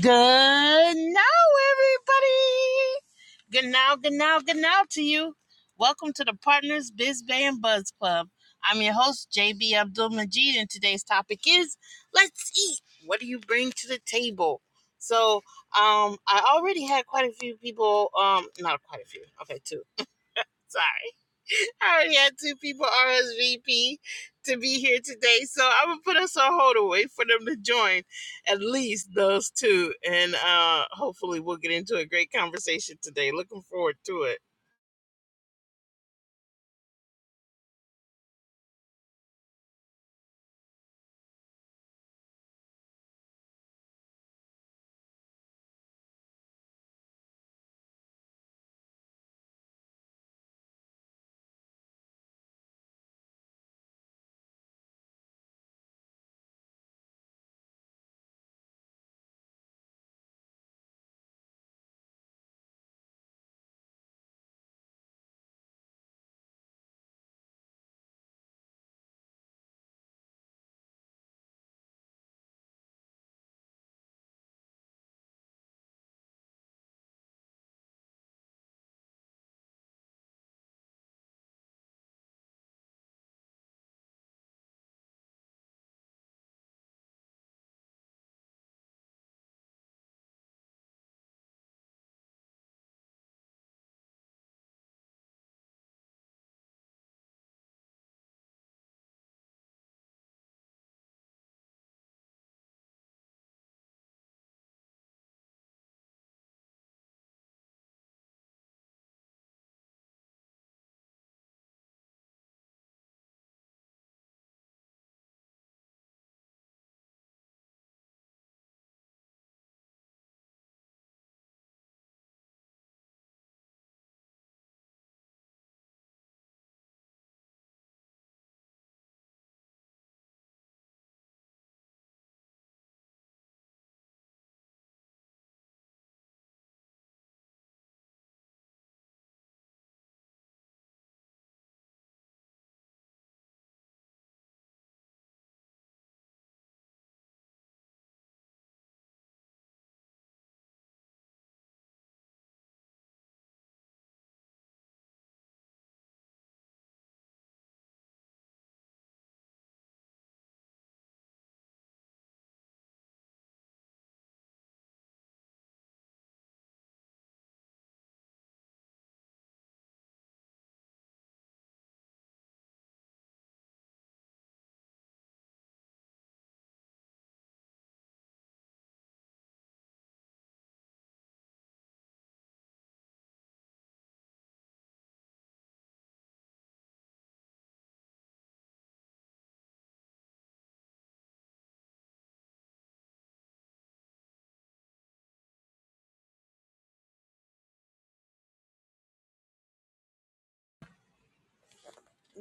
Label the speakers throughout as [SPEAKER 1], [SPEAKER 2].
[SPEAKER 1] Good now, everybody. Good now, good now, good now to you. Welcome to the Partners Biz Bay and Buzz Club. I'm your host, JB Abdul Majid, and today's topic is Let's Eat. What do you bring to the table? So, um, I already had quite a few people, um, not quite a few, okay, two. Sorry. I already had two people RSVP to be here today, so I'm gonna put us on hold and wait for them to join. At least those two, and uh, hopefully we'll get into a great conversation today. Looking forward to it.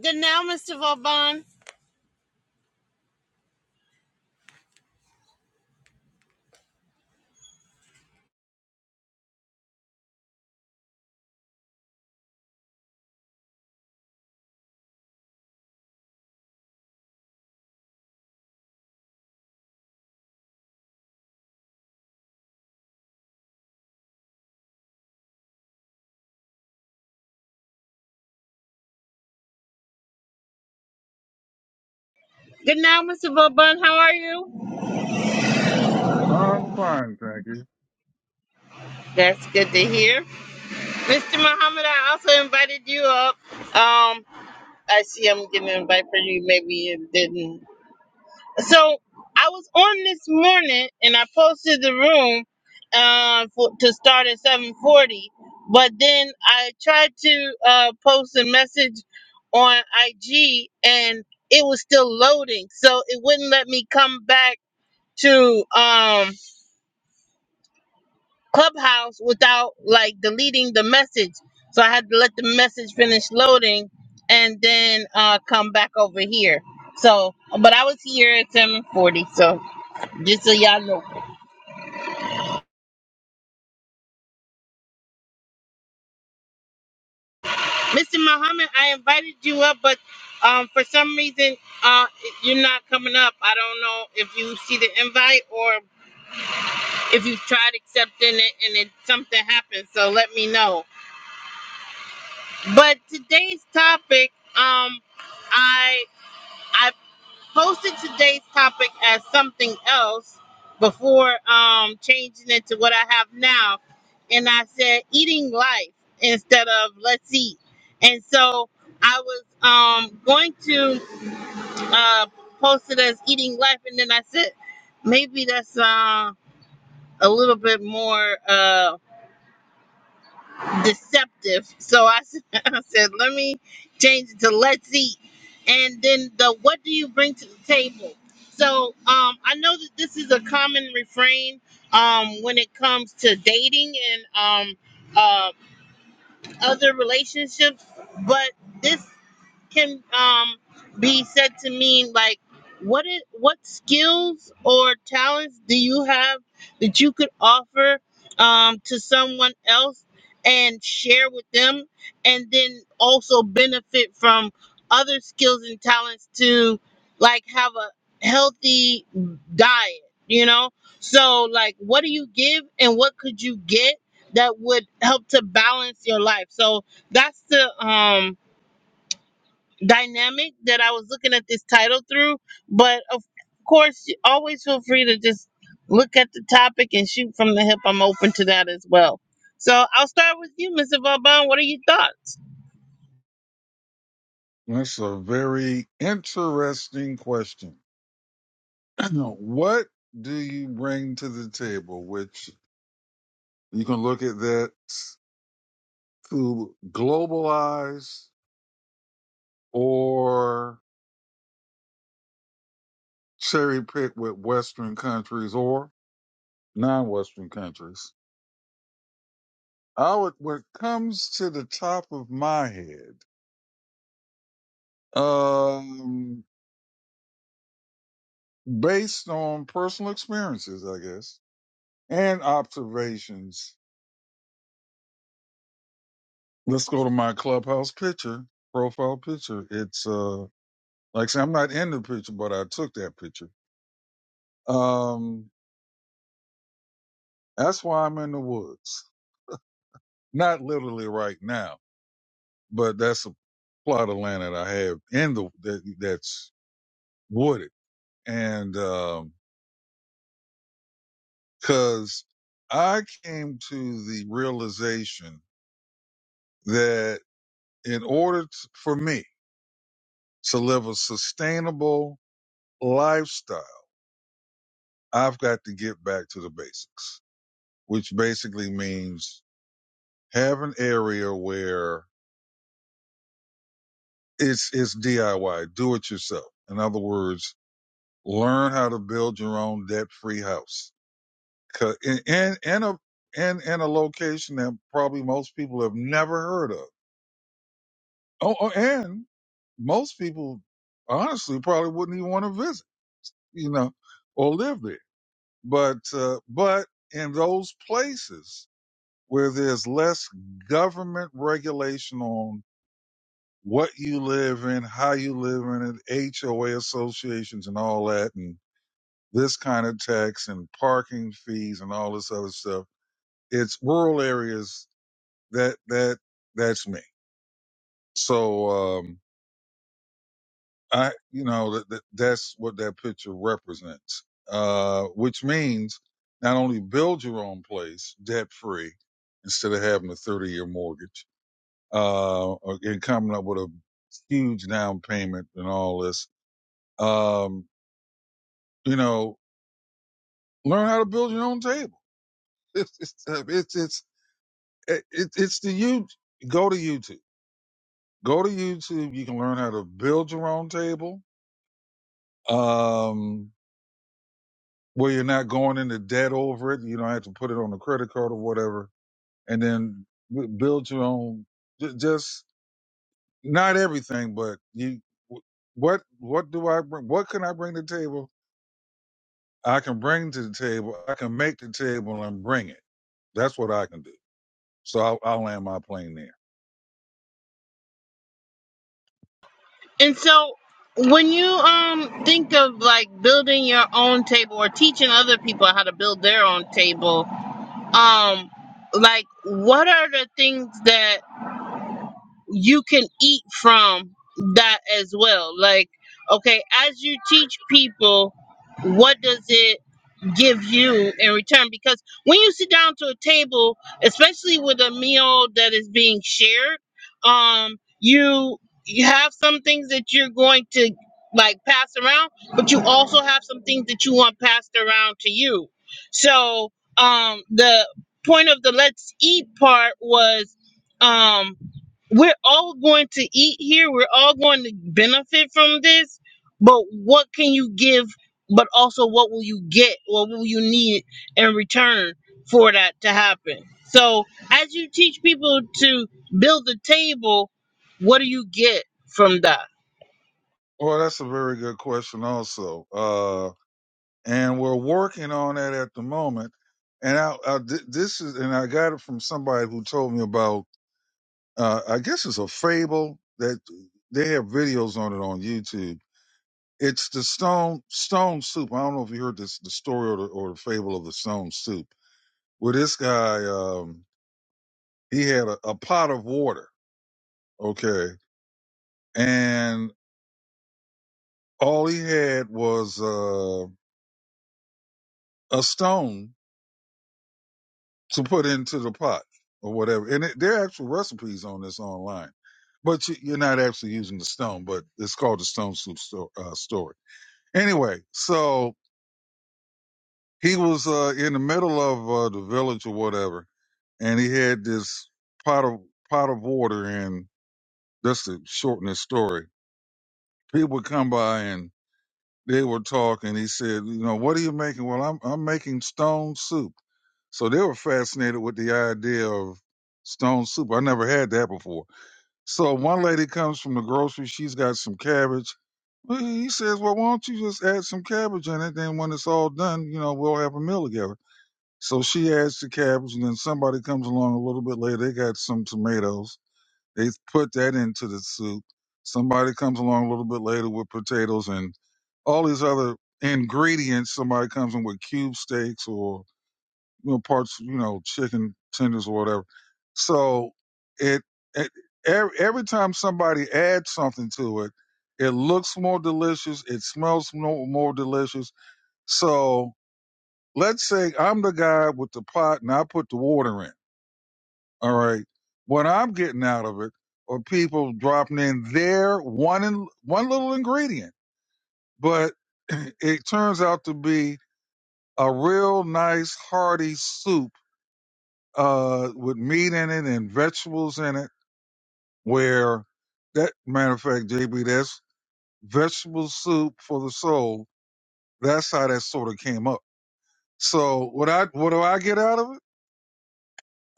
[SPEAKER 1] Good now, Mr. Vauban. Good now, Mr. Vauban. How are you?
[SPEAKER 2] I'm fine, thank you.
[SPEAKER 1] That's good to hear. Mr. Muhammad, I also invited you up. Um, I see I'm getting an invite for you. Maybe you didn't so I was on this morning and I posted the room uh, for, to start at 7:40, but then I tried to uh, post a message on IG and it was still loading, so it wouldn't let me come back to um, Clubhouse without like deleting the message. So I had to let the message finish loading and then uh, come back over here. So, but I was here at 7:40, so. Just so y'all know. Mr. Muhammad, I invited you up, but um, for some reason, uh, you're not coming up. I don't know if you see the invite or if you tried accepting it and it something happened. So let me know. But today's topic, um, I I posted today's topic as something else before um, changing it to what I have now. And I said eating life instead of let's eat. And so I was um, going to uh, post it as eating life. And then I said, maybe that's uh, a little bit more. uh deceptive. So I, s- I said, let me change it to let's eat. And then the what do you bring to the table? So um, I know that this is a common refrain um, when it comes to dating and um, uh, other relationships, but this can um be said to mean like what is what skills or talents do you have that you could offer um to someone else and share with them and then also benefit from other skills and talents to like have a healthy diet you know so like what do you give and what could you get that would help to balance your life so that's the um dynamic that I was looking at this title through. But of course, you always feel free to just look at the topic and shoot from the hip. I'm open to that as well. So I'll start with you, Mr. Vauban. What are your thoughts?
[SPEAKER 2] That's a very interesting question. what do you bring to the table? Which you can look at that to globalize or cherry pick with Western countries or non Western countries. I would, what comes to the top of my head, um, based on personal experiences, I guess, and observations Let's go to my clubhouse picture, profile picture. It's uh like I say, I'm not in the picture, but I took that picture. Um that's why I'm in the woods. Not literally right now, but that's a plot of land that I have in the that that's wooded. And um cause I came to the realization that in order t for me to live a sustainable lifestyle, I've got to get back to the basics. which basically means have an area where it's it's DIY, do it yourself. In other words, learn how to build your own debt-free house. house, And and and a and, and a location that probably most people have never heard of. Oh, oh, and most people honestly probably wouldn't even want to visit, you know, or live there. But uh, but in those places where there's less government regulation on what you live in, how you live in it, HOA associations and all that, and this kind of tax and parking fees and all this other stuff. It's rural areas that that that's me. So um, I, you know, that, that that's what that picture represents. Uh, which means not only build your own place debt free instead of having a thirty year mortgage, uh, or- and coming up with a huge down payment and all this. Um, You know, learn how to build your own table. It's it's it's it's, it, it's the you go to YouTube. Go to YouTube. You can learn how to build your own table. Um, where you're not going into debt over it. You don't have to put it on a credit card or whatever. And then b- build your own. ju- Just not everything, but you. What what do I bring? What can I bring to the table? I can bring to the table. I can make the table and bring it. That's what I can do. So I'll, I'll land my plane there.
[SPEAKER 1] And so when you um think of like building your own table or teaching other people how to build their own table, um like what are the things that you can eat from that as well. Like, okay, as you teach people, what does it give you in return because when you sit down to a table especially with a meal that is being shared um you you have some things that you're going to like pass around but you also have some things that you want passed around to you so um the point of the let's eat part was um we're all going to eat here we're all going to benefit from this but what can you give but also what will you get what will you need in return for that to happen so as you teach people to build the table what do you get from that
[SPEAKER 2] Well, that's a very good question, also. Uh, and we're working on that at the moment. And I, I th- this is, and I got it from somebody who told me about. Uh, I guess it's a fable that they have videos on it on YouTube. It's the stone stone soup. I don't know if you heard this the story or the, or the fable of the stone soup. Where this guy, um, he had a, a pot of water, okay, and all he had was uh, a stone to put into the pot or whatever. And it, there are actual recipes on this online, but you, you're not actually using the stone, but it's called the stone soup sto- uh, story. Anyway, so he was uh, in the middle of uh, the village or whatever, and he had this pot of pot of water, and that's to shorten the story, people would come by and they would talk, and he said, you know, what are you making? Well, I'm I'm making stone soup. So they were fascinated with the idea of stone soup. I never had that before. So one lady comes from the grocery. She's got some cabbage. Well, He says, "Well, why don't you just add some cabbage in it? Then when it's all done, you know, we'll have a meal together." So she adds the cabbage, and then somebody comes along a little bit later. They got some tomatoes. They put that into the soup. Somebody comes along a little bit later with potatoes and all these other ingredients. Somebody comes in with cube steaks or you know, parts, you know, chicken tenders or whatever. So it, it every, every time somebody adds something to it, it looks more delicious. It smells more, more delicious. So let's say I'm the guy with the pot and I put the water in. All right. What I'm getting out of it are people dropping in their one in, one little ingredient, but it turns out to be a real nice hearty soup uh, with meat in it and vegetables in it. Where that matter of fact, JB, that's vegetable soup for the soul. That's how that sort of came up. So what I what do I get out of it?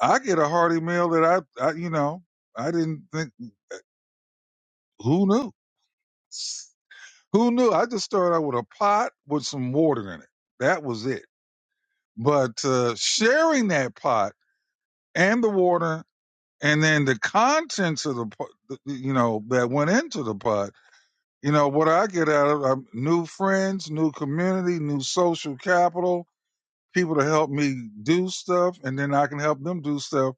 [SPEAKER 2] I get a hearty meal that I, I you know I didn't think who knew who knew. I just started out with a pot with some water in it. That was it. But uh, sharing that pot and the water and then the contents of the pot, you know that went into the pot You know what I get out of um, new friends, new community, new social capital, people to help me do stuff, and then I can help them do stuff.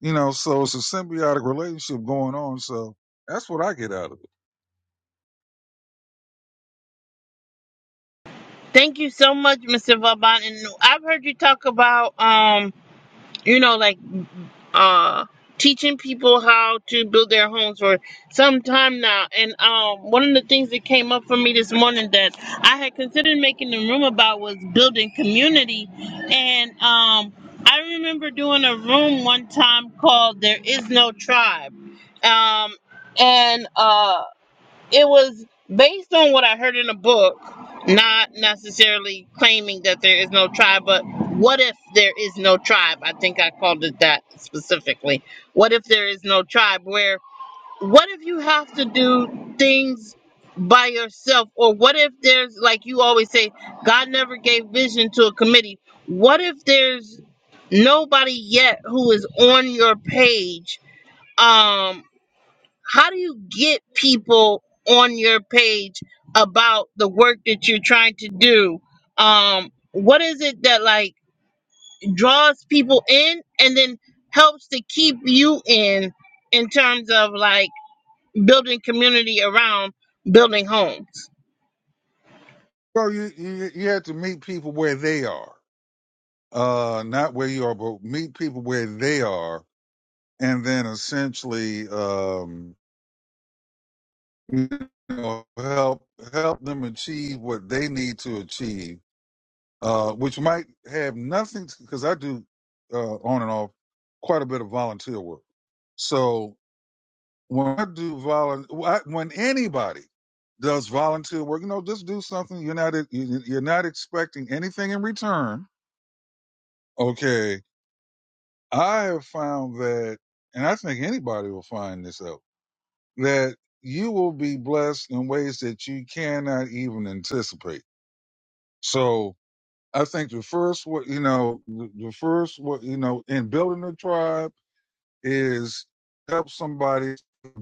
[SPEAKER 2] You know, so it's a symbiotic relationship going on. So that's what I get out of it.
[SPEAKER 1] thank you so much mr vaban and i've heard you talk about um you know like uh teaching people how to build their homes for some time now and um one of the things that came up for me this morning that i had considered making the room about was building community and um i remember doing a room one time called there is no tribe um and uh it was based on what I heard in a book, not necessarily claiming that there is no tribe, but what if there is no tribe? I think I called it that specifically. What if there is no tribe? Where what if you have to do things by yourself? Or what if there's, like you always say, God never gave vision to a committee? What if there's nobody yet who is on your page? Um, how do you get people on your page about the work that you're trying to do um what is it that like draws people in and then helps to keep you in in terms of like building community around building homes
[SPEAKER 2] Well, you you, you have to meet people where they are, uh, not where you are, but meet people where they are, and then essentially, um, you know, help help them achieve what they need to achieve uh, which might have nothing because I do uh, on and off quite a bit of volunteer work. So when I do volunteer, when anybody does volunteer work, you know, just do something. You're not you- you're not expecting anything in return. Okay, I have found that, and I think anybody will find this out that you will be blessed in ways that you cannot even anticipate. So I think the first, wa- you know, the the first, wa- you know, in building a tribe is help somebody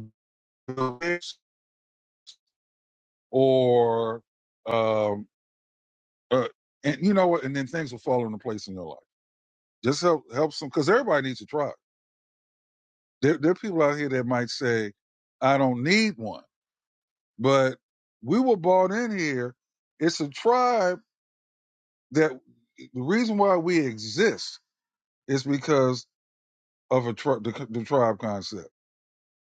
[SPEAKER 2] build this or, um, uh, and you know what, and then things will fall into place in their life. Just help, help some, because everybody needs a tribe. There, there are people out here that might say, I don't need one, but we were brought in here. It's a tribe that the reason why we exist is because of a tri- the, the tribe concept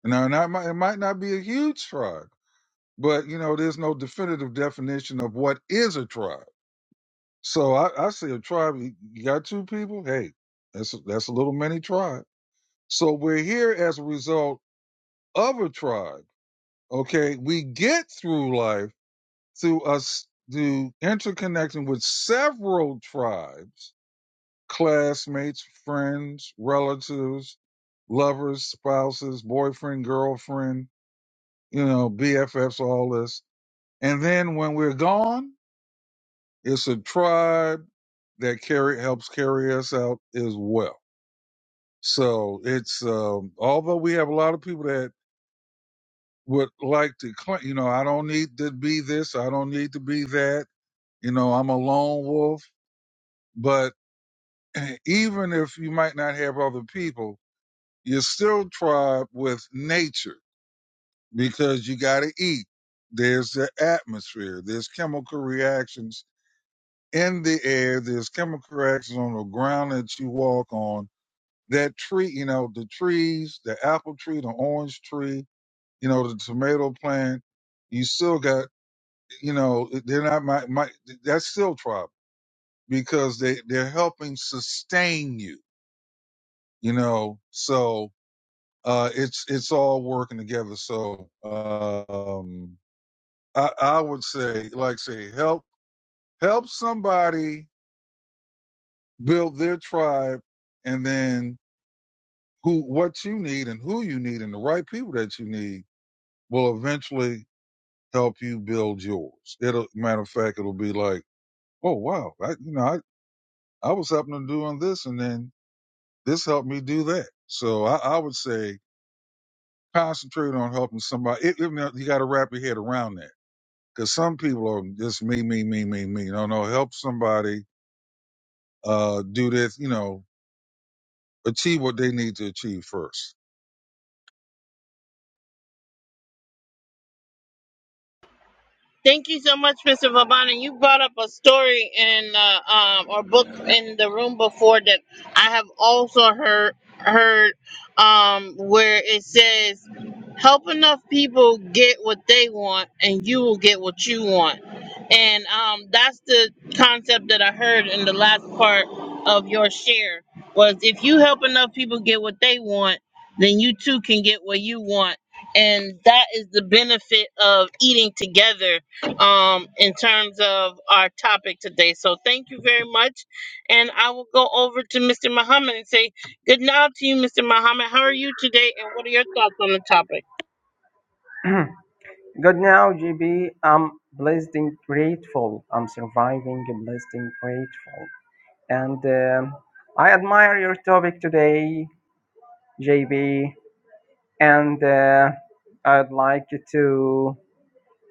[SPEAKER 2] Now, and that might, it might not be a huge tribe, but you know, there's no definitive definition of what is a tribe. So I, I say a tribe. You you got two people. Hey, that's a, that's a little mini tribe. So we're here as a result of a tribe. Okay, we get through life through us through interconnecting with several tribes, classmates, friends, relatives, lovers, spouses, boyfriend, girlfriend. You know, BFFs, all this And then when we're gone, it's a tribe that carry helps carry us out as well. So it's um, although we have a lot of people that would like to claim, you know, I don't need to be this, I don't need to be that, you know, I'm a lone wolf. But even if you might not have other people, you're still tribe with nature because you got to eat. There's the atmosphere. There's chemical reactions in the air. There's chemical reactions on the ground that you walk on. That tree, you know, the trees, the apple tree, the orange tree, you know, the tomato plant. You still got, you know, they're not my, my that's still trouble because they they're helping sustain you, you know. So uh, it's it's all working together. So um, I, I would say, like, say help help somebody build their tribe, and then who what you need and who you need and the right people that you need will eventually help you build yours. It'll matter of fact, it'll be like, oh wow, I, you know, I I was helping to doing this, and then this helped me do that. So I, I would say concentrate on helping somebody. It, it, you got to wrap your head around that because some people are just me, me, me, me, me. No, no, help somebody uh do this. You know, achieve what they need to achieve first.
[SPEAKER 1] Thank you so much, Mr. Vabana. You brought up a story in uh, um, or book in the room before that I have also heard heard um, where it says, "Help enough people get what they want, and you will get what you want." And um, that's the concept that I heard in the last part of your share was if you help enough people get what they want, then you too can get what you want, and that is the benefit of eating together um, in terms of our topic today. So thank you very much. And I will go over to Mr. Muhammad and say good night to you, Mr. Muhammad. How are you today? And what are your thoughts on the topic?
[SPEAKER 3] Good now, GB. I'm blessed and grateful. I'm surviving, and blessed and grateful. And um I admire your topic today, JB. And uh, I'd like to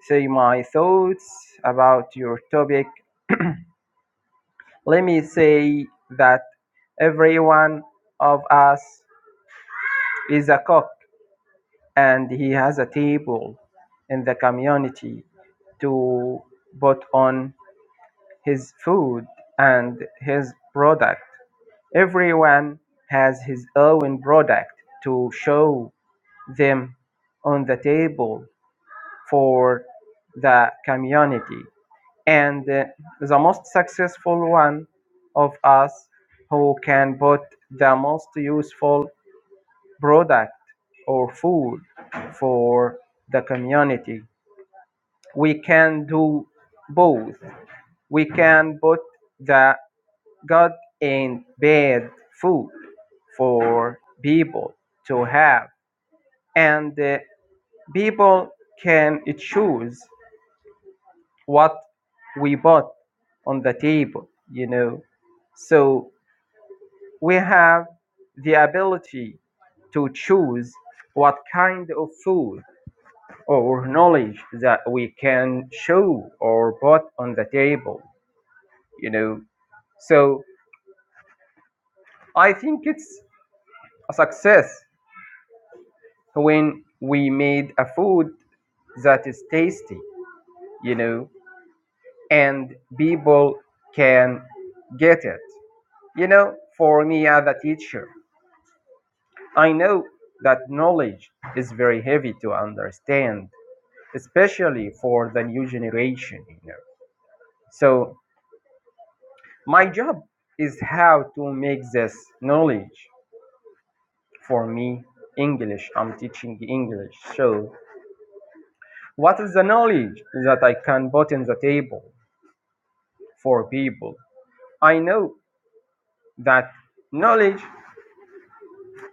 [SPEAKER 3] say my thoughts about your topic. Let me say that every one of us is a cook and he has a table in the community to put on his food and his product. Everyone has his own product to show them on the table for the community. And uh, the most successful one of us who can put the most useful product or food for the community. We can do both. We can put the God ain't bad food for people to have, and the people can choose what we put on the table, you know. So we have the ability to choose what kind of food or knowledge that we can show or put on the table, you know. So I think it's a success when we made a food that is tasty, you know, and people can get it. You know, for me as a teacher, I know that knowledge is very heavy to understand, especially for the new generation, you know. So my job is how to make this knowledge for me English. I'm teaching English. So what is the knowledge that I can put in the table for people I know that knowledge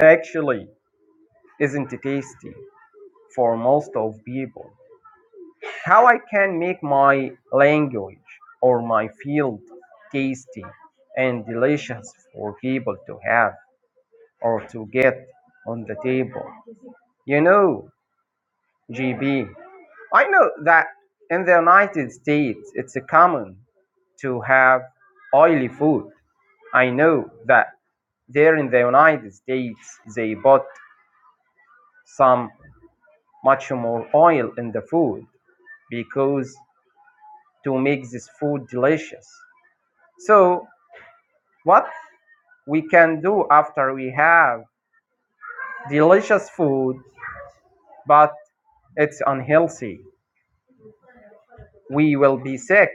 [SPEAKER 3] actually isn't tasty for most of people. How I can make my language or my field tasty and delicious for people to have or to get on the table. You know, GB, I know that in the United States it's common to have oily food. I know that there in the United States they bought some much more oil in the food because to make this food delicious. So what we can do after we have delicious food but it's unhealthy, we will be sick.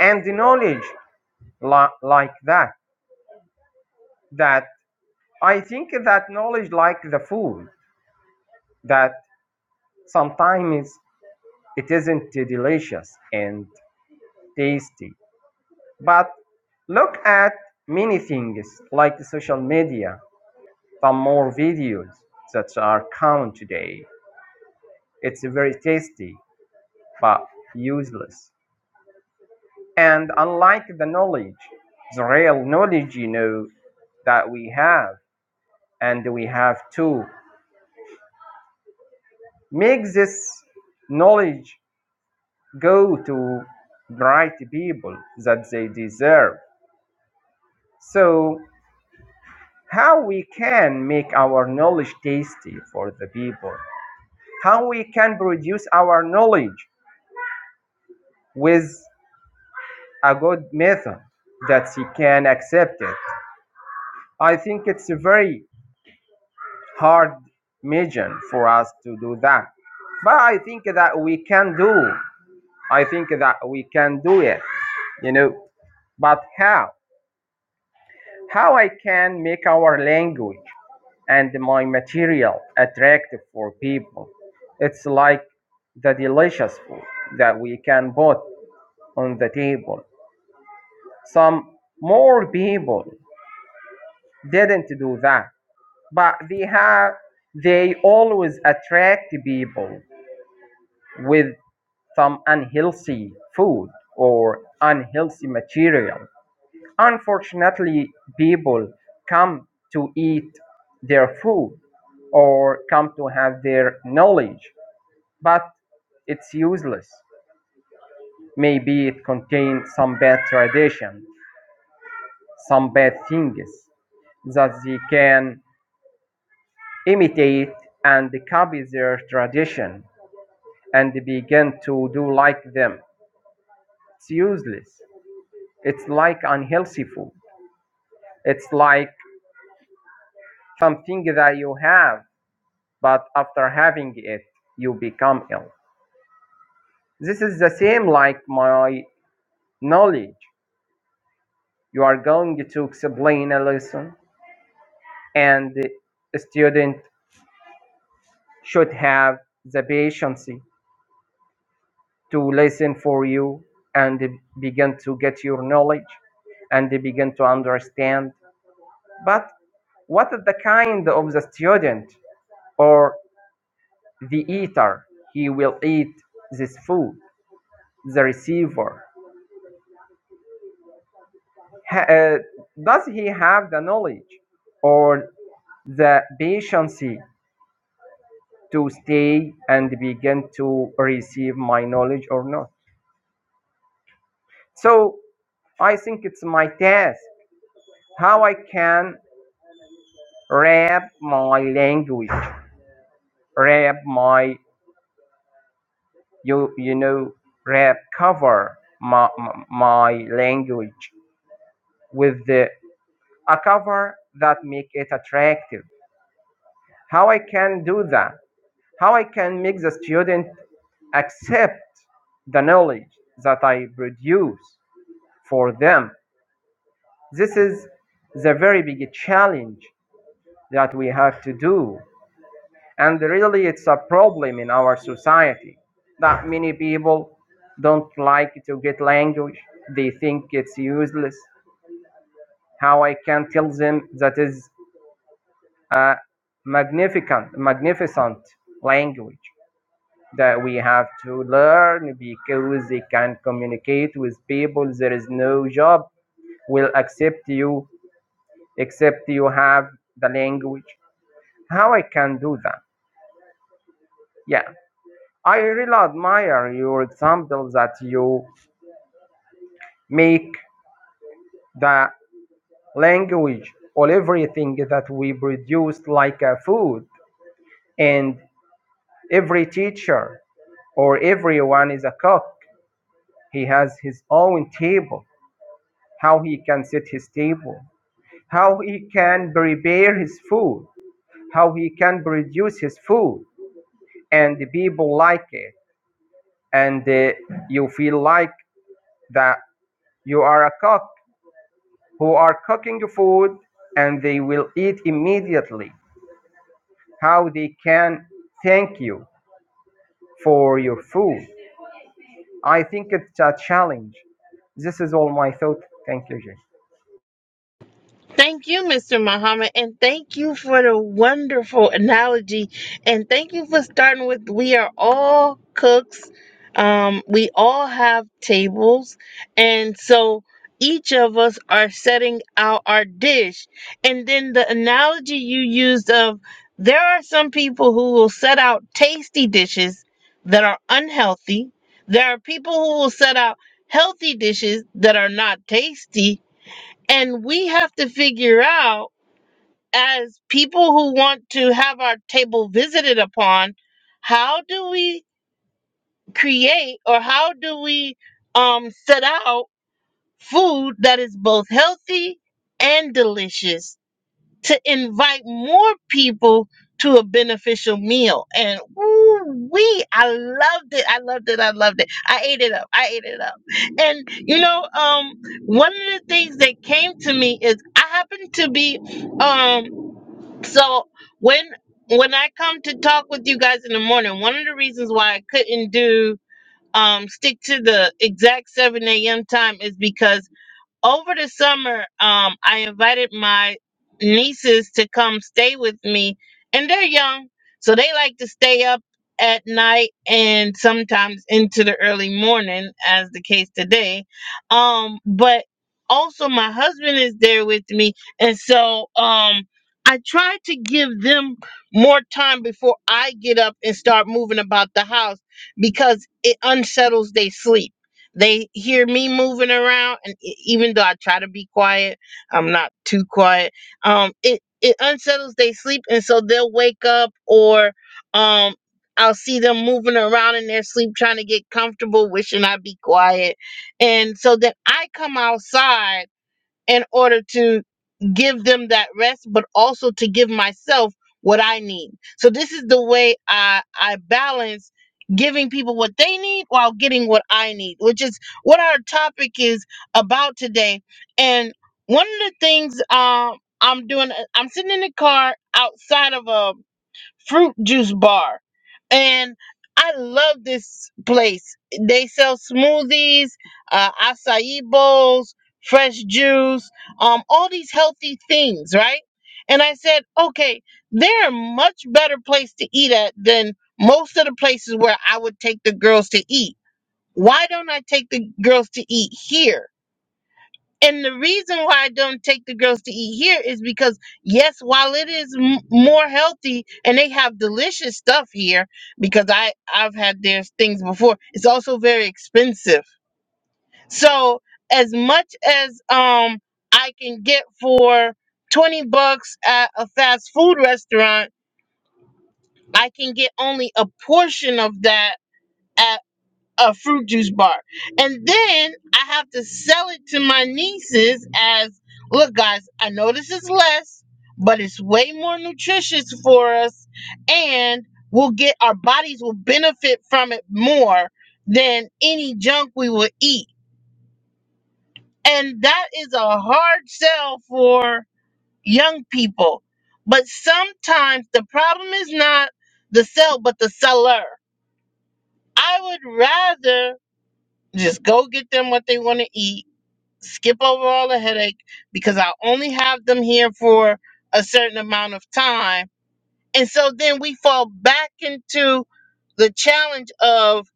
[SPEAKER 3] And the knowledge li- like that, that I think that knowledge like the food, that sometimes it isn't delicious and tasty. But look at many things like the social media some more videos that are common today. It's very tasty but useless. And unlike the knowledge, the real knowledge, you know, that we have, and we have to make this knowledge go to right people that they deserve. So, how we can make our knowledge tasty for the people? How we can produce our knowledge with a good method that he can accept it. I think it's a very hard mission for us to do that. But I think that we can do. I think that we can do it. You know, but how? How I can make our language and my material attractive for people? It's like the delicious food that we can put on the table. Some more people didn't do that. but they have they always attract people with some unhealthy food or unhealthy material unfortunately people come to eat their food or come to have their knowledge but it's useless maybe it contains some bad tradition some bad things that they can imitate and copy their tradition and begin to do like them. It's useless. It's like unhealthy food. It's like something that you have, but after having it, you become ill. This is the same like my knowledge. You are going to explain a lesson, and a student should have the patience to listen for you and begin to get your knowledge and begin to understand But what is the kind of the student or the eater? He will eat this food. The receiver. uh, does he have the knowledge or the patience to stay and begin to receive my knowledge or not? So I think it's my task how I can wrap my language, wrap my you you know rap cover my my language with the a cover that make it attractive how i can do that how i can make the student accept the knowledge that i produce for them this is the very big challenge that we have to do And really, it's a problem in our society that many people don't like to get language. They think it's useless. How I can tell them that is a magnificent, magnificent language that we have to learn because they can communicate with people. There is no job will accept you except you have the language. How I can do that? Yeah, I really admire your example that you make the language or everything that we produce like a food. And every teacher or everyone is a cook. He has his own table, how he can set his table, how he can prepare his food, how he can produce his food, and the people like it. And uh, you feel like that you are a cook who are cooking food and they will eat immediately how they can thank you for your food. I think it's a challenge. This is all my thought. Thank you, Jay.
[SPEAKER 1] Thank you, Mr. Muhammad, and thank you for the wonderful analogy. And thank you for starting with we are all cooks. Um, we all have tables. And so each of us are setting out our dish. And then the analogy you used of there are some people who will set out tasty dishes that are unhealthy. There are people who will set out healthy dishes that are not tasty and we have to figure out, as people who want to have our table visited upon, how do we create or how do we um, set out food that is both healthy and delicious? to invite more people to a beneficial meal. And ooh, we, I loved it. I loved it. I loved it. I ate it up. I ate it up. And you know, um, one of the things that came to me is I happen to be, um, so when when I come to talk with you guys in the morning, one of the reasons why I couldn't do um stick to the exact 7 a.m. time is because over the summer, um, I invited my nieces to come stay with me, and they're young, so they like to stay up at night and sometimes into the early morning, as the case today. Um, but also my husband is there with me, and so um, I try to give them more time before I get up and start moving about the house because it unsettles their sleep they hear me moving around and e- even though i try to be quiet i'm not too quiet um it it unsettles their sleep and so they'll wake up or um i'll see them moving around in their sleep trying to get comfortable wishing i'd be quiet and so then i come outside in order to give them that rest, but also to give myself what I need. So this is the way I I balance giving people what they need while getting what I need, which is what our topic is about today. And one of the things um I'm doing I'm sitting in the car outside of a fruit juice bar and I love this place. They sell smoothies, uh, acai bowls, fresh juice, um, all these healthy things, right? And I said, okay, they're a much better place to eat at than most of the places where I would take the girls to eat. Why don't I take the girls to eat here? And the reason why I don't take the girls to eat here is because, yes, while it is m- more healthy and they have delicious stuff here, because I I've had their things before, it's also very expensive. So as much as um I can get for twenty bucks at a fast food restaurant, I can get only a portion of that at a fruit juice bar. And then I have to sell it to my nieces as look, guys, I know this is less, but it's way more nutritious for us, and we'll get our bodies will benefit from it more than any junk we will eat. And that is a hard sell for young people. But sometimes the problem is not the sell, but the seller. I would rather just go get them what they want to eat skip over all the headache because I only have them here for a certain amount of time. And so then we fall back into the challenge of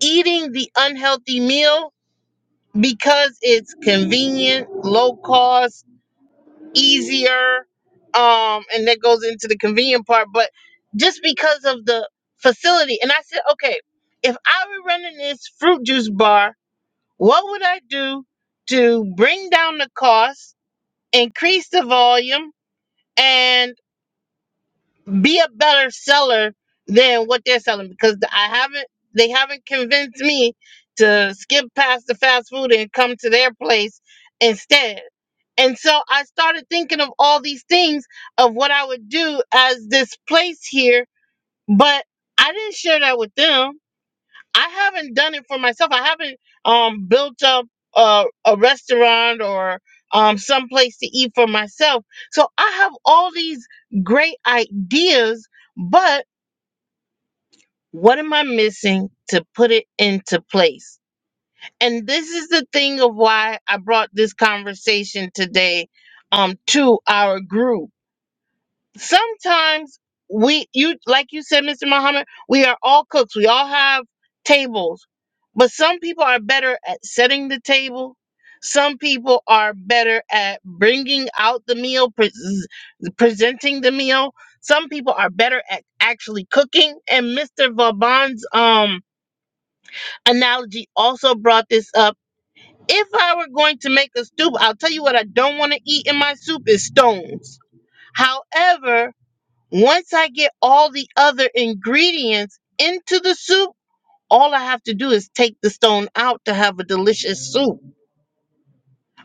[SPEAKER 1] eating the unhealthy meal because it's convenient, low cost, easier. Um, and that goes into the convenient part, but just because of the facility. And I said, okay, if I were running this fruit juice bar, what would I do to bring down the cost? increase the volume and be a better seller than what they're selling because I haven't they haven't convinced me to skip past the fast food and come to their place instead. And so I started thinking of all these things of what I would do as this place here, but I didn't share that with them. I haven't done it for myself. I haven't um built up a, a restaurant or um some place to eat for myself. So I have all these great ideas, but what am I missing to put it into place? And this is the thing of why I brought this conversation today um to our group sometimes we you like you said mr muhammad we are all cooks we all have tables but some people are better at setting the table some people are better at bringing out the meal pres presenting the meal some people are better at actually cooking and mr vaban's um analogy also brought this up if i were going to make a soup i'll tell you what i don't want to eat in my soup is stones however once I get all the other ingredients into the soup, all I have to do is take the stone out to have a delicious soup.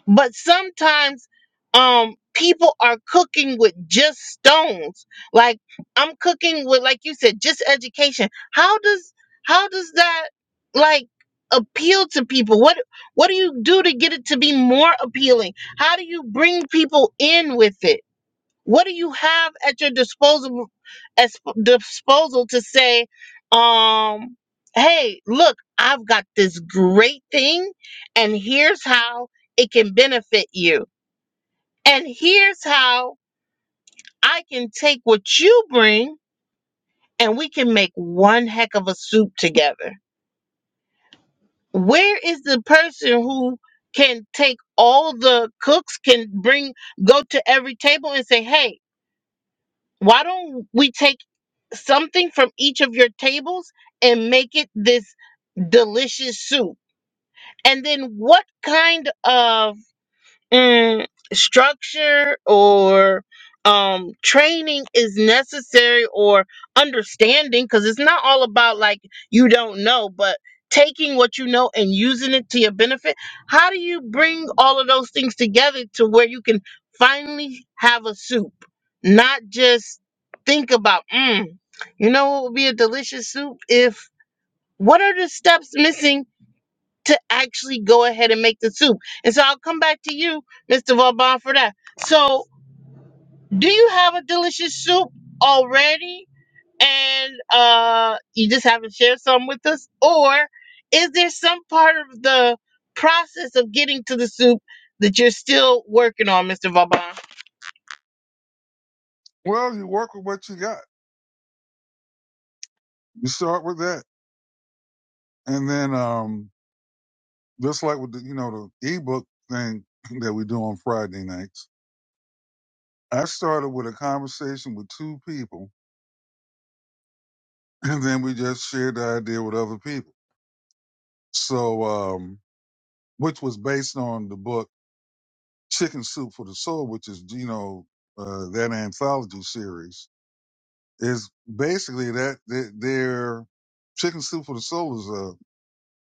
[SPEAKER 1] But sometimes um people are cooking with just stones. Like I'm cooking with like you said just education. How does how does that like appeal to people? What what do you do to get it to be more appealing? How do you bring people in with it? What do you have at your disposal as disposal to say, um, hey, look, I've got this great thing, and here's how it can benefit you, and here's how I can take what you bring, and we can make one heck of a soup together. Where is the person who can take all the cooks can bring go to every table and say, hey, why don't we take something from each of your tables and make it this delicious soup. And then what kind of mm, structure or um training is necessary or understanding because it's not all about like you don't know but taking what you know and using it to your benefit how do you bring all of those things together to where you can finally have a soup not just think about mm, you know what would be a delicious soup if what are the steps missing to actually go ahead and make the soup. And so I'll come back to you, Mr. Vauban, for that. So, do you have a delicious soup already? And uh, you just haven't shared some with us? Or is there some part of the process of getting to the soup that you're still working on, Mr. Vauban?
[SPEAKER 2] Well, you work with what you got. You start with that, and then um just like with the you know the ebook thing that we do on Friday nights. I started with a conversation with two people, and then we just shared the idea with other people. So, um, which was based on the book Chicken Soup for the Soul, which is you know uh, that anthology series is basically that that their Chicken Soup for the Soul is a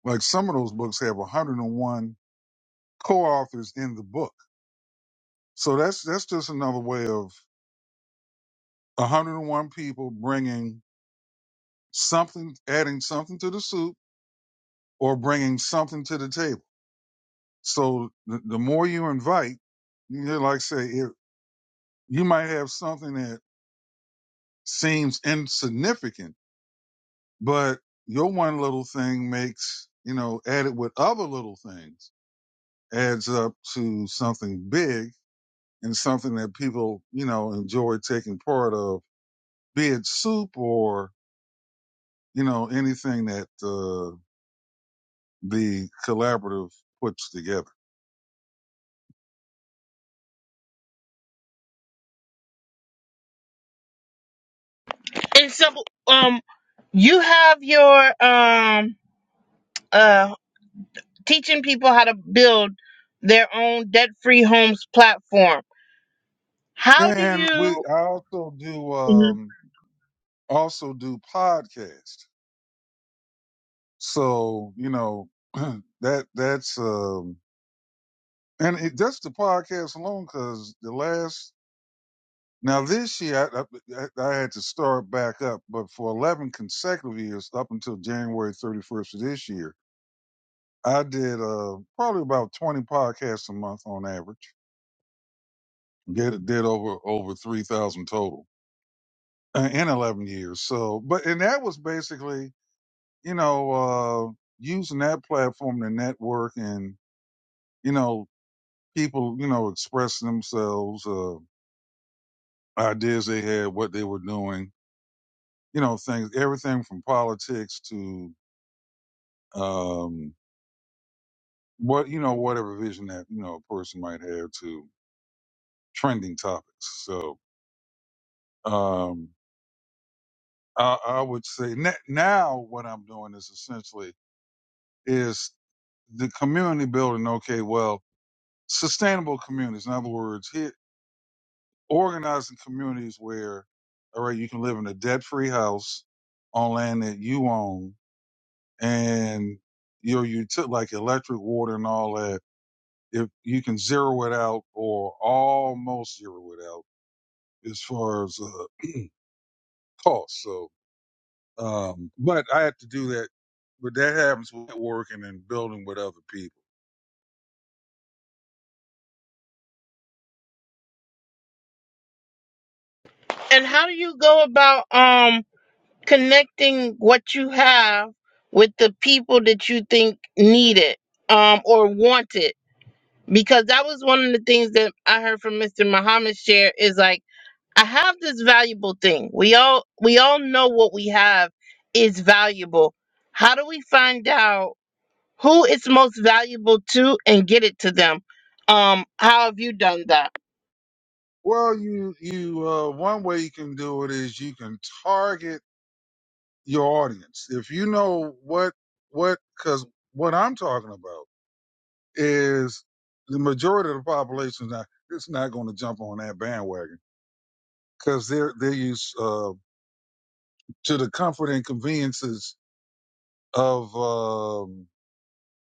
[SPEAKER 2] like some of those books have 101 co-authors in the book. So that's that's just another way of 101 people bringing something, adding something to the soup or bringing something to the table. So the, the more you invite, you know, like I say, it, you might have something that seems insignificant, but your one little thing makes, you know, added with other little things adds up to something big and something that people, you know, enjoy taking part of, be it soup or, you know, anything that, uh, the collaborative puts together.
[SPEAKER 1] And so, um, you have your um uh teaching people how to build their own debt-free homes platform. How do
[SPEAKER 2] Yeah, and we
[SPEAKER 1] you?
[SPEAKER 2] I also do
[SPEAKER 1] Mhm.
[SPEAKER 2] um also do podcast. So, you know, that that's um and it, that's the podcast alone cuz the last now this year I, I, I had to start back up, but for 11 consecutive years up until January 31st of this year, I did uh probably about 20 podcasts a month on average. Did did over over 3,000 total uh, and 11 years. So, but, and that was basically, you know, uh, using that platform to network and, you know, people, you know, expressing themselves, uh, ideas they had, what they were doing, you know, things, everything from politics to, um, what, you know, whatever vision that, you know, a person might have to trending topics. So, um, I, I would say na- now what I'm doing is essentially is the community building. Okay. Well, sustainable communities. In other words, hit, organizing communities where, all right, you can live in a debt-free house on land that you own, and your you took like electric, water, and all that. If you can zero it out or almost zero it out as far as uh, cost. So, um, but I have to do that. But that happens with working and building with other people.
[SPEAKER 1] And how do you go about um connecting what you have with the people that you think need it um or want it? Because that was one of the things that I heard from Mr. Muhammad share is like I have this valuable thing. We all we all know what we have is valuable. How do we find out who it's most valuable to and get it to them? Um, how have you done that?
[SPEAKER 2] Well, you you uh, one way you can do it is you can target your audience. If you know what what because what I'm talking about is the majority of the population now it's not going to jump on that bandwagon because they're they're used uh, to the comfort and conveniences of um,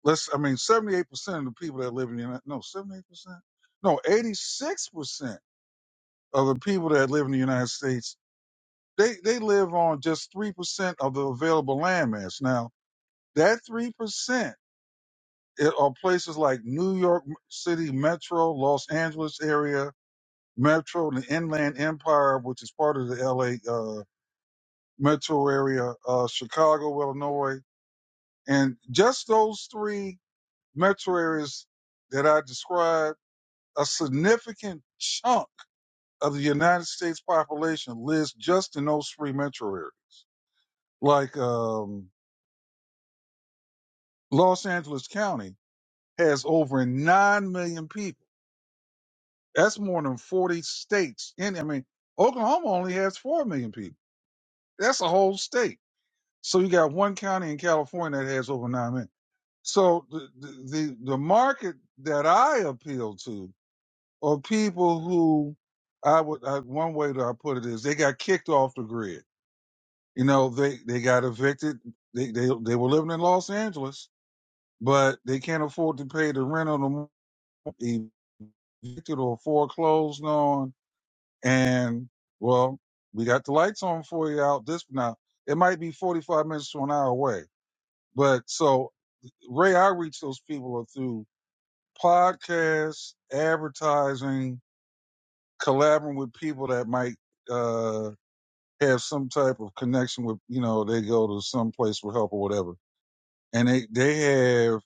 [SPEAKER 2] let's I mean 78 percent of the people that live in the United no 78 percent no 86 percent of the people that live in the United States they they live on just three percent of the available landmass. Now that three percent it, or places like New York City Metro, Los Angeles area Metro, the Inland Empire, which is part of the LA uh, Metro area, uh, Chicago, Illinois, and just those three metro areas that I described, a significant chunk of the United States population lives just in those three metro areas. Like um, Los Angeles County has over nine million people That's more than 40 states. In I mean, Oklahoma only has 4 million people. That's a whole state. So you got one county in California that has over 9 million. So the, the, the the market that I appeal to are people who I would, I, one way that I put it is they got kicked off the grid. You know, they, they got evicted. They, they, they were living in Los Angeles, but they can't afford to pay the rent on the evicted or foreclosed on And well, we got the lights on for you out this now. It might be 45 minutes to an hour away. But so Ray, I reach those people through podcasts, advertising, collaborating with people that might uh have some type of connection with, you know, they go to some place for help or whatever. And they they have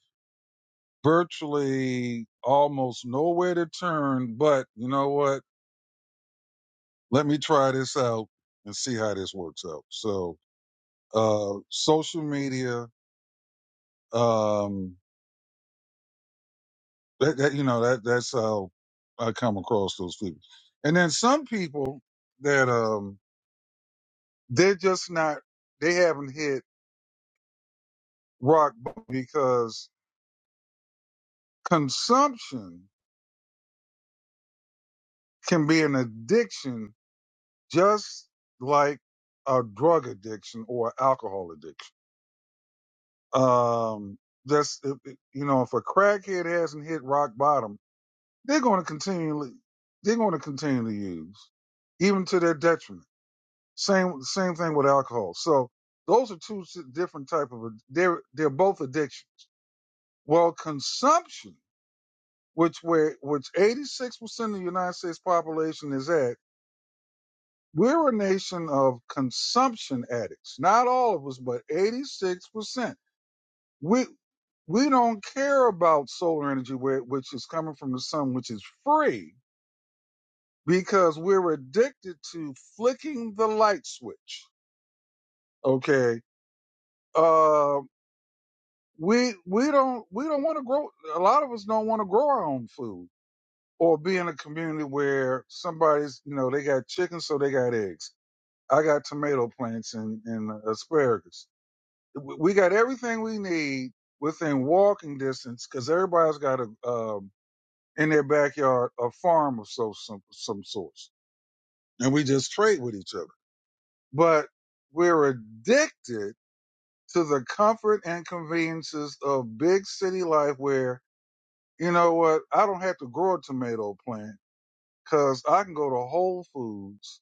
[SPEAKER 2] virtually almost nowhere to turn, but you know what? Let me try this out and see how this works out. So Uh, social media, um, that, that, you know, that, that's how I come across those people. And then some people that, um, they're just not, they haven't hit rock bottom because consumption can be an addiction just like a drug addiction or alcohol addiction. Um, that's, if- if- you know, if a crackhead hasn't hit rock bottom, they're going to continually they're going to continually use even to their detriment same same thing with alcohol so those are two si, different type of they're they're both addictions well consumption which where which 86% of the united states population is at we're a nation of consumption addicts not all of us but 86% we we don't care about solar energy where, which is coming from the sun which is free because we're addicted to flicking the light switch. Okay. Uh, we we don't we don't want to grow. A lot of us don't want to grow our own food or be in a community where somebody's you know they got chicken so they got eggs. I got tomato plants and, and asparagus. We we got everything we need within walking distance because everybody's got a um, in their backyard a farm of so some some sorts, and we just trade with each other. but we're addicted to the comfort and conveniences of big city life where, you know what, I don't have to grow a tomato plant because I can go to Whole Foods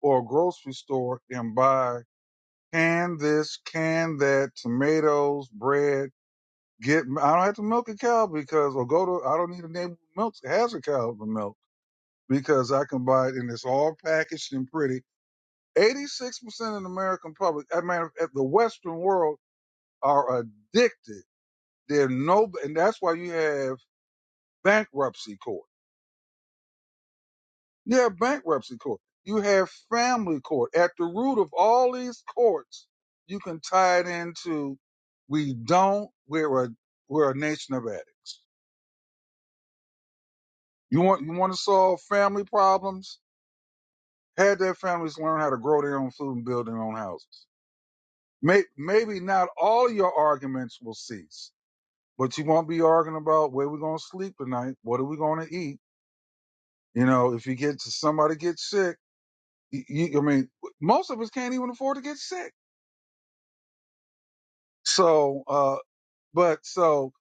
[SPEAKER 2] or a grocery store and buy can this, can that, tomatoes, bread, get, I don't have to milk a cow because, or go to, I don't need a neighbor who milks, has a cow to milk because I can buy it and it's all packaged and pretty. 86% of the American public, I mean, at the Western world are addicted. They're no, and that's why you have bankruptcy court. You have bankruptcy court. You have family court. At the root of all these courts, you can tie it into we don't. We're a we're a nation of addicts. You want you want to solve family problems? Had their families learn how to grow their own food and build their own houses. May, maybe not all your arguments will cease, but you won't be arguing about where we're going to sleep tonight, what are we going to eat, You know, if you get to somebody gets sick, you, you, I mean, most of us can't even afford to get sick. So, uh, but so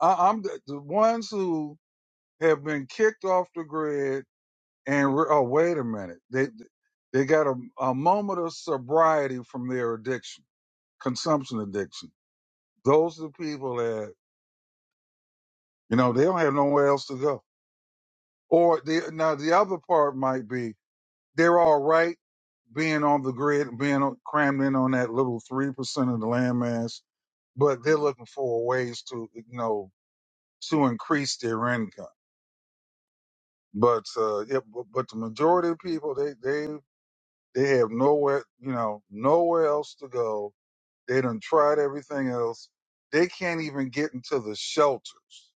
[SPEAKER 2] I, I'm the, the ones who have been kicked off the grid and re- oh, wait a minute, they they got a, a moment of sobriety from their addiction, consumption addiction. Those are the people that you know they don't have nowhere else to go. Or the now the other part might be they're all right being on the grid, being crammed in on that little three percent of the landmass, but they're looking for ways to, you know, to increase their income. But uh, yeah, but, but the majority of people, they they they have nowhere, you know, nowhere else to go. They done tried everything else. They can't even get into the shelters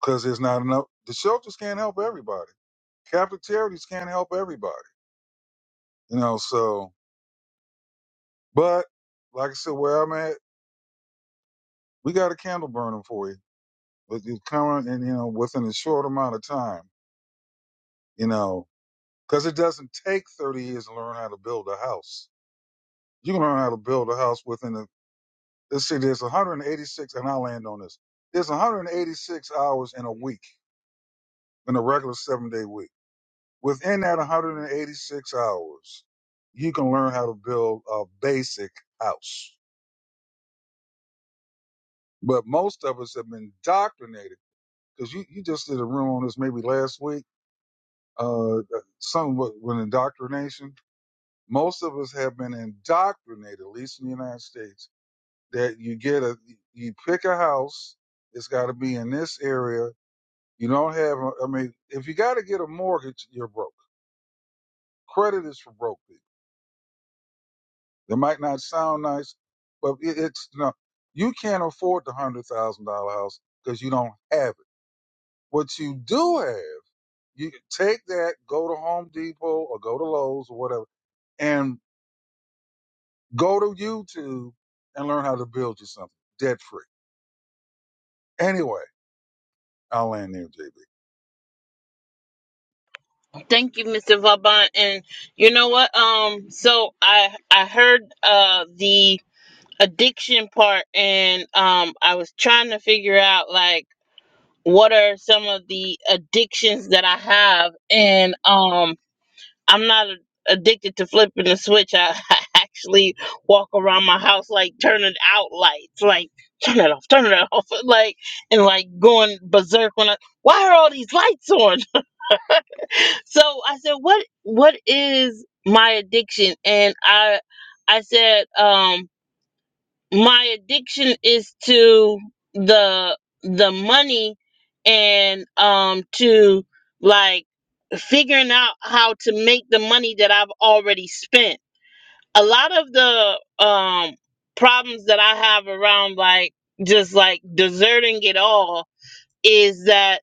[SPEAKER 2] because there's not enough. The shelters can't help everybody. Catholic charities can't help everybody, you know. So, but like I said, where I'm at, we got a candle burning for you but you current and you know within a short amount of time, you know, because it doesn't take 30 years to learn how to build a house. You can learn how to build a house within the. Let's see, there's 186, and I'll land on this. There's 186 hours in a week in a regular seven day week. Within that 186 hours, you can learn how to build a basic house. But most of us have been indoctrinated because you, you just did a room on this maybe last week. Uh, some with with indoctrination most of us have been indoctrinated, at least in the United States, that you get a, you pick a house, it's got to be in this area. You don't have, a- I mean, if you got to get a mortgage, you're broke. Credit is for broke people. It might not sound nice, but it, it's no, you can't afford the hundred thousand dollar house because you don't have it. What you do have, you take that, go to Home Depot or go to Lowe's or whatever, and go to YouTube and learn how to build you something debt free Anyway, I'll land there, JB.
[SPEAKER 1] Thank you, Mr. Vauban. And you know what? Um, so I I heard uh the addiction part, and um, I was trying to figure out like what are some of the addictions that I have, and um, I'm not a- addicted to flipping the switch. I, I actually walk around my house like turning out lights, like turn it off, turn it off, like and like going berserk when I. Why are all these lights on? So I said, "What what is my addiction?" And I I said, um, "My addiction is to the the money and um to like figuring out how to make the money that I've already spent. A lot of the um problems that I have around like just like deserting it all is that."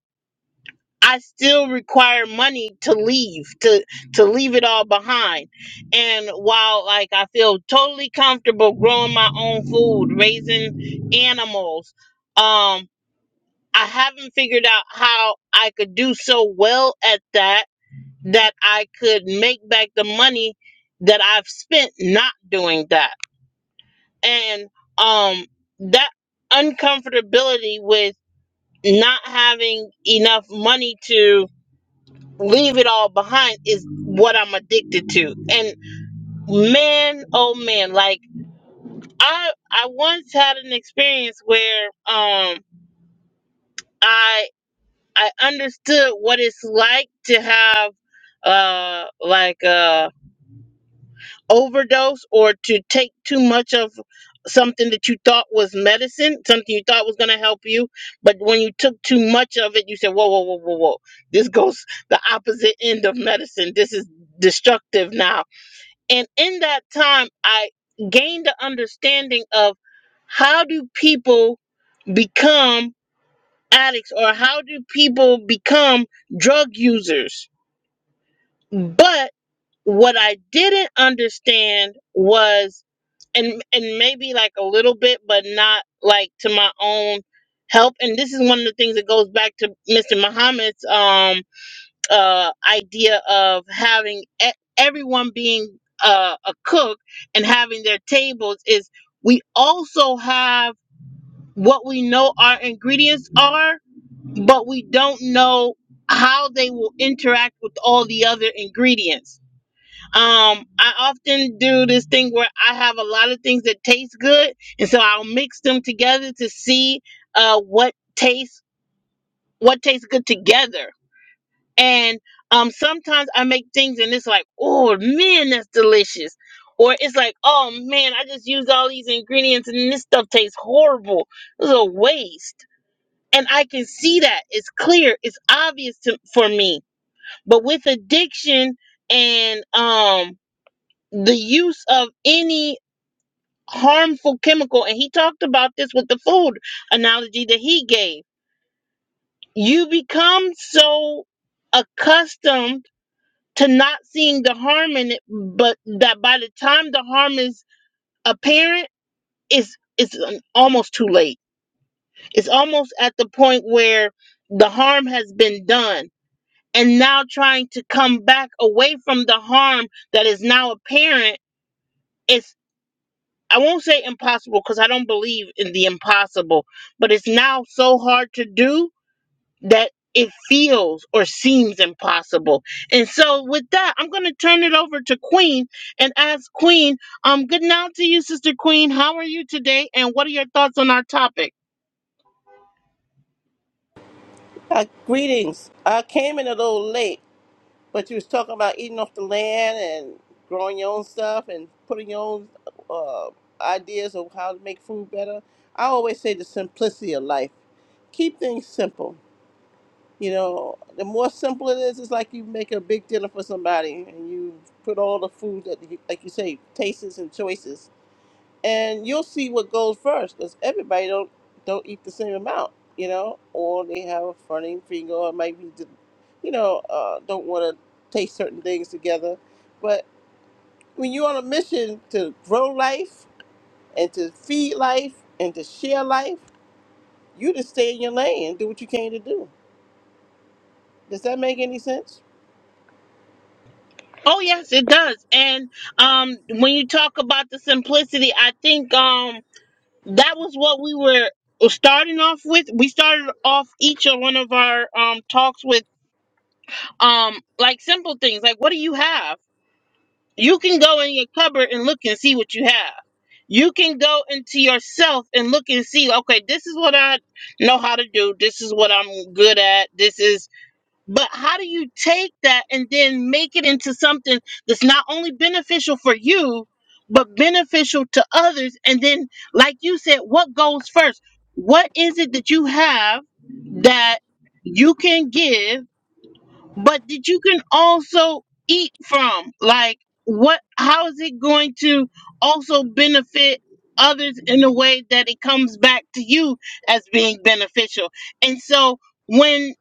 [SPEAKER 1] I still require money to leave, to to leave it all behind. And while like I feel totally comfortable growing my own food, raising animals, um, I haven't figured out how I could do so well at that that I could make back the money that I've spent not doing that. And um that uncomfortability with not having enough money to leave it all behind is what I'm addicted to. And man, oh man, like I I once had an experience where um I I understood what it's like to have uh like a overdose or to take too much of something that you thought was medicine, something you thought was gonna help you, but when you took too much of it, you said, Whoa, whoa, whoa, whoa, whoa. This goes the opposite end of medicine. This is destructive now And in that time, I gained the understanding of how do people become addicts or how do people become drug users. But what I didn't understand was, and, and maybe like a little bit, but not like to my own help. And this is one of the things that goes back to Mr. Muhammad's um, uh, idea of having e- everyone being uh, a cook and having their tables is we also have what we know our ingredients are, but we don't know how they will interact with all the other ingredients. Um, I often do this thing where I have a lot of things that taste good, and so I'll mix them together to see uh, what tastes what tastes good together and um, sometimes I make things and it's like, oh man, that's delicious. Or it's like, oh man, I just used all these ingredients and this stuff tastes horrible. It was a waste. And I can see that. It's clear. It's obvious to, for me. But with addiction and um, the use of any harmful chemical, and he talked about this with the food analogy that he gave, you become so accustomed to not seeing the harm in it, but that by the time the harm is apparent, it's it's um, almost too late. It's almost at the point where the harm has been done, and now trying to come back away from the harm that is now apparent is I won't say impossible because I don't believe in the impossible, but it's now so hard to do that it feels or seems impossible. And so with that, I'm going to turn it over to Queen and ask Queen, um good now to you sister Queen. How are you today and what are your thoughts on our topic?
[SPEAKER 4] Uh, greetings. I came in a little late, but you was talking about eating off the land and growing your own stuff and putting your own uh, ideas of how to make food better. I always say the simplicity of life. Keep things simple. You know, the more simple it is, it's like you make a big dinner for somebody and you put all the food that, you, like you say, tastes and choices and you'll see what goes first because everybody don't don't eat the same amount you know or they have a funny finger or maybe d- you know uh, don't want to taste certain things together but when you're on a mission to grow life and to feed life and to share life you just stay in your lane and do what you came to do does that make any sense
[SPEAKER 1] Oh yes, it does. And um when you talk about the simplicity, I think um that was what we were starting off with. We started off each of one of our um talks with um like simple things like what do you have? You can go in your cupboard and look and see what you have. You can go into yourself and look and see, okay, this is what I know how to do. This is what I'm good at. This is, but how do you take that and then make it into something that's not only beneficial for you, but beneficial to others? And then, like you said, what goes first? What is it that you have that you can give? but that you can also eat from. Like, what? How is it going to also benefit others in a way that it comes back to you as being beneficial? And so, when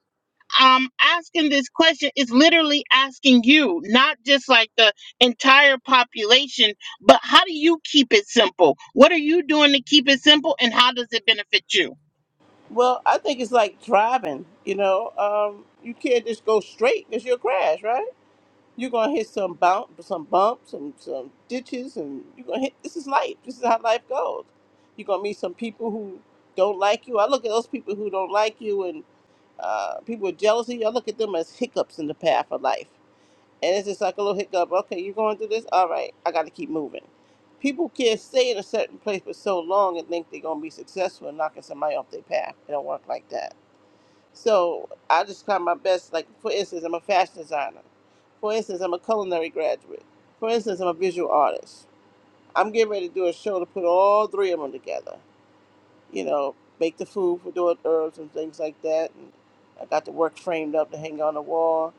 [SPEAKER 1] I'm asking this question, it's literally asking you, not just like the entire population, but how do you keep it simple? What are you doing to keep it simple, and how does it benefit you?
[SPEAKER 4] well i think it's like driving you know um, you can't just go straight because you'll crash right You're gonna hit some bump, some bumps, some some ditches, and you're gonna hit. This is life. This is how life goes. You're gonna meet some people who don't like you. I look at those people who don't like you and uh, people with jealousy. I look at them as hiccups in the path of life, and it's just like a little hiccup. Okay, you're going through this. All right, I got to keep moving. People can't stay in a certain place for so long and think they're gonna be successful in knocking somebody off their path. It don't work like that so I just try my best. Like for instance, I'm a fashion designer. For instance, I'm a culinary graduate. For instance, I'm a visual artist. I'm getting ready to do a show to put all three of them together. You know, make the food for doing herbs and things like that. And I got the work framed up to hang on the wall.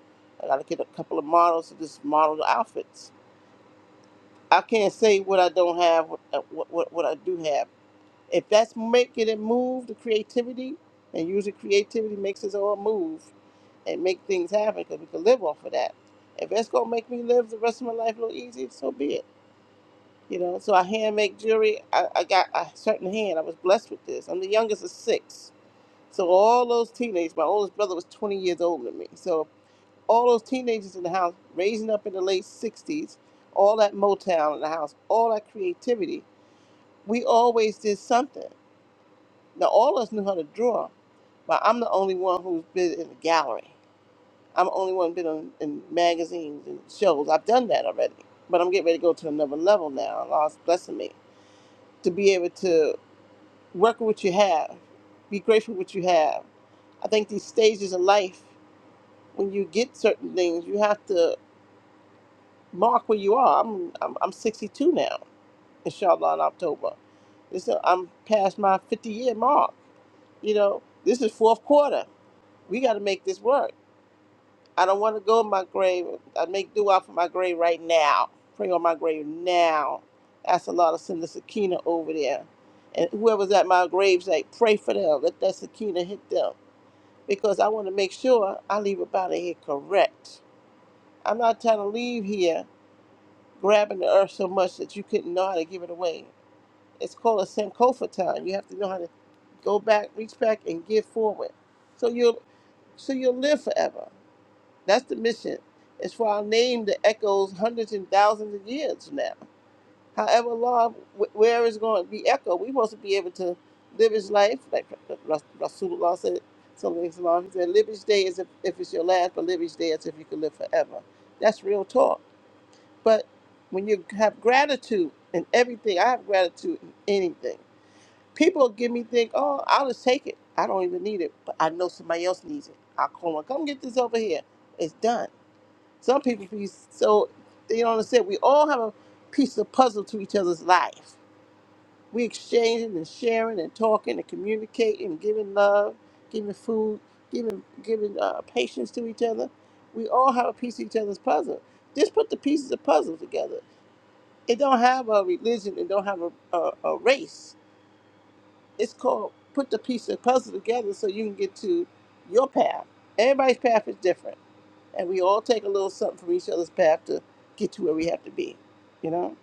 [SPEAKER 4] I got to get a couple of models to just model the outfits. I can't say what I don't have, what, uh, what, what what I do have. If that's making it move, the creativity, and usually creativity makes us all move and make things happen because we can live off of that. If it's gonna make me live the rest of my life a little easy, so be it. You know, so I hand make jewelry. I, I got a certain hand. I was blessed with this. I'm the youngest of six. So all those teenagers, my oldest brother was 20 years older than me. So all those teenagers in the house, raising up in the late 60s, all that Motown in the house, all that creativity, we always did something. Now all of us knew how to draw, but I'm the only one who's been in the gallery. I'm the only one been on, in magazines and shows. I've done that already, but I'm getting ready to go to another level now. Allah's blessing me to be able to work with what you have, be grateful with what you have. I think these stages of life, when you get certain things, you have to mark where you are. I'm I'm, I'm 62 now, inshallah, in October. This i I'm past my 50 year mark. You know, this is fourth quarter. We got to make this work I don't want to go in my grave. I make do out for my grave right now. Pray on my grave now. Ask Allah to send the Sakina over there. And whoever's at my grave, say, pray for them. Let that Sakina hit them. Because I want to make sure I leave about it here correct. I'm not trying to leave here grabbing the earth so much that you couldn't know how to give it away. It's called a Sankofa time. You have to know how to go back, reach back, and give forward. So you'll so you'll live forever. That's the mission. It's for our name that echoes hundreds and thousands of years from now. However, Lord, wh- where it's going to be echoed, we supposed to be able to live His life, like Ras- Rasulullah said, something Islam. He said, "Live each day as if, if it's your last, but live each day as if you could live forever." That's real talk. But when you have gratitude in everything, I have gratitude in anything. People give me think, "Oh, I'll just take it. I don't even need it, but I know somebody else needs it. I'll call them. Come get this over here. It's done." Some people be so they don't understand. We all have a piece of puzzle to each other's life. We exchanging and sharing and talking and communicating, and giving love, giving food, giving giving uh, patience to each other. We all have a piece of each other's puzzle. Just put the pieces of puzzle together. It don't have a religion. It don't have a, a, a race. It's called put the piece of puzzle together so you can get to your path. Everybody's path is different and we all take a little something from each other's path to get to where we have to be. You know?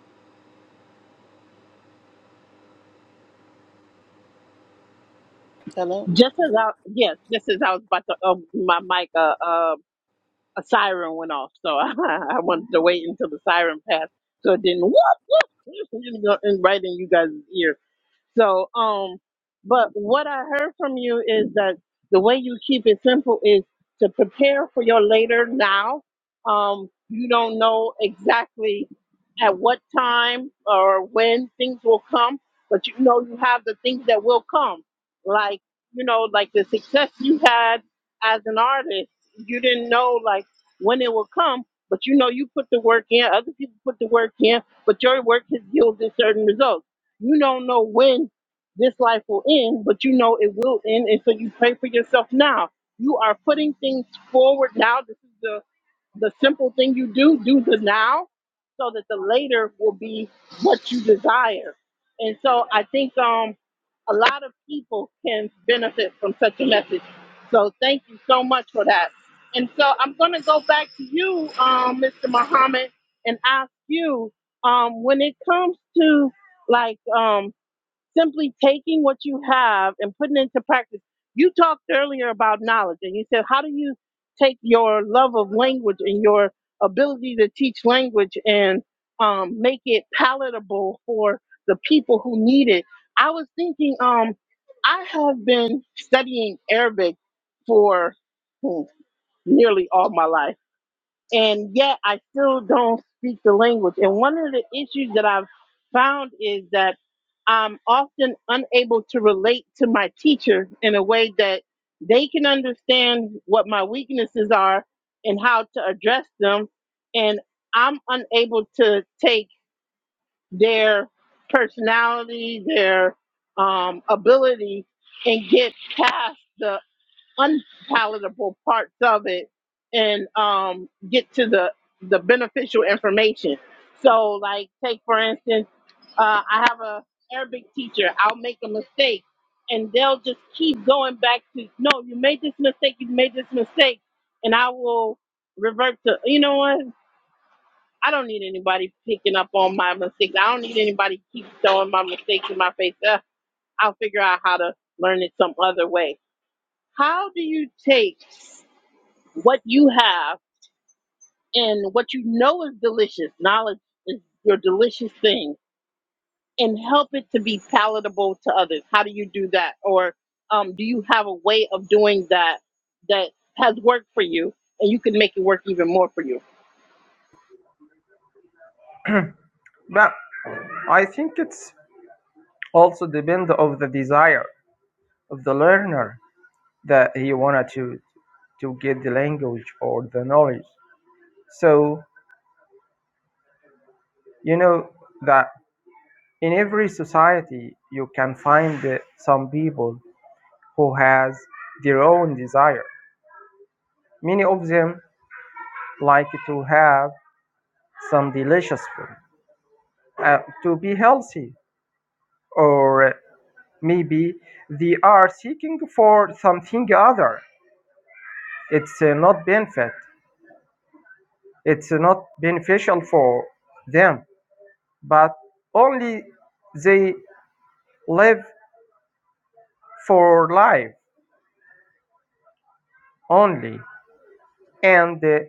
[SPEAKER 4] Hello?
[SPEAKER 1] Just as I yes, just as I was about to um, my mic, uh, uh, a siren went off, so I, wanted to wait until the siren passed, so it didn't whoop whoop and go- and right in you guys' ear. So, um, but what I heard from you is that the way you keep it simple is to prepare for your later now. Um, you don't know exactly at what time or when things will come, but you know you have the things that will come. Like, you know, like the success you had as an artist, you didn't know like when it will come, but you know you put the work in, other people put the work in, but your work has yielded certain results you don't know when this life will end, but you know it will end. And so you pray for yourself now. You are putting things forward now. This is the the simple thing you do, do the now so that the later will be what you desire. And so I think um, a lot of people can benefit from such a message. So thank you so much for that. And so I'm going to go back to you, um, Mr. Muhammad, and ask you um, when it comes to like, um simply taking what you have and putting it into practice. You talked earlier about knowledge, and you said, how do you take your love of language and your ability to teach language and um, make it palatable for the people who need it? I was thinking, um, I have been studying Arabic for hmm, nearly all my life, and yet I still don't speak the language. And one of the issues that I've found is that I'm often unable to relate to my teacher in a way that they can understand what my weaknesses are and how to address them. And I'm unable to take their personality, their um, ability, and get past the unpalatable parts of it and um, get to the the beneficial information. So, like, take for instance, uh, I have a Arabic teacher. I'll make a mistake, and they'll just keep going back to, no, you made this mistake. You made this mistake, and I will revert to, you know what? I don't need anybody picking up on my mistakes. I don't need anybody keep throwing my mistakes in my face. Uh, I'll figure out how to learn it some other way. How do you take what you have and what you know is delicious. Knowledge is your delicious thing, and help it to be palatable to others. How do you do that? Or um, do you have a way of doing that that has worked for you, and you can make it work even more for you?
[SPEAKER 3] But I think it's also depend of the desire of the learner that he wanted to to get the language or the knowledge. So you know that in every society you can find uh, some people who has their own desire Many of them like to have some delicious food uh, to be healthy, or maybe they are seeking for something other. It's uh, not benefit. It's not beneficial for them, but only they live for life only. And uh,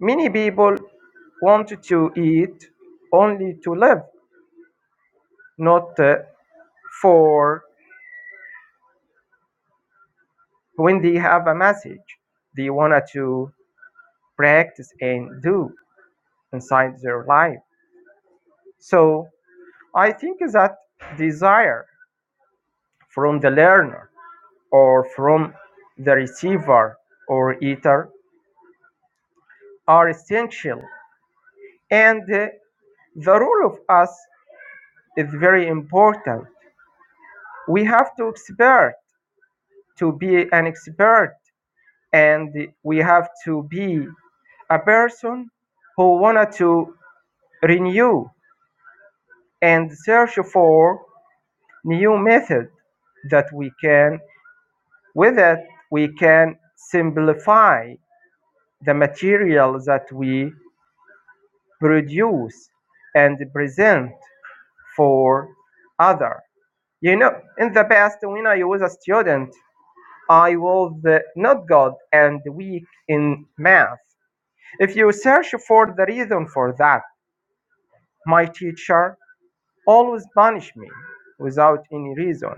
[SPEAKER 3] many people want to eat only to live, not uh, for when they have a message they wanted to practice and do inside their life. So I think that desire from the learner or from the receiver or eater are essential. And uh, the role of us is very important. We have to expert to be an expert and we have to be a person who wanted to renew and search for new method that we can with it we can simplify the material that we produce and present for other you know in the past when i was a student i was uh, not good and weak in math if you search for the reason for that my teacher always punished me without any reason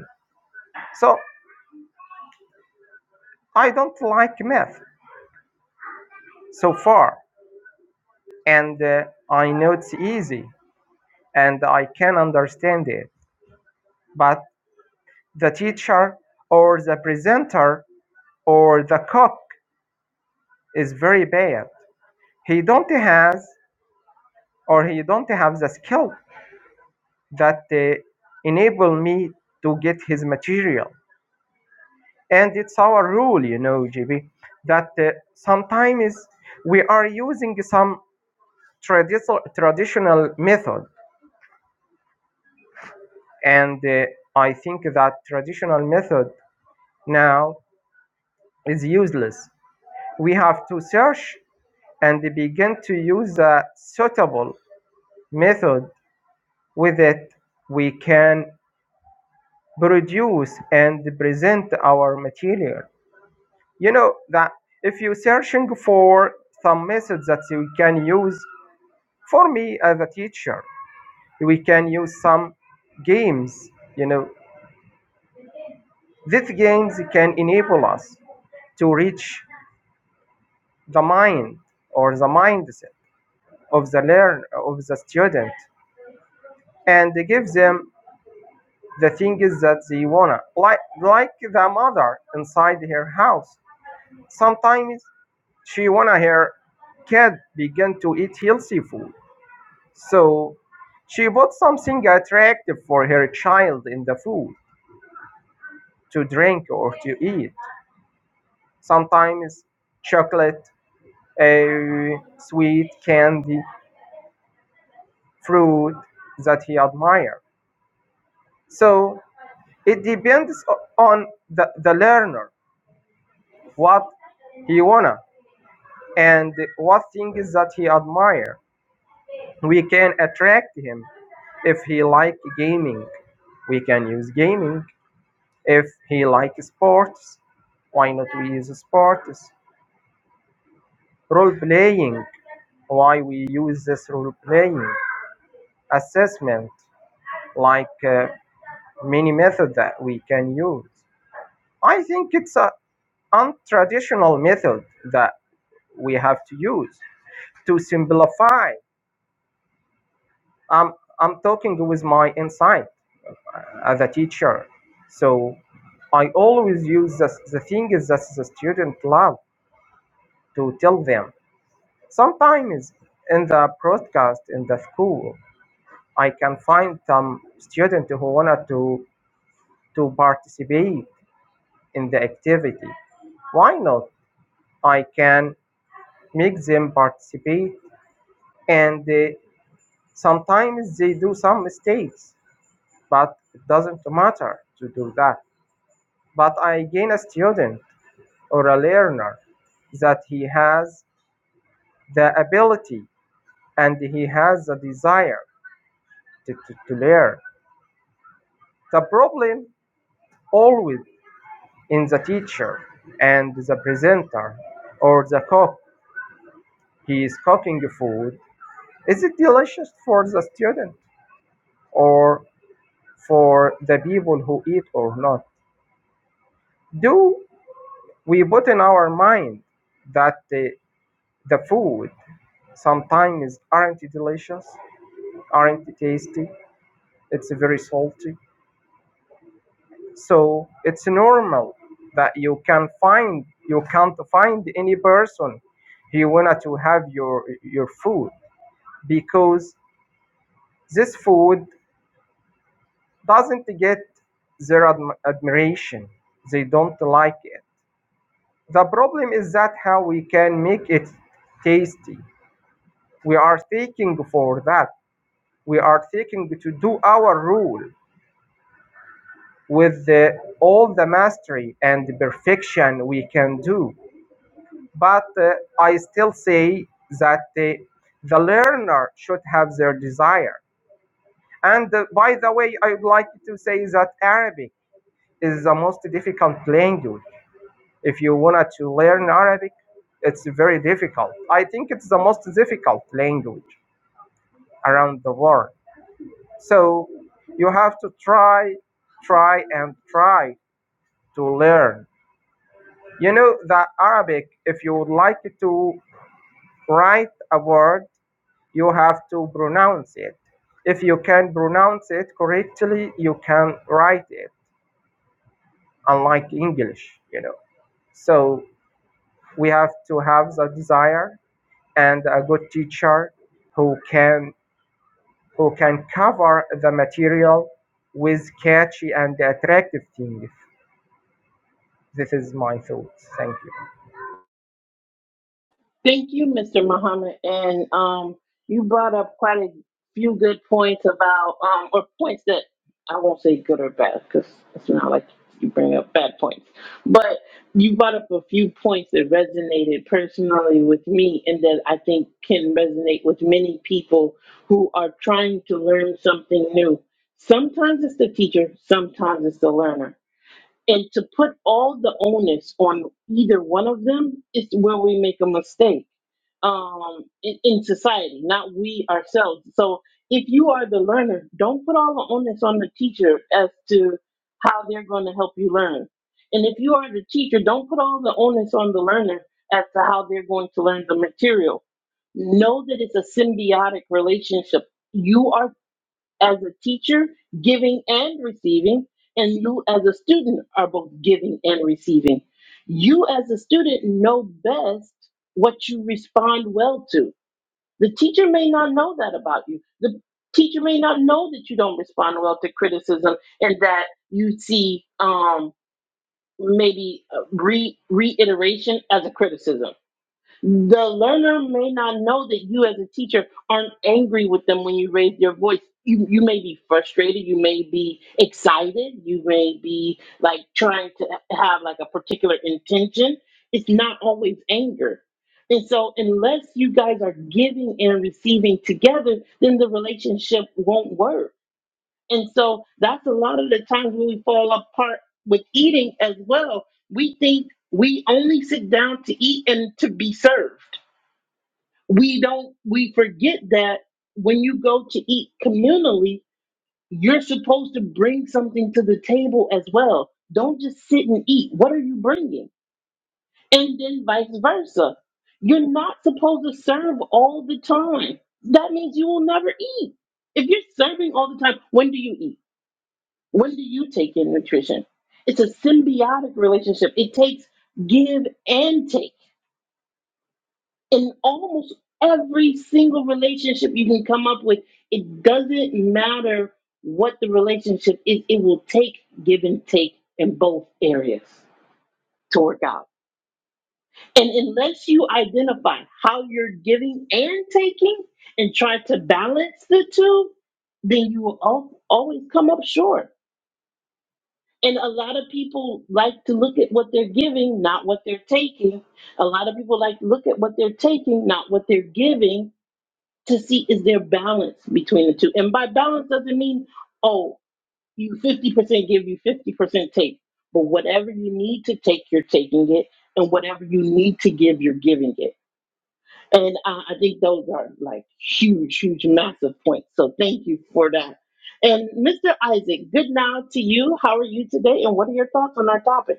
[SPEAKER 3] so I don't like math so far, and uh, I know it's easy and I can understand it, but the teacher or the presenter or the cook is very bad. He don't has or he don't have the skill that uh, enable me to get his material. And it's our rule, you know, GB, that uh, sometimes we are using some traditional traditional method and uh, I think that traditional method now is useless. We have to search and begin to use a suitable method. With it, we can produce and present our material. You know that if you're searching for some methods that you can use, for me as a teacher, we can use some games. You know, these games can enable us to reach the mind or the mindset of the learn of the student and give them the things that they wanna like like the mother inside her house sometimes she wanna her kid begin to eat healthy food so she bought something attractive for her child in the food to drink or to eat sometimes chocolate a sweet candy fruit that he admire So it depends on the, the learner, what he wanna and what things that he admire. We can attract him. If he like gaming, we can use gaming. If he like sports, why not we use sports? Role playing, why we use this role playing? Assessment, like uh, many method that we can use. I think it's a untraditional method that we have to use to simplify. I'm, I'm talking with my insight as a teacher. So I always use the, the things that the student love to tell them. Sometimes in the broadcast in the school, I can find some student who wanted to, to participate in the activity. Why not? I can make them participate and uh, sometimes they do some mistakes but it doesn't matter to do that. But I gain a student or a learner that he has the ability and he has the desire to, to, to learn. The problem always in the teacher and the presenter or the cook. He is cooking food. Is it delicious for the student or for the people who eat or not? Do we put in our mind that the, the food Sometimes aren't it delicious? Aren't it tasty? It's very salty. So it's normal that you can find you can't find any person he wanted to have your your food because this food doesn't get their adm- admiration. They don't like it. The problem is that how we can make it tasty. We are seeking for that. We are seeking to do our rule with the, all the mastery and perfection we can do. But uh, I still say that the, the learner should have their desire. And uh, by the way, I would like to say that Arabic is the most difficult language. If you wanted to learn Arabic, it's very difficult. I think it's the most difficult language around the world. So you have to try, try, and try to learn You know that Arabic, if you would like to write a word, you have to pronounce it. If you can pronounce it correctly, you can write it, unlike English, you know. So we have to have the desire and a good teacher who can who can cover the material with catchy and attractive things. This is my thoughts. Thank you.
[SPEAKER 1] Thank you, Mr. Muhammad. And um, you brought up quite a few good points about, um, or points that I won't say good or bad because it's not like you bring up bad points. But you brought up a few points that resonated personally with me and that I think can resonate with many people who are trying to learn something new. Sometimes it's the teacher, sometimes it's the learner. And to put all the onus on either one of them is where we make a mistake um, in, in society, not we ourselves. So if you are the learner, don't put all the onus on the teacher as to how they're going to help you learn. And if you are the teacher, don't put all the onus on the learner as to how they're going to learn the material. Know that it's a symbiotic relationship. You are as a teacher, giving and receiving, and you as a student are both giving and receiving. You as a student know best what you respond well to. The teacher may not know that about you. The teacher may not know that you don't respond well to criticism and that you see um, maybe uh, re- reiteration as a criticism the learner may not know that you, as a teacher, aren't angry with them when you raise your voice. You, you may be frustrated, you may be excited, you may be like trying to have like a particular intention. It's not always anger. And so, unless you guys are giving and receiving together, then the relationship won't work. And so, that's a lot of the times when we fall apart with eating as well. We think we only sit down to eat and to be served we don't we forget that when you go to eat communally you're supposed to bring something to the table as well don't just sit and eat what are you bringing and then vice versa you're not supposed to serve all the time that means you will never eat if you're serving all the time when do you eat when do you take in nutrition it's a symbiotic relationship it takes give and take in almost every single relationship you can come up with, it doesn't matter what the relationship is, it will take give and take in both areas to work out. And unless you identify how you're giving and taking and try to balance the two, then you will al- always come up short. And a lot of people like to look at what they're giving, not what they're taking. A lot of people like to look at what they're taking, not what they're giving to see is there balance between the two. And by balance doesn't mean, oh, you 50% give, you 50% take. But whatever you need to take, you're taking it. And whatever you need to give, you're giving it. And uh, I think those are like huge, huge, massive points. So thank you for that. And Mr. Isaac, good now to you. How are you today? And what are your thoughts on our topic?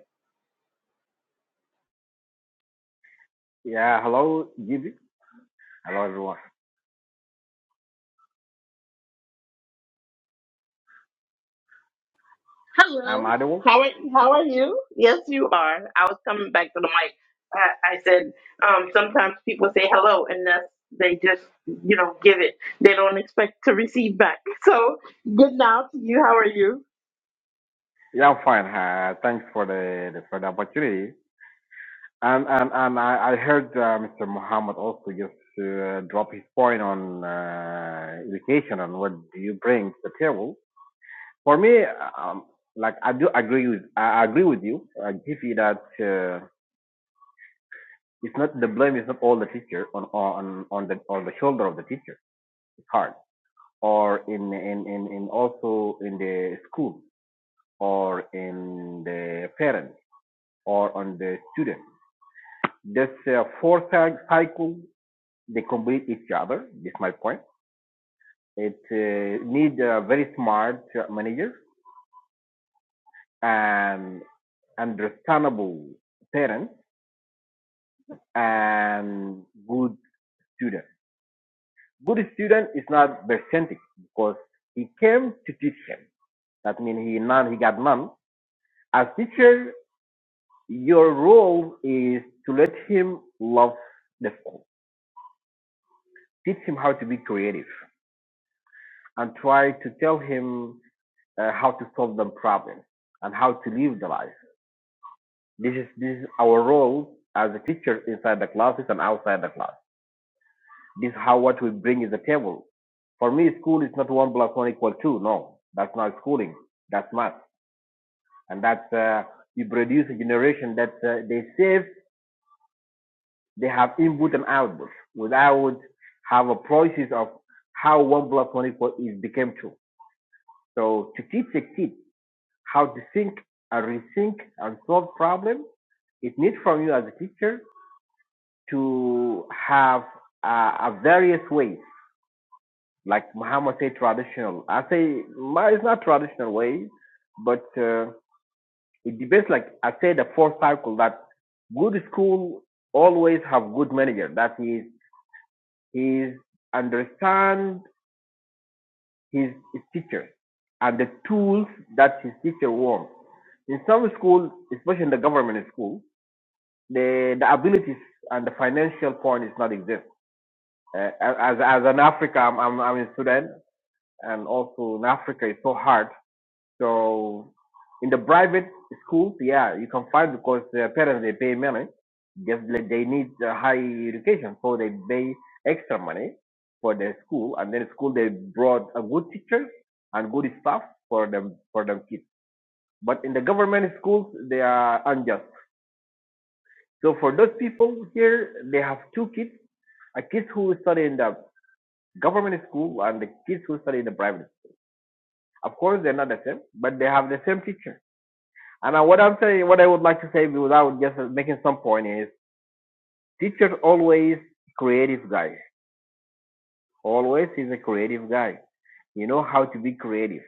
[SPEAKER 5] Yeah, hello, Gizzy. Hello, everyone. I'm
[SPEAKER 1] Hello.
[SPEAKER 5] Adewale.
[SPEAKER 1] How are how are you? Yes, you are. I was coming back to the mic. I, I said um, sometimes people say hello unless they just you know give it. They don't expect to receive back. So good now to you. How are you?
[SPEAKER 5] Yeah, I'm fine. Uh, thanks for the, the for the opportunity. And and and I, I heard uh, Mr. Muhammad also just uh, drop his point on uh, education and what do you bring to the table. For me, um, like I do agree with I agree with you, uh, Gizzy, that uh, it's not the blame is not all the teacher on on on the on the shoulder of the teacher. It's hard or in in in, in also in the school or in the parent or on the student. This uh, four cycle, they complete each other. That's my point. It uh, needs a very smart uh, manager and understandable parents and good student. Good student is not percentage because he came to teach him. That means he none, he got none. As teacher, your role is to let him love the school teach him how to be creative and try to tell him uh, how to solve them problems and how to live the life. This is this is our role as a teacher inside the classes and outside the class. This is how what we bring is the table. For me, school is not one plus one equal two. No, that's not schooling. That's math, and that's uh, you produce a generation that uh, they save. They have input and output without have a process of how one plus one equal is became two. So to teach a kid how to think and rethink and solve problems. It needs from you as a teacher to have uh, a various ways, like Muhammad said, traditional. I say my it's not traditional way, but uh, it depends. Like I say, the fourth cycle that good school always have good manager. That is, he understand his, his teacher and the tools that his teacher wants. In some schools, especially in the government school, the the abilities and the financial point is not exist. Uh, as as an Africa, I'm, I'm I'm in Sudan, and also in Africa it's so hard. So in the private schools, yeah, you can find because their parents they pay money, just like they need uh, high education, so they pay extra money for their school, and then school they brought a good teacher and good staff for them for them kids. But in the government schools, they are unjust. So for those people here, they have two kids uh, kids who study in the government school and the kids who study in the private. Of course, they're not the same, but they have the same teacher. And uh, what I'm saying, what I would like to say without just uh, making some point is, teacher always creative guy. Always is a creative guy. You know how to be creative,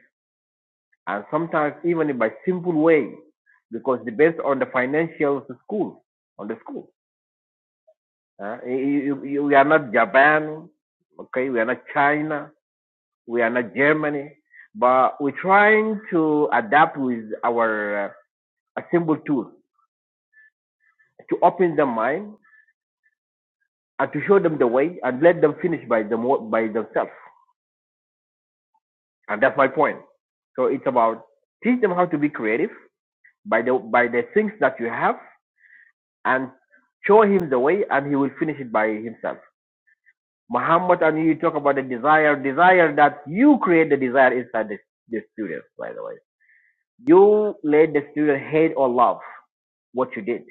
[SPEAKER 5] and sometimes even by simple way, because it depends on the financial of the school, on the school. Uh, you, you- we are not Japan, okay? We are not China. We are not Germany, but we're trying to adapt with our uh, assemble tool to open their mind and to show them the way and let them finish by them by themselves. And that's my point. So it's about teach them how to be creative by the by the things that you have and show him the way and he will finish it by himself. Muhammad and you talk about the desire, desire that you create the desire inside the, the student, by the way. You let the student hate or love what you did.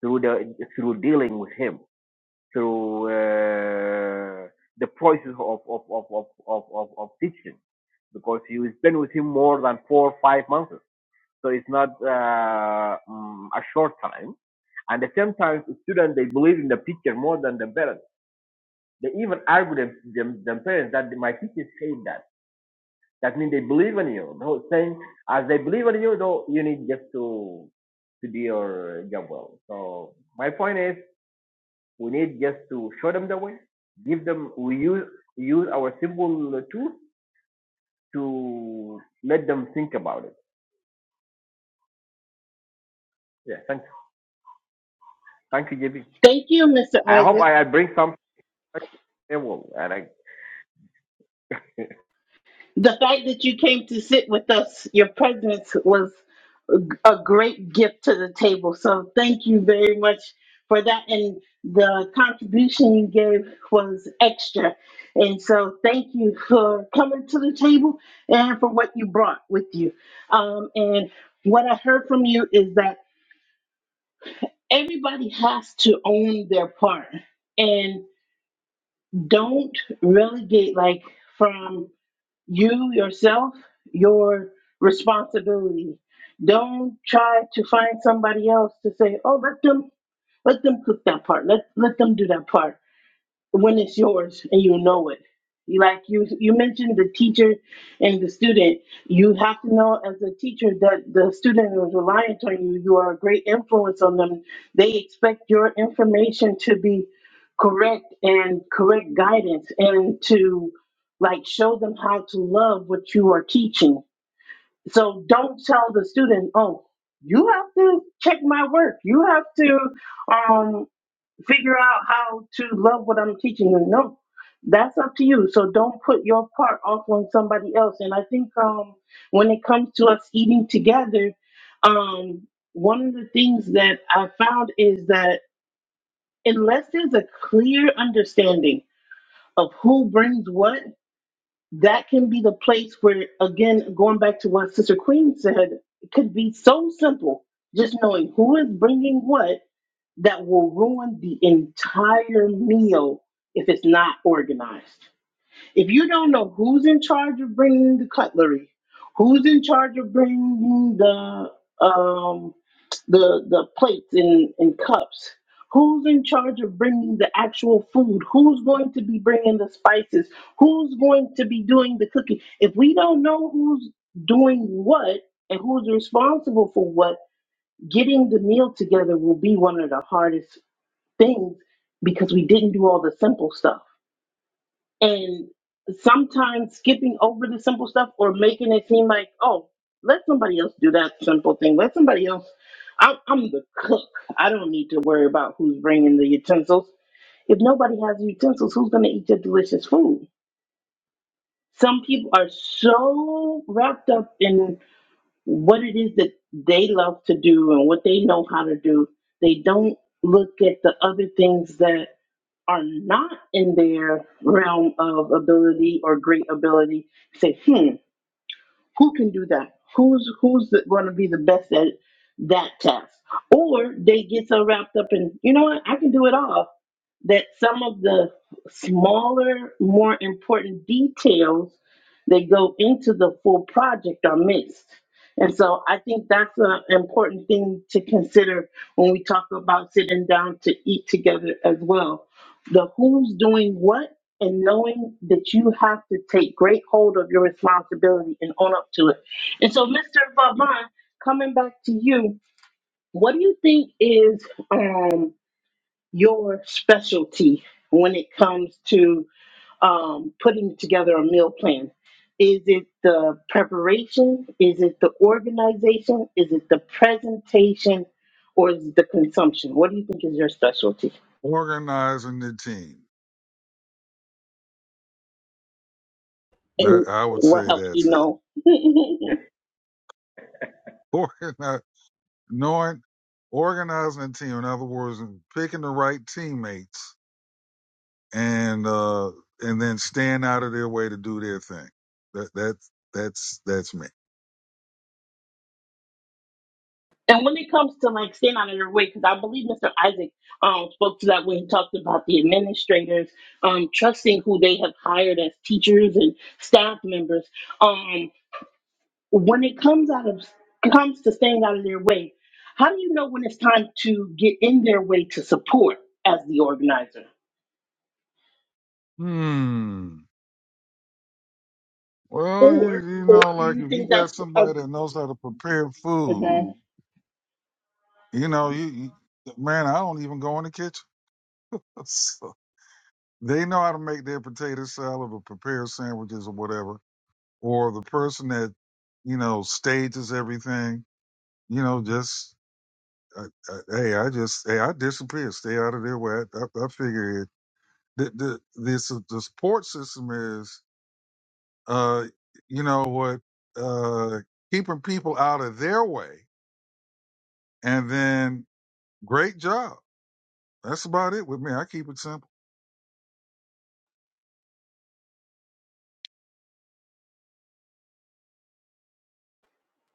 [SPEAKER 5] through the through dealing with him through uh, the process of of, of, of, of, of of teaching because you spend with him more than four or five months so it's not uh, mm, a short time and at the same time students they believe in the teacher more than the parents they even argue them, them, them parents that my teacher said that that means they believe in you no saying as they believe in you though you need just to to do your job well so my point is We need just to show them the way, give them, we use, use our simple tools to let them think about it. Yeah, thank, thank you, JB.
[SPEAKER 1] Thank you, Mr.
[SPEAKER 5] I
[SPEAKER 1] Isaac.
[SPEAKER 5] hope I, bring some table and I
[SPEAKER 1] The fact that you came to sit with us, your presence was a great gift to the table. So thank you very much for that. And the contribution you gave was extra. And so thank you for coming to the table and for what you brought with you. Um, and what I heard from you is that everybody has to own their part and don't relegate, like, from you yourself your responsibility don't try to find somebody else to say oh let them let them cook that part let let them do that part when it's yours and you know it. You Like you, you mentioned the teacher and the student. You have to know as a teacher that the student is reliant on you. You are a great influence on them. They expect your information to be correct and correct guidance and to like show them how to love what you are teaching. So don't tell the student, oh, you have to check my work. You have to, um, figure out how to love what I'm teaching them. No, that's up to you. So don't put your part off on somebody else. And I think um, when it comes to us eating together, um, one of the things that I found is that unless there's a clear understanding of who brings what, that can be the place where, again, going back to what Sister Queen said, it could be so simple. Just knowing who is bringing what that will ruin the entire meal if it's not organized. If you don't know who's in charge of bringing the cutlery, who's in charge of bringing the um, the the plates and, and cups, who's in charge of bringing the actual food, who's going to be bringing the spices, who's going to be doing the cooking. If we don't know who's doing what and who's responsible for what, getting the meal together will be one of the hardest things because we didn't do all the simple stuff. And sometimes skipping over the simple stuff or making it seem like, oh, let somebody else do that simple thing. Let somebody else. I'm, I'm the cook. I don't need to worry about who's bringing the utensils. If nobody has utensils, who's going to eat your delicious food? Some people are so wrapped up in what it is that they love to do and what they know how to do, they don't look at the other things that are not in their realm of ability or great ability say, hmm, who can do that? Who's who's going to be the best at that task? Or they get so wrapped up in, you know what? I can do it all. That some of the smaller, more important details that go into the full project are missed. And so I think that's an important thing to consider when we talk about sitting down to eat together as well. The who's doing what and knowing that you have to take great hold of your responsibility and own up to it. And so, Mr. Vaban, coming back to you, what do you think is um, your specialty when it comes to um, putting together a meal plan? Is it the preparation? Is it the organization? Is it the presentation? Or is it the consumption? What do you think is your specialty?
[SPEAKER 2] Organizing the team. That,
[SPEAKER 1] And
[SPEAKER 2] I would
[SPEAKER 1] what
[SPEAKER 2] say
[SPEAKER 1] helps you
[SPEAKER 2] that's it.
[SPEAKER 1] know?
[SPEAKER 2] Organize, knowing, organizing the team. In other words, picking the right teammates and, uh, and then staying out of their way to do their thing. That, that's, that's, that's me.
[SPEAKER 1] And when it comes to like staying out of their way, because I believe Mr. Isaac um, spoke to that when he talked about the administrators um, trusting who they have hired as teachers and staff members. Um, when it comes out of comes to staying out of their way, how do you know when it's time to get in their way to support as the organizer,
[SPEAKER 2] Hmm. Well, you,
[SPEAKER 1] or
[SPEAKER 2] you
[SPEAKER 1] or
[SPEAKER 2] know,
[SPEAKER 1] do
[SPEAKER 2] like
[SPEAKER 1] you
[SPEAKER 2] if you
[SPEAKER 1] think that's
[SPEAKER 2] got
[SPEAKER 1] a
[SPEAKER 2] somebody that knows how to prepare food,
[SPEAKER 1] mhm.
[SPEAKER 2] you know, you, you man, I don't even go in the kitchen. They know how to make their potato salad or prepare sandwiches or whatever. Or the person that, you know, stages everything, you know, just, uh, uh, hey, I just, hey, I disappear. Stay out of their way. I, I, I figure it. The, the, this, the support system is, uh, you know what, uh, keeping people out of their way. And then great job. That's about it with me. I keep it simple.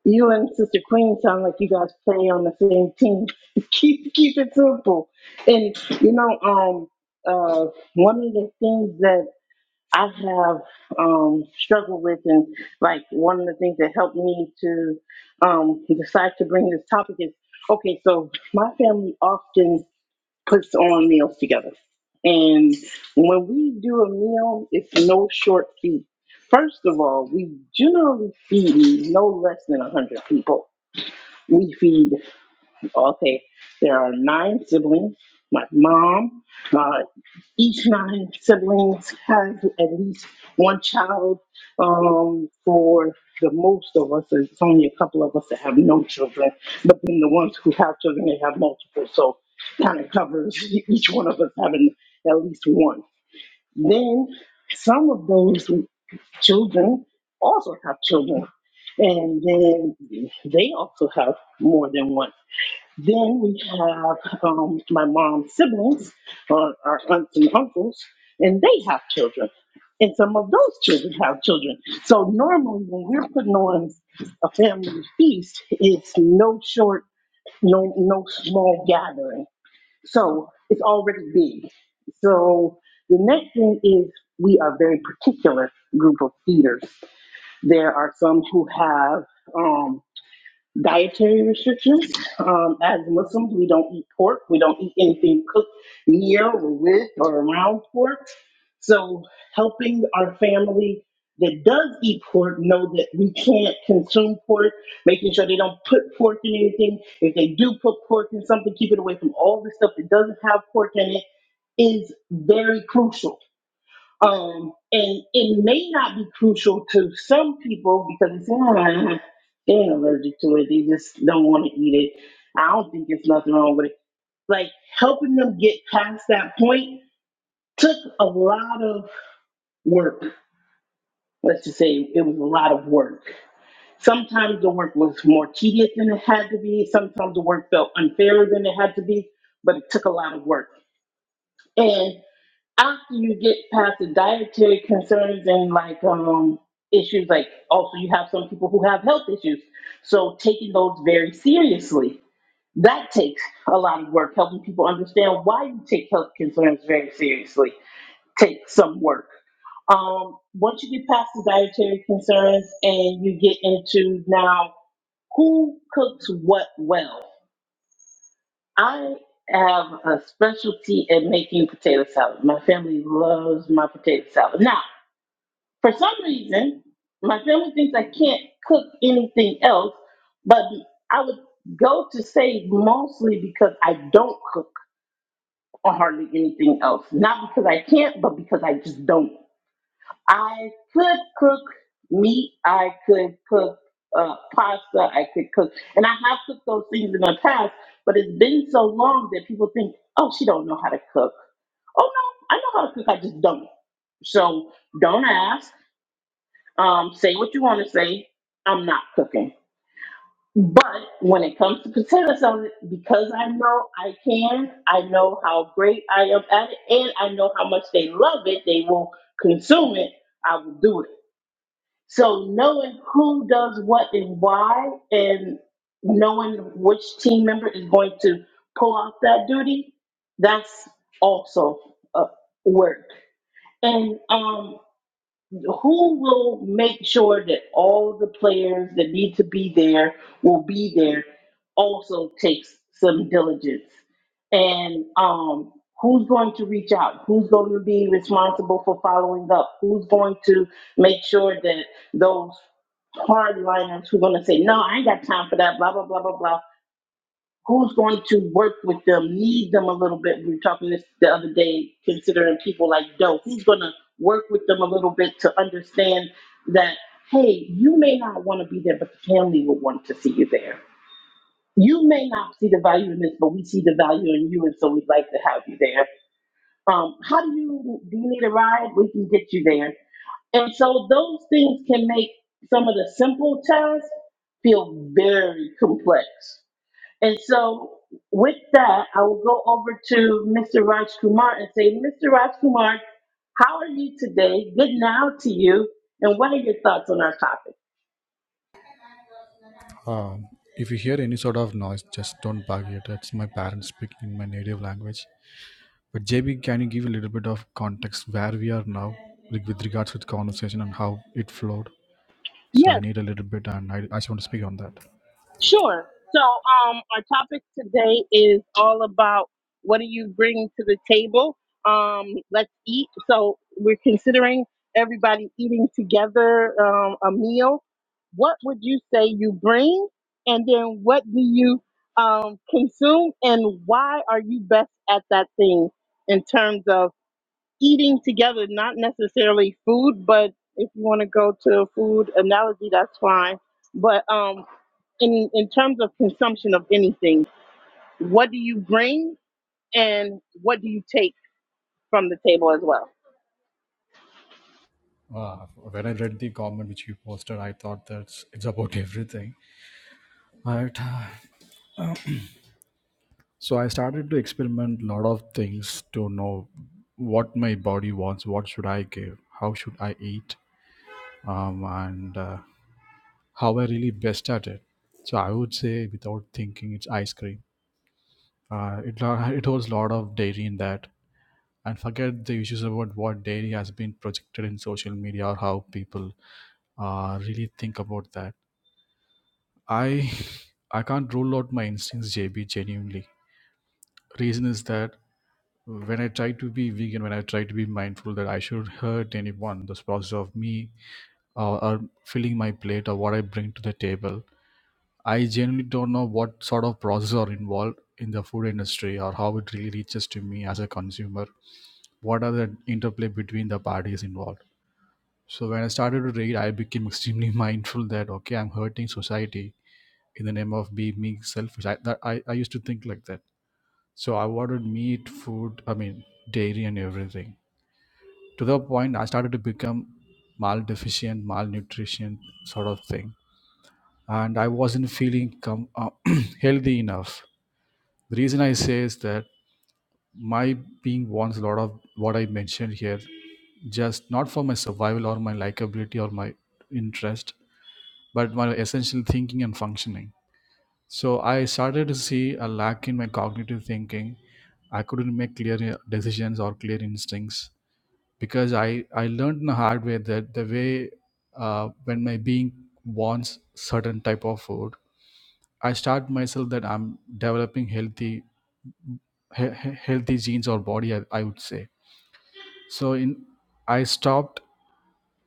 [SPEAKER 1] You and Sister Queen sound like you guys play on the same team. keep keep it simple. And you know, um, uh, one of the things that I have um struggled with, and like one of the things that helped me to um decide to bring this topic is okay. So my family often puts on meals together. And when we do a meal, it's no short feat. First of all, we generally feed no less than 100 people. We feed Okay, there are nine siblings. My mom, uh, each nine siblings has at least one child. Um, for the most of us, it's only a couple of us that have no children, but then the ones who have children, they have multiple. So kind of covers each one of us having at least one. Then some of those children also have children, and then they also have more than one. Then we have um, my mom's siblings, or our aunts and uncles, and they have children. And some of those children have children. So normally, when we're putting on a family feast, it's no short, no no small gathering. So it's already big. So the next thing is we are a very particular group of feeders. There are some who have um, dietary restrictions. Um, as Muslims, we don't eat pork. We don't eat anything cooked near or with or around pork. So helping our family that does eat pork know that we can't consume pork, making sure they don't put pork in anything. If they do put pork in something, keep it away from all the stuff that doesn't have pork in it is very crucial um, and it may not be crucial to some people because it's "Ah, they're allergic to it. They just don't want to eat it. I don't think there's nothing wrong with it. Like helping them get past that point took a lot of work. Let's just say it was a lot of work. Sometimes the work was more tedious than it had to be. Sometimes the work felt unfairer than it had to be, but it took a lot of work. and. after you get past the dietary concerns and like um issues like also you have some people who have health issues so taking those very seriously that takes a lot of work helping people understand why you take health concerns very seriously takes some work um, once you get past the dietary concerns and you get into now who cooks what well I have a specialty in making potato salad. My family loves my potato salad. Now, for some reason, my family thinks I can't cook anything else, but I would go to save mostly because I don't cook or hardly anything else. Not because I can't, but because I just don't. I could cook meat. I could cook uh, pasta. I could cook, and I have cooked those things in the past. But it's been so long that people think, "Oh, she don't know how to cook." Oh no, I know how to cook. I just don't. So don't ask. Um, say what you want to say. I'm not cooking. But when it comes to potato salad, because I know I can, I know how great I am at it, and I know how much they love it, they will consume it. I will do it. So knowing who does what and why, and knowing which team member is going to pull off that duty, that's also uh, work. And um who will make sure that all the players that need to be there will be there also takes some diligence and um who's going to reach out who's going to be responsible for following up who's going to make sure that those hardliners who are going to say no i ain't got time for that blah blah blah blah blah who's going to work with them, need them a little bit. We were talking this the other day, considering people like Doe. Who's going to work with them a little bit to understand that, hey, you may not want to be there, but the family would want to see you there. You may not see the value in this, but we see the value in you, and so we'd like to have you there. Um, how do you do? You need a ride? We can get you there. And so those things can make some of the simple tasks feel very complex and so with that, I will go over to Mr. Raj Kumar and say, Mr. Raj Kumar, how are you today? Good now to you. And what are your thoughts on our topic?
[SPEAKER 6] Um, if you hear any sort of noise, just don't bug it. It's my parents speaking in my native language. But JB, can you give a little bit of context where we are now like with regards to the conversation and how it flowed? So I need a little bit, and I, I just want to speak on that.
[SPEAKER 1] Sure. So, um, our topic today is all about what do you bring to the table? Um, let's eat. So, we're considering everybody eating together um, a meal. What would you say you bring? And then, what do you um, consume? And why are you best at that thing in terms of eating together? Not necessarily food, but if you want to go to a food analogy, that's fine. But um, in in terms of consumption of anything, what do you bring and what do you take from the table as well?
[SPEAKER 6] Uh, when I read the comment which you posted, I thought that's it's about everything. But uh, so I started to experiment a lot of things to know what my body wants, what should I give, how should I eat, um, and uh, how I really best at it. So I would say, without thinking, it's ice cream. Uh, it lo- it holds a lot of dairy in that, and forget the issues about what dairy has been projected in social media or how people uh, really think about that. I I can't rule out my instincts, JB. Genuinely, reason is that when I try to be vegan, when I try to be mindful that I should hurt anyone, the process of me uh, or filling my plate or what I bring to the table I genuinely don't know what sort of processes are involved in the food industry or how it really reaches to me as a consumer. What are the interplay between the parties involved? So when I started to read, I became extremely mindful that okay, I'm hurting society in the name of being being selfish. I, that, I, I used to think like that. So I wanted meat, food, I mean dairy and everything. To the point I started to become maldeficient, malnutrition sort of thing. And I wasn't feeling com- uh, healthy enough The reason I say is that my being wants a lot of what I mentioned here, just not for my survival or my likability or my interest, but my essential thinking and functioning. So I started to see a lack in my cognitive thinking. I couldn't make clear uh, decisions or clear instincts because I, I learned in the hard way that the way uh, when my being wants certain type of food, I start myself that I'm developing healthy he- he- healthy genes or body I, I would say so in i stopped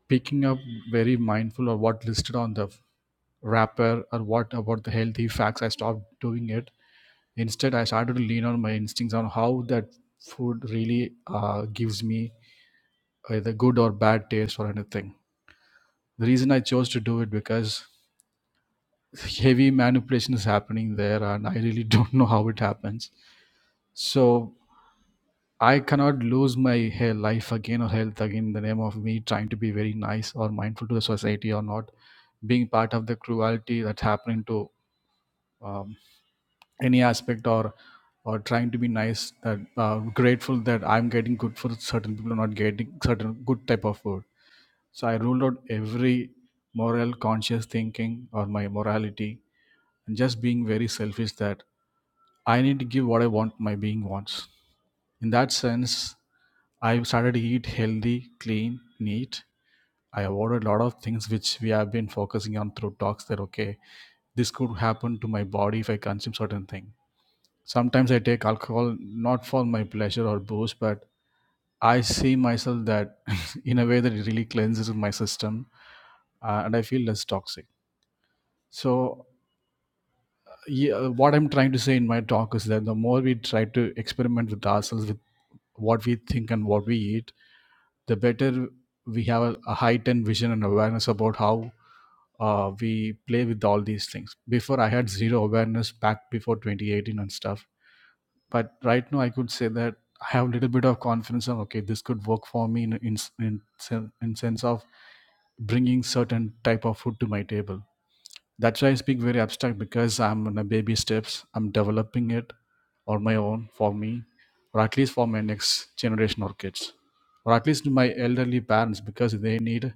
[SPEAKER 6] picking up very mindful of what listed on the wrapper or what about the healthy facts i stopped doing it instead i started to lean on my instincts on how that food really uh, gives me either good or bad taste or anything the reason i chose to do it because heavy manipulation is happening there and i really don't know how it happens so I cannot lose my he- life again or health again in the name of me trying to be very nice or mindful to the society or not being part of the cruelty that's happening to um, any aspect or or trying to be nice that uh, grateful that I'm getting good for certain people are not getting certain good type of food. So I ruled out every moral conscious thinking or my morality and just being very selfish that I need to give what I want, my being wants. In that sense, I've started to eat healthy, clean, neat. I avoided a lot of things which we have been focusing on through talks that okay, this could happen to my body if I consume certain thing. Sometimes I take alcohol not for my pleasure or boost, but I see myself that in a way that it really cleanses my system uh, and I feel less toxic. So, yeah, what I'm trying to say in my talk is that the more we try to experiment with ourselves with what we think and what we eat, the better we have a, a heightened vision and awareness about how uh, we play with all these things. Before, I had zero awareness back before 2018 and stuff. But right now, I could say that I have a little bit of confidence on okay, this could work for me in in in, sen- in sense of bringing certain type of food to my table that's why I speak very abstract because I'm on a baby steps. I'm developing it on my own for me, or at least for my next generation or kids, or at least my elderly parents because they need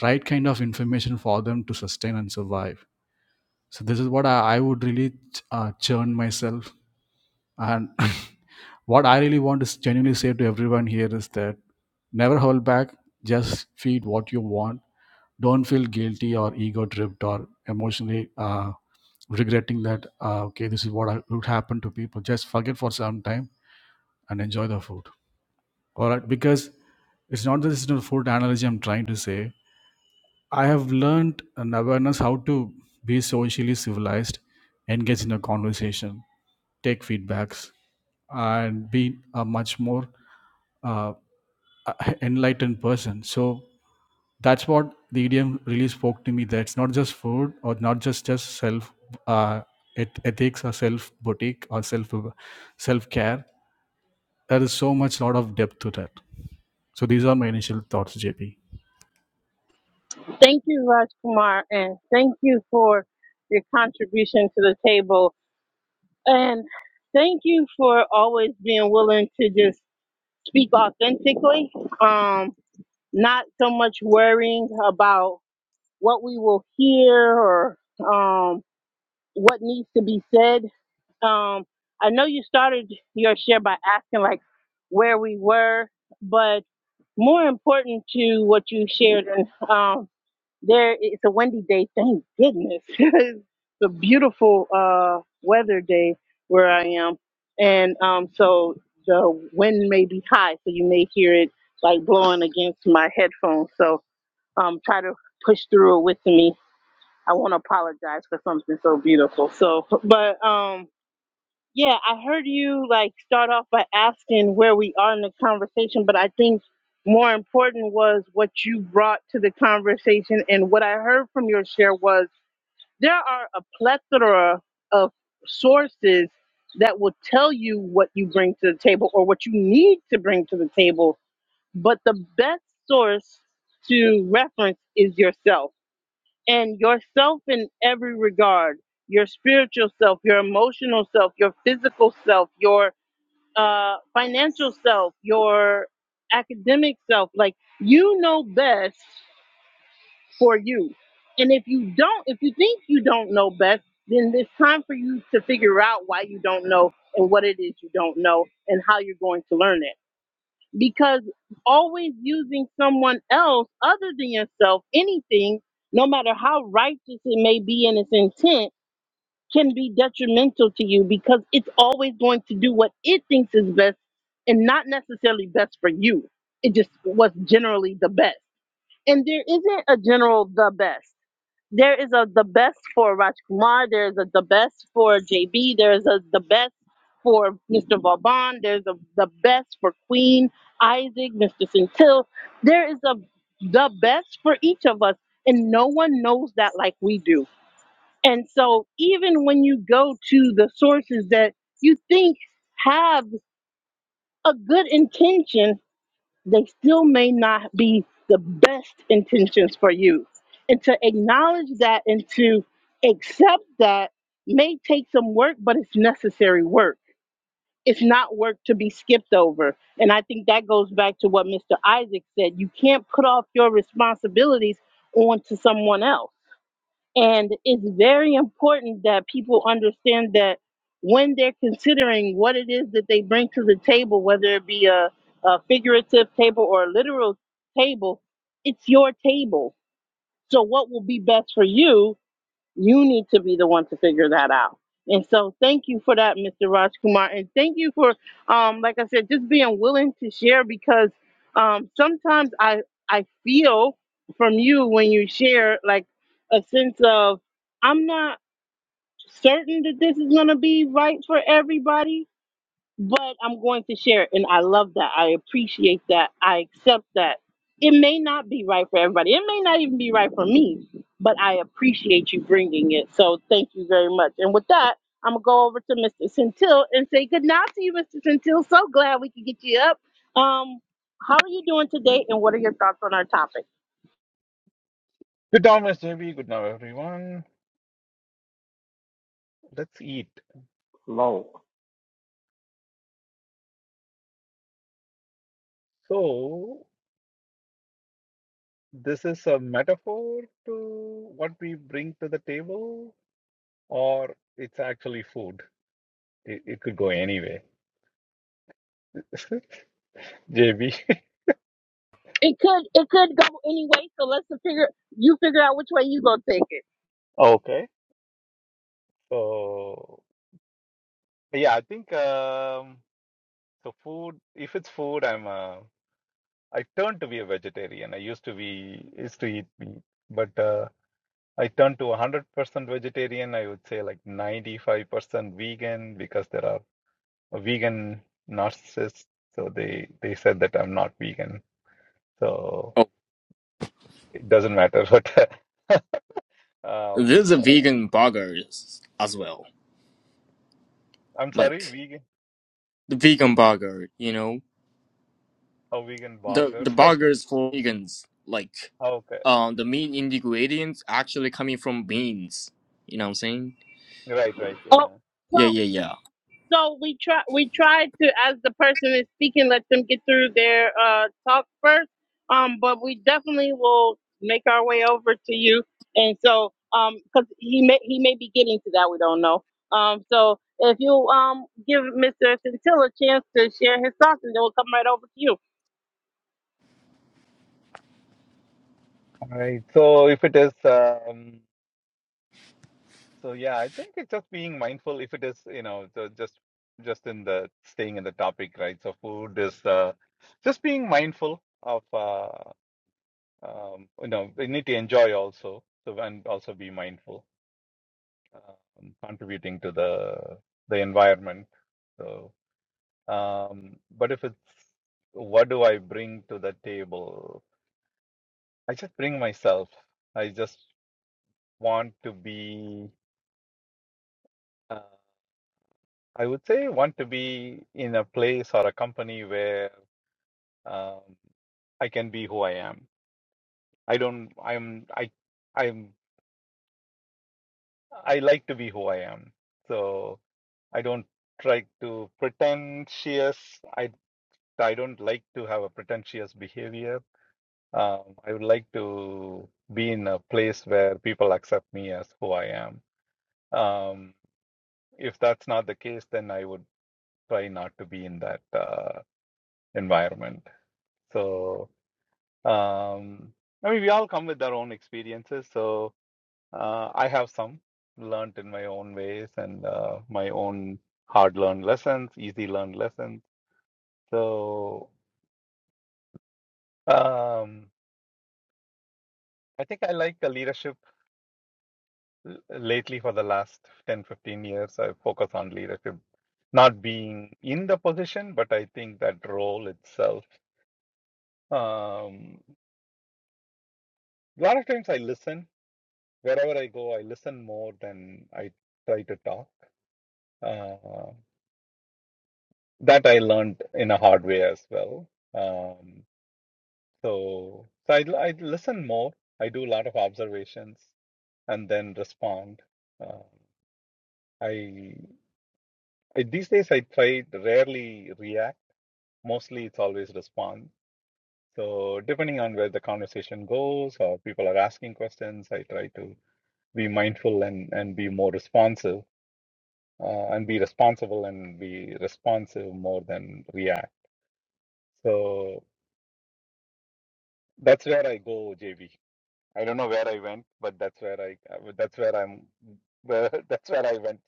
[SPEAKER 6] right kind of information for them to sustain and survive. So this is what I, I would really uh, churn myself. And what I really want to genuinely say to everyone here is that never hold back. Just feed what you want. Don't feel guilty or ego dripped or emotionally uh, regretting that ah, okay this is what I, would happen to people just forget for some time and enjoy the food all right because it's not that this is not a food analogy i'm trying to say i have learned an awareness how to be socially civilized engage in a conversation take feedbacks and be a much more uh, a- enlightened person. So that's what the idiom really spoke to me. That it's not just food or not just just self uh, eth- ethics or self boutique or self self care. There is so much lot of depth to that. So these are my initial thoughts, JP.
[SPEAKER 1] Thank you, Raj Kumar, and thank you for your contribution to the table, and thank you for always being willing to just speak authentically, um, not so much worrying about what we will hear or um, what needs to be said. Um, I know you started your share by asking like where we were, but more important to what you shared, and um, there it's a windy day. Thank goodness, it's a beautiful uh, weather day where I am, and um, so the wind may be high, so you may hear it like blowing against my headphones. So um, try to push through it with me. I want to apologize for something so beautiful. So, but um, yeah, I heard you like start off by asking where we are in the conversation, but I think more important was what you brought to the conversation. And what I heard from your share was there are a plethora of sources that will tell you what you bring to the table or what you need to bring to the table. But the best source to reference is yourself and yourself in every regard your spiritual self your emotional self your physical self your uh, financial self your academic self like you know best for you and if you don't if you think you don't know best then it's time for you to figure out why you don't know and what it is you don't know and how you're going to learn it because always using someone else other than yourself, anything, no matter how righteous it may be in its intent, can be detrimental to you because it's always going to do what it thinks is best and not necessarily best for you. It just was generally the best. And there isn't a general the best. There is a the best for Raj Kumar. There is a the best for JB. There is a the best for Mr. Vauban. There's a, the best for Queen Isaac, Mr. Centil. There is a the best for each of us, and no one knows that like we do. And so, even when you go to the sources that you think have a good intention, they still may not be the best intentions for you. And to acknowledge that and to accept that may take some work, but it's necessary work it's not work to be skipped over. And I think that goes back to what Mr. Isaac said. You can't put off your responsibilities onto someone else. And it's very important that people understand that when they're considering what it is that they bring to the table, whether it be a, a figurative table or a literal table, it's your table. So, what will be best for you you need to be the one to figure that out. And so, thank you for that, Mr. Raj Kumar, and thank you for, um, like I said, just being willing to share because um, sometimes I I feel from you when you share like a sense of I'm not certain that this is gonna be right for everybody but I'm going to share it. And I love that. I appreciate that. I accept that. It may not be right for everybody. It may not even be right for me, but I appreciate you bringing it. So thank you very much. And with that, I'm going to go over to Mr. Centil and say good night to you, Mr. Centil. So glad we could get you up. Um, how are you doing today and what are your thoughts on our topic?
[SPEAKER 7] Good Thomas, JB. good now, everyone. Let's eat.
[SPEAKER 5] low.
[SPEAKER 7] So, this is a metaphor to what we bring to the table, or it's actually food. It, it could go anyway. JB.
[SPEAKER 1] It could it could go anyway. so let's figure you figure out which way you gonna take it.
[SPEAKER 7] Okay. So, yeah, I think um, so. Food. If it's food, I'm a. I turned to be a vegetarian. I used to be used to eat meat, but uh, I turned to 100% vegetarian. I would say like 95% vegan because there are a vegan narcissist, so they they said that I'm not vegan, so
[SPEAKER 8] Oh,
[SPEAKER 7] it doesn't matter. But um,
[SPEAKER 8] there's a
[SPEAKER 7] but
[SPEAKER 8] vegan burgers as well.
[SPEAKER 7] I'm sorry,
[SPEAKER 8] Like
[SPEAKER 7] vegan,
[SPEAKER 8] the vegan burger, you know,
[SPEAKER 7] how vegan
[SPEAKER 8] the
[SPEAKER 7] bloggers?
[SPEAKER 8] the burgers for vegans. Like,
[SPEAKER 7] okay,
[SPEAKER 8] uh, the main ingredients actually coming from beans. You know what I'm saying?
[SPEAKER 7] right, right,
[SPEAKER 1] Oh.
[SPEAKER 7] yeah,
[SPEAKER 8] Yeah, yeah, yeah.
[SPEAKER 1] So we try we try to as the person is speaking, let them get through their uh, talk first. Um, but we definitely will make our way over to you. And so, um, because he may he may be getting to that, we don't know. Um, so if you um give Mr. Centilla a chance to share his thoughts, and then we'll come right over to you.
[SPEAKER 7] All right. So if it is, um, so yeah, I think it's just being mindful. If it is, you know, so just just in the staying in the topic, right? So food is uh, just being mindful of uh, um, you know, we need to enjoy also, so and also be mindful. um, contributing to the the environment. So, um, but if it's what do I bring to the table? I just bring myself. I just want to be. Uh, I would say want to be in a place or a company where um, I can be who I am. I don't. I'm. I. I'm. I like to be who I am. So I don't try to pretentious. I don't like to have a pretentious behavior. Um, I would like to be in a place where people accept me as who I am. Um, if that's not the case, then I would try not to be in that uh, environment. So, um, I mean, we all come with our own experiences. So, uh, I have some learned in my own ways and uh, my own hard learned lessons, easy learned lessons. So, um, I think I like a leadership L- Lately, for the last 10, 15 years, I focus on leadership, not being in the position, but I think that role itself. Um, a lot of times I listen. Wherever I go, I listen more than I try to talk. Uh, that I learned in a hard way as well. Um, so so I, I listen more. I do a lot of observations and then respond. Uh, I I- these days I try to rarely react mostly it's always respond. So depending on where the conversation goes or people are asking questions, I try to be mindful and, and be more responsive uh, and be responsible and be responsive more than react. So that's where I go, JB. I don't know where I went, but that's where I that's where I'm where that's where I went.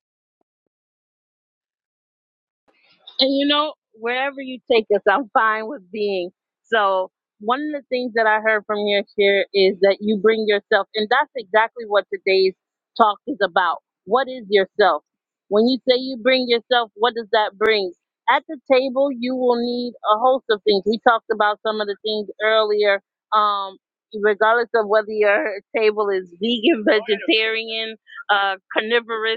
[SPEAKER 1] And you know, wherever you take us, I'm fine with being. So one of the things that I heard from your share is that you bring yourself, and that's exactly what today's talk is about. What is yourself? When you say you bring yourself, what does that bring? At the table, you will need a host of things. We talked about some of the things earlier. Um, regardless of whether your table is vegan, vegetarian, uh, carnivorous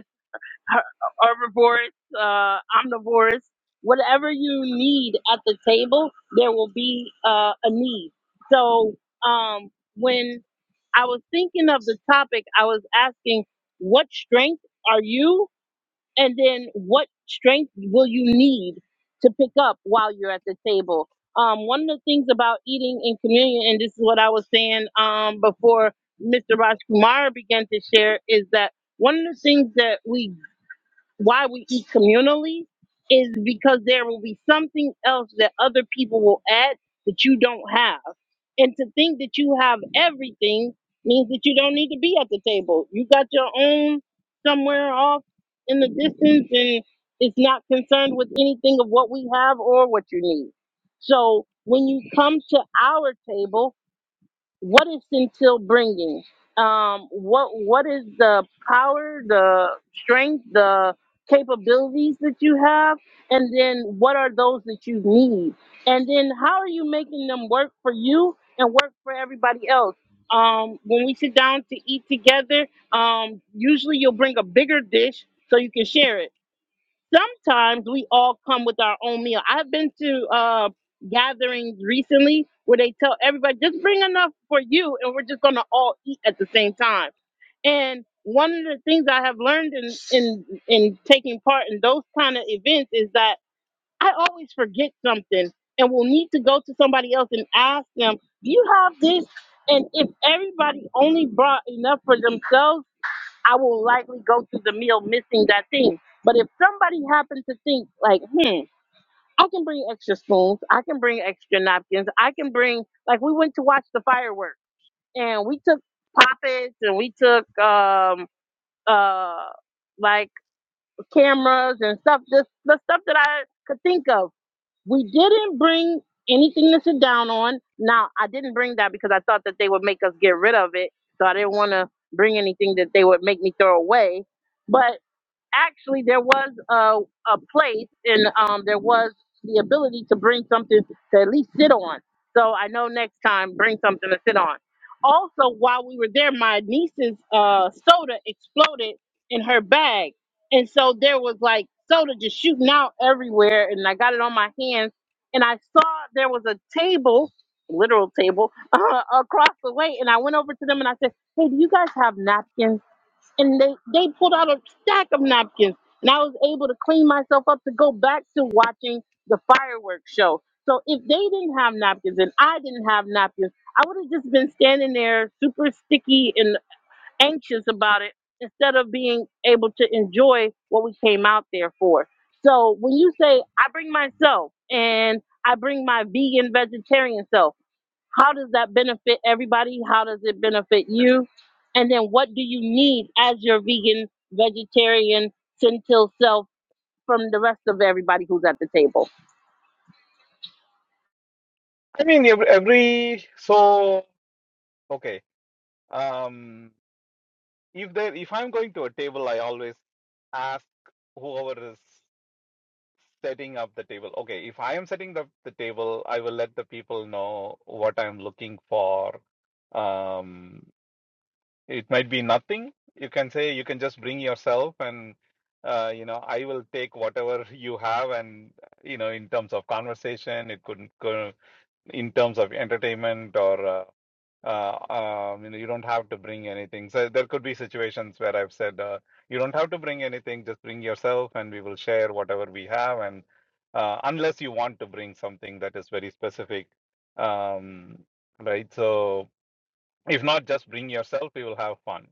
[SPEAKER 1] her- herbivorous, uh, omnivorous, whatever you need at the table, there will be uh, a need. So um, when I was thinking of the topic, I was asking, what strength are you? And then what strength will you need to pick up while you're at the table? Um, one of the things about eating in communion, and this is what I was saying um, before Mr. Rajkumar began to share, is that one of the things that we why we eat communally is because there will be something else that other people will add that you don't have. And to think that you have everything means that you don't need to be at the table. You got your own somewhere off in the distance and it's not concerned with anything of what we have or what you need. So when you come to our table, what is until bringing um what what is the power the strength the capabilities that you have and then what are those that you need and then how are you making them work for you and work for everybody else um when we sit down to eat together um usually you'll bring a bigger dish so you can share it sometimes we all come with our own meal. I've been to uh, gatherings recently where they tell everybody just bring enough for you, and we're just gonna all eat at the same time. And one of the things I have learned in in in taking part in those kind of events is that I always forget something and will need to go to somebody else and ask them, "Do you have this?" And if everybody only brought enough for themselves I will likely go through the meal missing that thing. But if somebody happened to think like, hmm, I can bring extra spoons, I can bring extra napkins, I can bring like we went to watch the fireworks and we took poppets and we took um uh like cameras and stuff this the stuff that I could think of. We didn't bring anything to sit down on. Now I didn't bring that because I thought that they would make us get rid of it. So I didn't want to bring anything that they would make me throw away. But actually there was a, a place and um, there was the ability to bring something to at least sit on. So I know next time bring something to sit on. Also, while we were there, my niece's uh, soda exploded in her bag, and so there was like soda just shooting out everywhere, and I got it on my hands, and I saw there was a table, literal table, across the way, and I went over to them and I said, "Hey, do you guys have napkins?" and they, they pulled out a stack of napkins and i was able to clean myself up to go back to watching the fireworks show so if they didn't have napkins and i didn't have napkins i would have just been standing there super sticky and anxious about it instead of being able to enjoy what we came out there for so when you say i bring myself and i bring my vegan vegetarian self how does that benefit everybody? How does it benefit you? And then what do you need as your vegan, vegetarian, centil self from the rest of everybody who's at the table?
[SPEAKER 7] I mean every, every so okay. Um, if there if I'm going to a table, I always ask whoever is setting up the table. Okay, if I am setting the, the table, I will let the people know what I'm looking for. Um, it might be nothing. You can say you can just bring yourself and uh, you know, I will take whatever you have and you know, in terms of conversation, it could go in terms of entertainment or uh, uh, um, you know, you don't have to bring anything. So there could be situations where I've said, uh, you don't have to bring anything, just bring yourself and we will share whatever we have. And uh, unless you want to bring something that is very specific, um, right? So if not, just bring yourself, we will have fun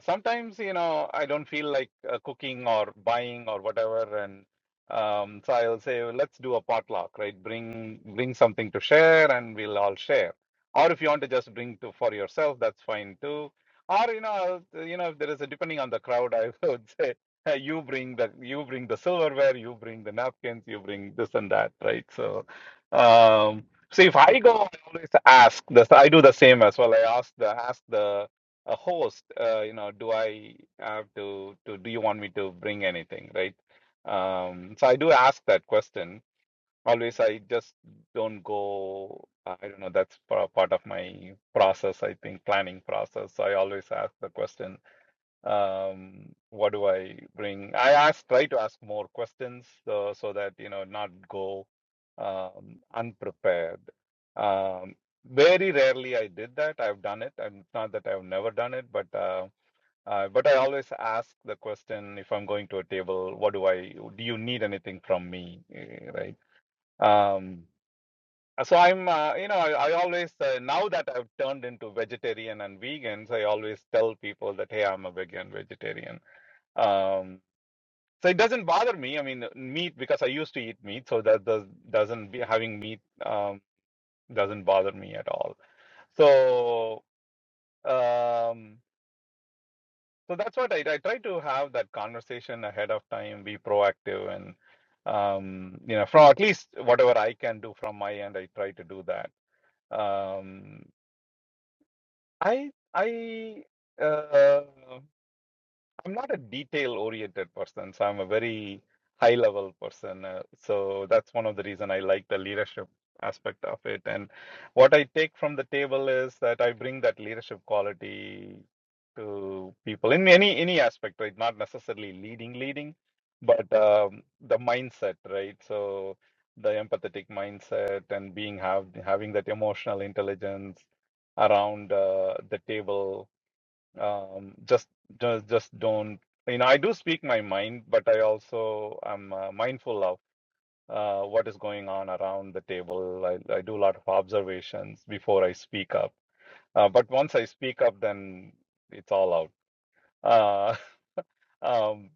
[SPEAKER 7] sometimes you know i don't feel like uh, cooking or buying or whatever and um, so i'll say "Well, let's do a potluck right bring bring something to share and we'll all share or if you want to just bring to for yourself that's fine too or you know I'll- you know if there is a depending on the crowd i would say "Hey, you bring the you bring the silverware you bring the napkins you bring this and that right so um see if i go i always ask this i do the same as well i ask the ask the a host, uh, you know, do I have to, to, do you want me to bring anything, right? Um, so I do ask that question. Always, I just don't go, I don't know, that's pa- part of my process, I think, planning process. So I always ask the question um what do i bring i ask try to ask more questions so so that you know not go um unprepared um very rarely i did that i've done it and it's not that i've never done it but uh, uh but i always ask the question if i'm going to a table what do i do you need anything from me Eh, right um so i'm uh, you know i, I always uh, now that i've turned into vegetarian and vegans i always tell people that hey i'm a vegan vegetarian um, so it doesn't bother me. I mean, meat because I used to eat meat, so that does doesn't be, having meat um, doesn't bother me at all. So um, so that's what I, I try to have that conversation ahead of time, be proactive, and um, you know, from at least whatever I can do from my end, I try to do that. Um, I I. Uh, I'm not a detail-oriented person, so I'm a very high-level person. Uh, so that's one of the reason I like the leadership aspect of it. And what I take from the table is that I bring that leadership quality to people in any any aspect, right? Not necessarily leading, leading, but um, the mindset, right? So the empathetic mindset and being have having that emotional intelligence around uh, the table um, just, just, just don't. You know, I do speak my mind, but I also am uh, mindful of uh, what is going on around the table. I, I do a lot of observations before I speak up. Uh, but once I speak up, then it's all out. Uh, um,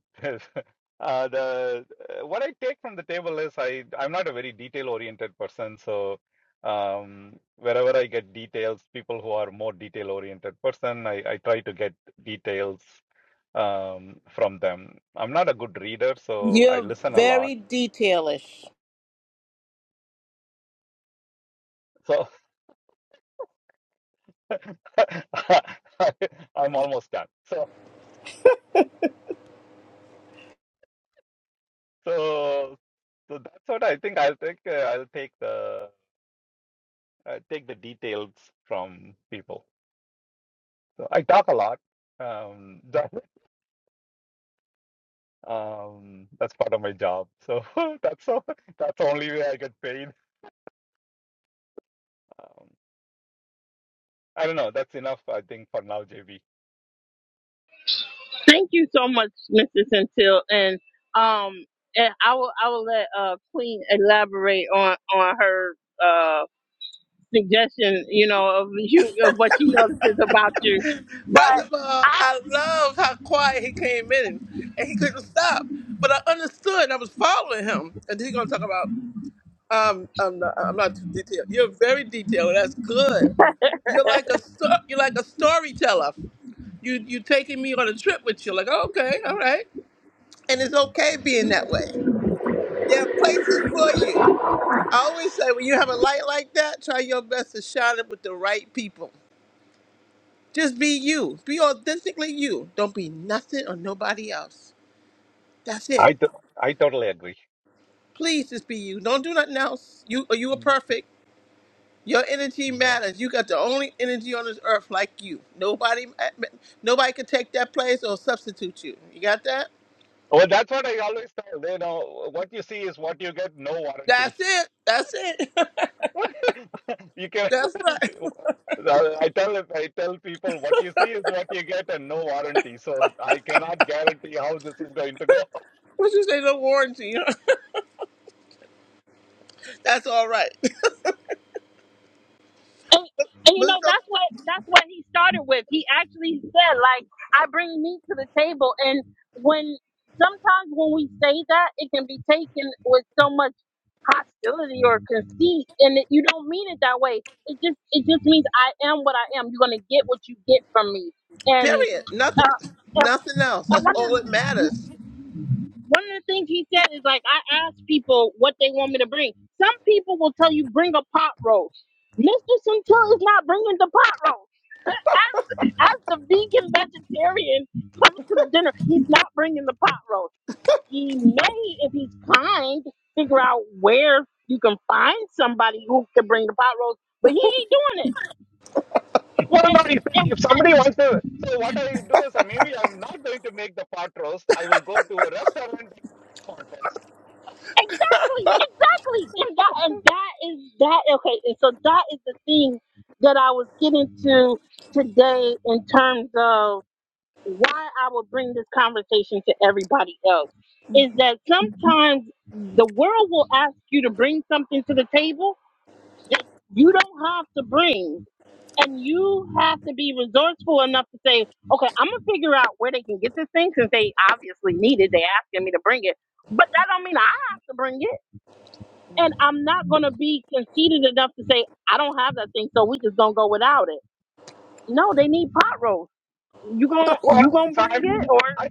[SPEAKER 7] uh, the uh, what I take from the table is I I'm not a very detail-oriented person, so um, wherever I get details, people who are more detail-oriented person, I, I try to get details um, from them. I'm not a good reader, so I
[SPEAKER 4] You're
[SPEAKER 7] listen a lot.
[SPEAKER 4] very detailish.
[SPEAKER 7] So I, I'm almost done. So so so that's what I think. I'll take uh, I'll take the uh, take the details from people. So I talk a lot. Um, that, um, that's part of my job. So that's all, that's the only way I get paid. Um, I don't know. That's enough, I think, for now, JB.
[SPEAKER 1] Thank you so much, Mr. Centil. And um and I will I will let uh Queen elaborate on on her uh suggestion, you know, of you of what she notices about you.
[SPEAKER 4] First
[SPEAKER 1] But
[SPEAKER 4] of all, I love how quiet he came in and he couldn't stop. But I understood. I was following him. And then he's going to talk about, um, I'm not, I'm not too detailed. You're very detailed. That's good. You're like a sto- you're like a storyteller. You you taking me on a trip with you. Like okay, all right, and it's okay being that way. There are places for you. I always say when you have a light like that, try your best to shine it with the right people. Just be you. Be authentically you. Don't be nothing or nobody else. That's it.
[SPEAKER 7] I, t- I totally agree.
[SPEAKER 4] Please just be you. Don't do nothing else. You or you are perfect. Your energy matters. You got the only energy on this earth like you. Nobody nobody can take that place or substitute you. You got that?
[SPEAKER 7] Well, that's what I always tell. You know, what you see is what you get. No warranty.
[SPEAKER 4] That's it. That's it.
[SPEAKER 7] What you can.
[SPEAKER 4] That's right.
[SPEAKER 7] Uh, I tell I tell people what you see is what you get and no warranty. So I cannot guarantee how this is going to go.
[SPEAKER 4] What you say no warranty. That's all right.
[SPEAKER 1] and, and you
[SPEAKER 4] But.
[SPEAKER 1] know
[SPEAKER 4] it's okay.
[SPEAKER 1] that's what that's what he started with he actually said like i bring meat to the table and when sometimes when we say that it can be taken with so much hostility or conceit and it, you don't mean it that way it just it just means i am what i am you're gonna get what you get from me and
[SPEAKER 4] Period. Nothing.
[SPEAKER 1] uh and and
[SPEAKER 4] Nothing else.
[SPEAKER 1] one
[SPEAKER 4] That's
[SPEAKER 1] of,
[SPEAKER 4] all
[SPEAKER 1] the,
[SPEAKER 4] that matters.
[SPEAKER 1] one of the things he said is like I ask people what they want me to bring. Some people will tell you bring a pot roast. Mr. Centil is not bringing the pot roast. as the vegan vegetarian coming to the dinner, he's not bringing the pot roast. He may, if he's kind, figure out where you can find somebody who can bring the pot.
[SPEAKER 7] Well, no. If, if somebody wants to, so what I do is uh, maybe I'm not going to make the pot roast. I will go to a restaurant and buy a pot roast.
[SPEAKER 1] Clean that to go is you to bring something to the table that you don't have to bring. And you have to be resourceful enough to say, okay, I'm gonna figure out where they can get this thing since they obviously need it. They asking me to bring it, but that don't mean I have to bring it And I'm not going to be conceited enough to say, I don't have that thing, so we just going to go without it. No, they need pot roast. You gon'
[SPEAKER 7] Well,
[SPEAKER 1] you gonna
[SPEAKER 7] so
[SPEAKER 1] bring
[SPEAKER 7] I'm,
[SPEAKER 1] it or, or
[SPEAKER 7] I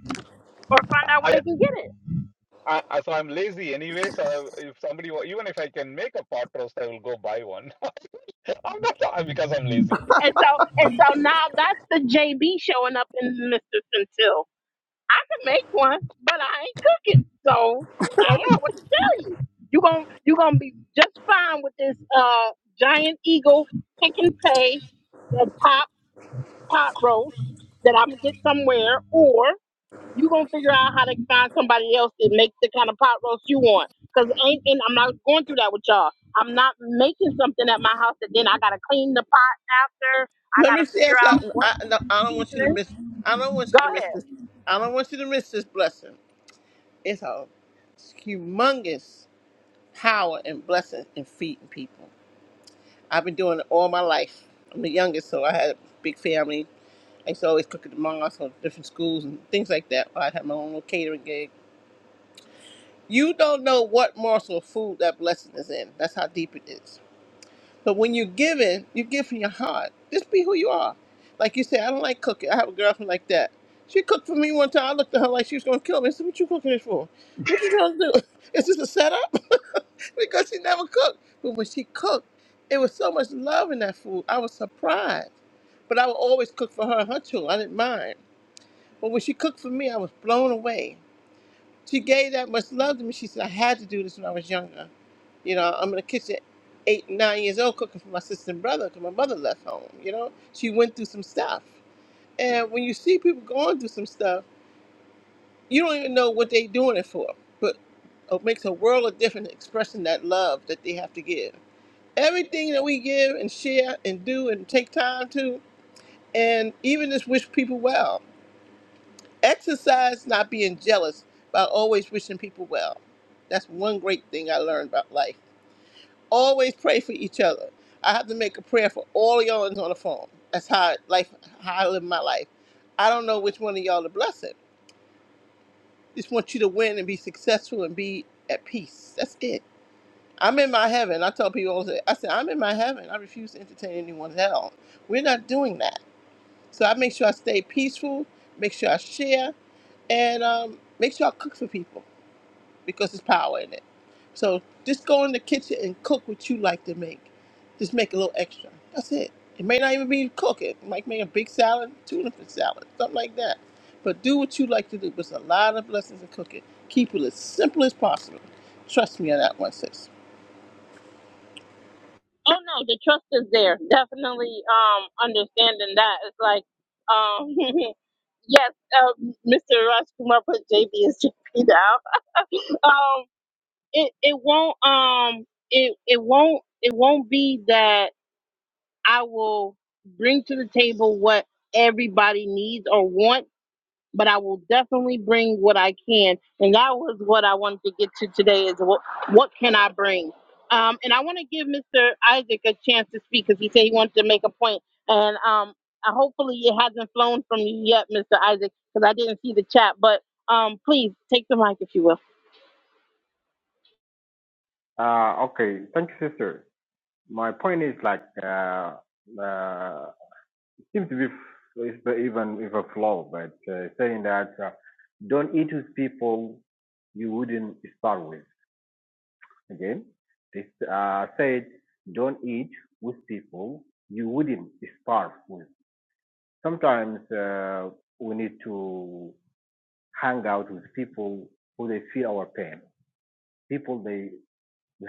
[SPEAKER 1] find out
[SPEAKER 7] I
[SPEAKER 1] where they can get it.
[SPEAKER 7] I, I so I'm lazy anyway. So if somebody wa- even if I can make a pot roast, I will go buy one. I'm not because I'm lazy.
[SPEAKER 1] And so and so now that's the JB showing up in Mr. Centil. I can make one, but I ain't cooking. So
[SPEAKER 7] I
[SPEAKER 1] I don't
[SPEAKER 7] know
[SPEAKER 1] know what to tell you. You gon' you going to be just fine with this uh giant eagle pick and pay the top pot roast that I'm gonna get somewhere, or. you gonna figure out how to find somebody else that makes the kind of pot roast you want. Cause ain't and I'm not going through that with y'all. I'm not making something at my house that then I gotta clean the pot after. I
[SPEAKER 4] Let me
[SPEAKER 1] gotta
[SPEAKER 4] say
[SPEAKER 1] figure out
[SPEAKER 4] something. I,
[SPEAKER 1] what's
[SPEAKER 4] no, I don't want
[SPEAKER 1] in
[SPEAKER 4] you to
[SPEAKER 1] it.
[SPEAKER 4] miss. I don't want you
[SPEAKER 1] Go
[SPEAKER 4] to miss
[SPEAKER 1] ahead.
[SPEAKER 4] this. I don't want you to miss this blessing. It's a humongous power and blessing in feeding people. I've been doing it all my life. I'm the youngest, so I had a big family. I used to always cook at the mosque or different schools and things like that. I had my own little catering gig. You don't know what morsel of food that blessing is in. That's how deep it is. But when you're giving, you give from your heart. Just be who you are. Like you said, I don't like cooking. I have a girlfriend like that. She cooked for me one time. I looked at her like she was going to kill me. I said, What you cooking this for? What you trying to do? Is this a setup? because she never cooked. But when she cooked, it was so much love in that food. I was surprised. But I would always cook for her and her too. I didn't mind. But when she cooked for me, I was blown away. She gave that much love to me. She said, I had to do this when I was younger. You know, I'm in the kitchen, eight, nine years old, cooking for my sister and brother because my mother left home. You know, she went through some stuff. And when you see people going through some stuff, you don't even know what they're doing it for. But it makes a world of difference expressing that love that they have to give. Everything that we give and share and do and take time to, and even just wish people well. Exercise not being jealous by always wishing people well. That's one great thing I learned about life. Always pray for each other. I have to make a prayer for all y'all on the phone. That's how I- life how I live my life. I don't know which one of y'all to bless it. Just want you to win and be successful and be at peace. That's it. I'm in my heaven. I tell people all the time, I said, I'm in my heaven. I refuse to entertain anyone's hell. We're not doing that. So I make sure I stay peaceful, make sure I share, and um, make sure I cook for people. because there's power in it. So just go in the kitchen and cook what you like to make. Just make a little extra. That's it. It may not even be cooking. Like make a big salad, tuna fish salad, something like that. But do what you like to do. There's a lot of blessings in cooking. Keep it as simple as possible. Trust me on that one, sis.
[SPEAKER 1] Oh no, the trust is there. Definitely um understanding that. It's like um yes, uh, Mr. Rush Kumar put JB as JB now. Um it, it won't um it it won't it won't be that I will bring to the table what everybody needs or wants, but I will definitely bring what I can. And that was what I wanted to get to today is what what can I bring? Um, and I want to give Mr. Isaac a chance to speak because he said he wanted to make a point. And um, I, hopefully it hasn't flown from you yet, Mr. Isaac, because I didn't see the chat. But um, please take the mic if you will.
[SPEAKER 5] Uh, okay, thank you, sister. My point is like, uh, uh, it seems to be f- is the- even if a flaw, but uh, saying that uh, don't eat with people you wouldn't start with. Again, they uh, said, don't eat with people you wouldn't starve with. Sometimes uh, we need to hang out with people who they feel our pain. People they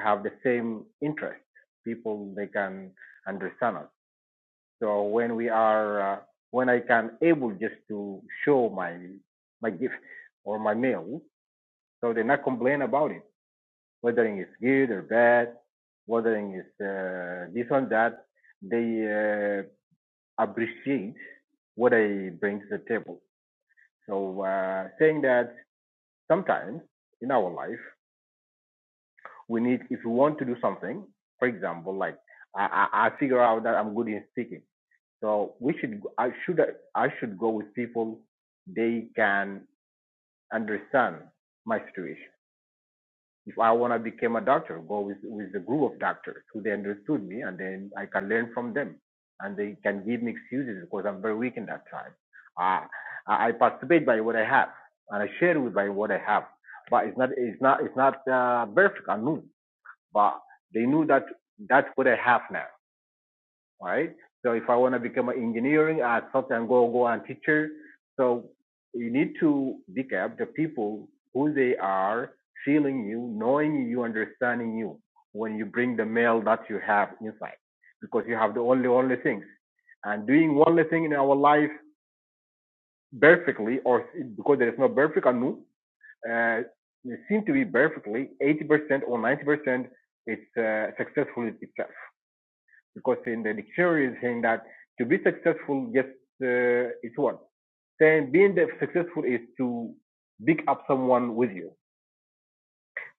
[SPEAKER 5] have the same interest. People they can understand us. So when we are, uh, when I can able just to show my my gift or my meal, so they not complain about it Weathering is good or bad, Weathering is uh, this one that, they uh, appreciate what I bring to the table. So uh, saying that sometimes in our life we need, if we want to do something, for example, like I, I I figure out that I'm good in speaking, so we should I should I should go with people they can understand my situation if I want to become a doctor, go with, with a group of doctors who they understood me and then I can learn from them. And they can give me excuses because I'm very weak in that time. Uh, I participate by what I have and I share with by what I have. But it's not, it's not, it's not uh, perfect, I knew. But they knew that that's what I have now right? So if I want to become an engineering, I sometimes go go and teacher. So you need to pick up the people who they are, feeling you, knowing you, understanding you when you bring the mail that you have inside, because you have the only only things. And doing only thing in our life perfectly, or because there is no perfect anu, uh, it seems to be perfectly 80% or 90%, it's uh, successful itself because in the dictionary is saying that to be successful just uh, is one. Then being successful is to pick up someone with you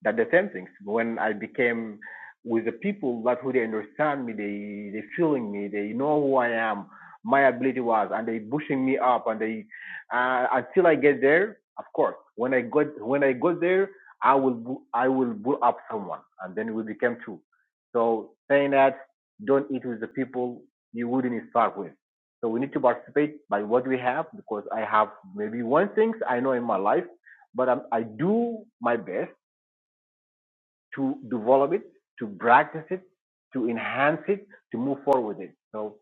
[SPEAKER 5] that the same things when I became with the people that who they understand me, they they feeling me, they know who I am, my ability was, and they pushing me up, and they uh, until I get there. Of course, when I got when I got there, I will I will bull up someone, and then we became two. So saying that don't eat with the people you wouldn't start with. So we need to participate by what we have because I have maybe one thing I know in my life, but i I do my best to develop it, to practice it, to enhance it, to move forward with it. So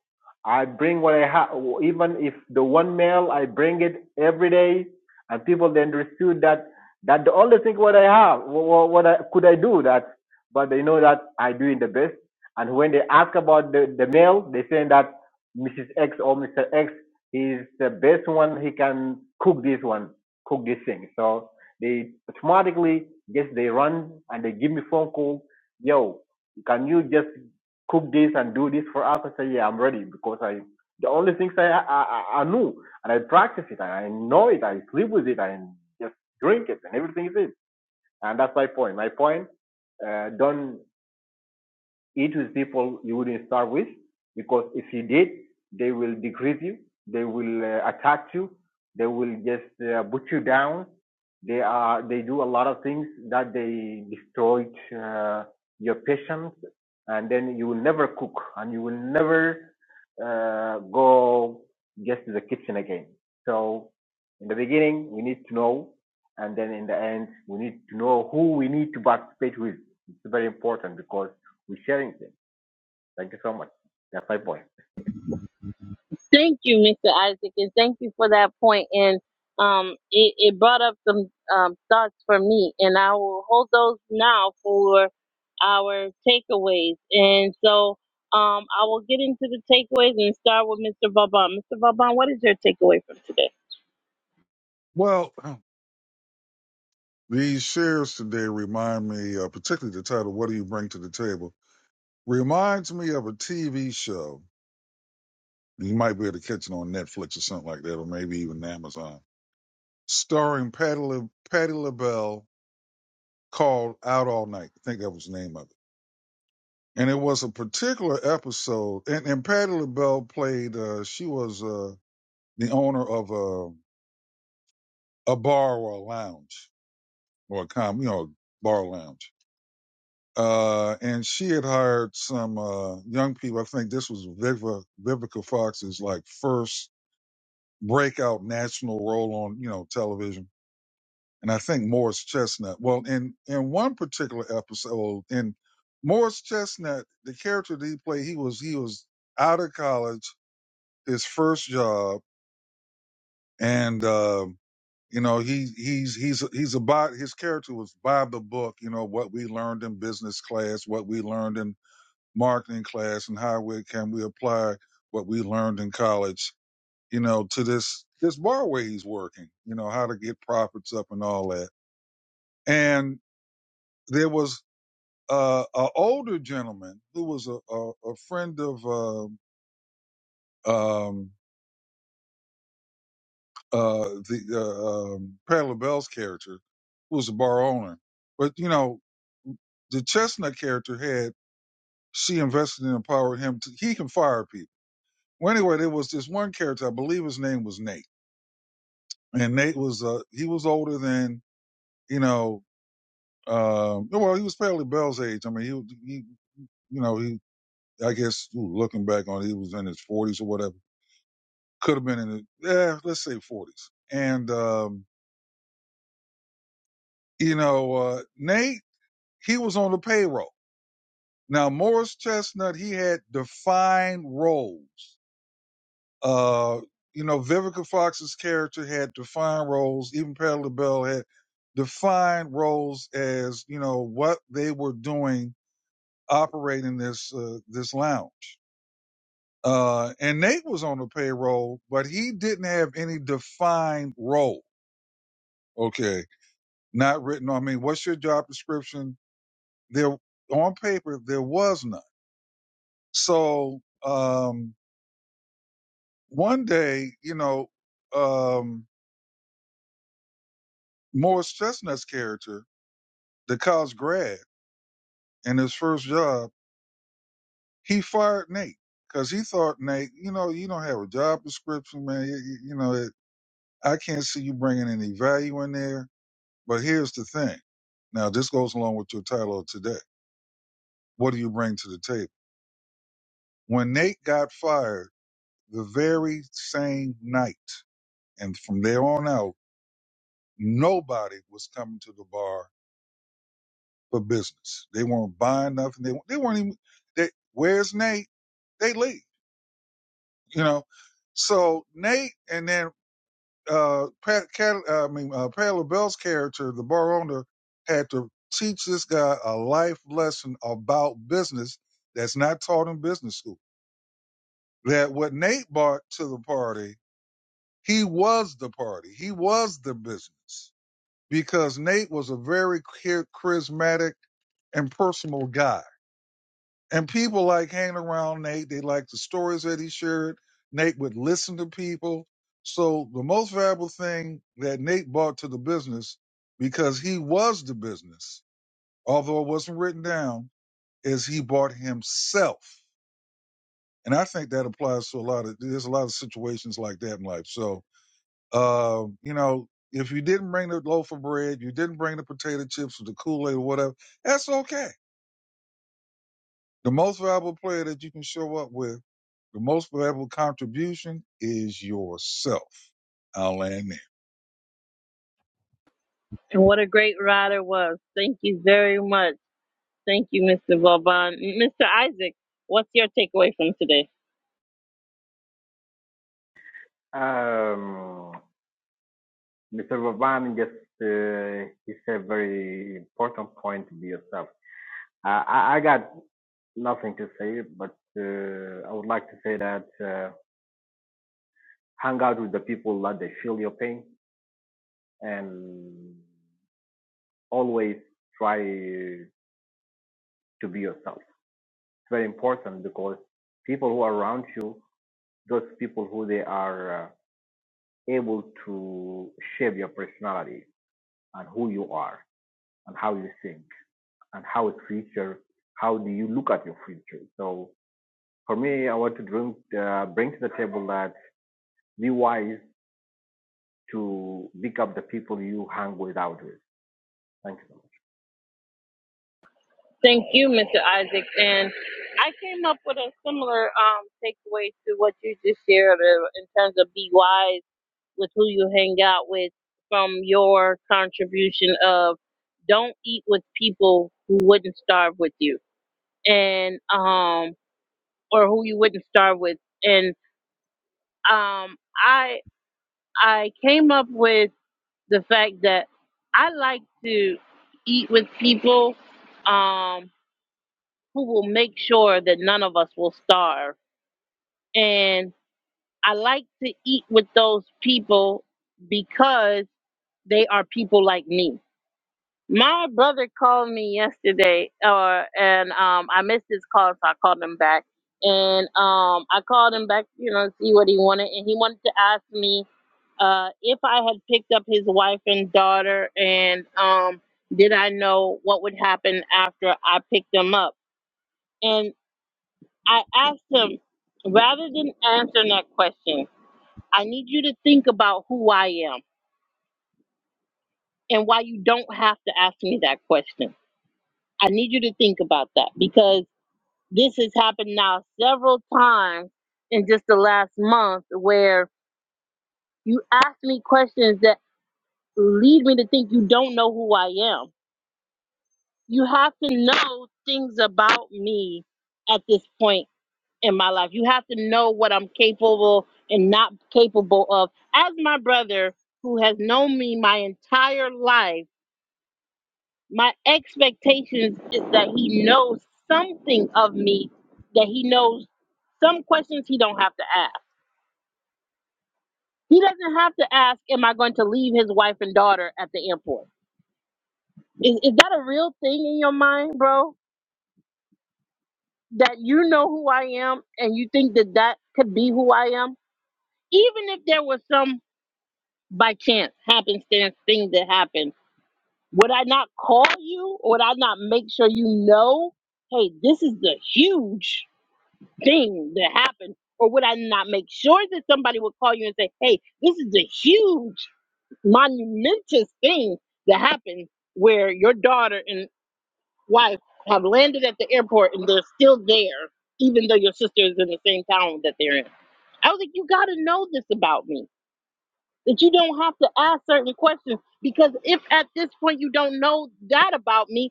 [SPEAKER 5] I bring what I have, even if the one mail I bring it every day, and people then understood that that the only thing what I have, what, what I, could I do that, but they know that I do doing the best. And when they ask about the the mail, they saying that Mrs. X or Mr. X is the best one. He can cook this one, cook this thing. So they automatically just they run and they give me phone call. Yo, can you just cook this and do this for us? I say, yeah, I'm ready because I the only things I I, I I knew and I practice it and I know it. I sleep with it and just drink it and everything is it. And that's my point. My point. Uh, don't eat with people you wouldn't start with because if you did, they will decrease you, they will uh, attack you, they will just uh, put you down. They are they do a lot of things that they destroyed uh, your patience, and then you will never cook and you will never uh, go just to the kitchen again. So in the beginning, we need to know, and then in the end, we need to know who we need to participate with. It's very important because we sharing them. Thank you so much. That's my point.
[SPEAKER 1] Thank you, Mr. Isaac, and thank you for that point. And um, it, it brought up some um, thoughts for me, and I will hold those now for our takeaways. And so um, I will get into the takeaways and start with Mr. Vaban. Mr. Vaban, what is your takeaway from today?
[SPEAKER 2] Well, These shares today remind me, uh, particularly the title, What Do You Bring to the Table? Reminds me of a TV show. You might be able to catch it on Netflix or something like that, or maybe even Amazon, starring Patty, La- Patty LaBelle called Out All Night. I think that was the name of it. And it was a particular episode, and, and Patty LaBelle played, uh, she was uh, the owner of a, a bar or a lounge, or a com, you know, bar lounge Uh, and she had hired some uh, young people. I think this was Vivica, Vivica Fox's like first breakout national role on you know television, and I think Morris Chestnut. Well, in in one particular episode, in Morris Chestnut, the character that he played, he was he was out of college, his first job, and uh, you know he he's he's he's about his character was by the book. You know what we learned in business class, what we learned in marketing class and how we, can we apply what we learned in college, you know, to this, this bar where he's working, you know, how to get profits up and all that. And there was uh, an older gentleman who was a, a, a friend of um um, uh, the uh, um, Pat LaBelle's character, who was a bar owner. But, you know, the Chestnut character had, she invested and empowered him. To, he can fire people. Well, anyway, there was this one character, I believe his name was Nate and Nate was uh he was older than you know um well he was fairly Bell's age. I mean he he you know he I guess ooh, looking back on it, he was in his forties or whatever could have been in the yeah let's say forties and um you know uh Nate he was on the payroll now Morris Chestnut he had defined roles Uh, you know, Vivica Fox's character had defined roles. Even Patti LaBelle had defined roles as you know what they were doing operating this uh, this lounge. Uh, and Nate was on the payroll, but he didn't have any defined role. Okay, not written. I mean, what's your job description? There on paper there was none. So um, one day, you know, um, Morris Chestnut's character the college grad in his first job, he fired Nate because he thought Nate, you know, you don't have a job description, man. You, you- you know, it, I can't see you bringing any value in there. But here's the thing. Now, this goes along with your title of today. What do you bring to the table? When Nate got fired the very same night, and from there on out, nobody was coming to the bar for business. They weren't buying nothing. They, they weren't even, they, where's Nate? They leave you know. So Nate and then uh, Pat, Cat, uh, I mean, uh, Pat LaBelle's character, the bar owner, had to teach this guy a life lesson about business that's not taught in business school. That what Nate brought to the party, he was the party. He was the business because Nate was a very charismatic and personal guy And people like hanging around Nate. They like the stories that he shared. Nate would listen to people. So the most valuable thing that Nate brought to the business, because he was the business, although it wasn't written down, is he bought himself. And I think that applies to a lot of, there's a lot of situations like that in life. So, uh, you know, if you didn't bring the loaf of bread, you didn't bring the potato chips or the Kool-Aid or whatever, that's okay The most valuable player that you can show up with, the most valuable contribution is yourself. I'll land there.
[SPEAKER 1] And what a great rider was. Thank you very much. Thank you, Mr. Vaban. Mr. Isaac, what's your takeaway from today?
[SPEAKER 5] Um, Mr. Vavan just uh, he said very important point to be yourself. Uh, I, I got nothing to say, but uh, I would like to say that uh, hang out with the people that they feel your pain and always try to be yourself. It's very important because people who are around you, those people who they are uh, able to shape your personality and who you are and how you think and how it's future how do you look at your future so for me i want to bring, uh, bring to the table that be wise to pick up the people you hang with out with thank you so
[SPEAKER 1] I came up with a similar um takeaway to what you just shared uh, in terms of be wise with who you hang out with from your contribution of don't eat with people who wouldn't starve with you and um or who you wouldn't starve with and um I I came up with the fact that I like to eat with people um who will make sure that none of us will starve And I like to eat with those people because they are people like me. My brother called me yesterday, uh, and um, I missed his call, so I called him back. And um, I called him back, you know, to see what he wanted, and he wanted to ask me uh, if I had picked up his wife and daughter, and um, did I know what would happen after I picked them up? And I asked him, rather than answering that question, I need you to think about who I am and why you don't have to ask me that question. I need you to think about that because this has happened now several times in just the last month where you ask me questions that lead me to think you don't know who I am. You have to know things about me at this point in my life. You have to know what I'm capable and not capable of. As my brother, who has known me my entire life, my expectations is that he knows something of me that he knows some questions he don't have to ask he doesn't have to ask am i going to leave his wife and daughter at the airport is, is that a real thing in your mind bro that you know who i am and you think that that could be who i am even if there was some by chance happenstance thing that happened would i not call you would i not make sure you know hey this is the huge thing that happened? Or would I not make sure that somebody would call you and say, hey, this is a huge, monumentous thing that happened where your daughter and wife have landed at the airport and they're still there, even though your sister is in the same town that they're in? I was like, you got to know this about me, that you don't have to ask certain questions because if at this point you don't know that about me,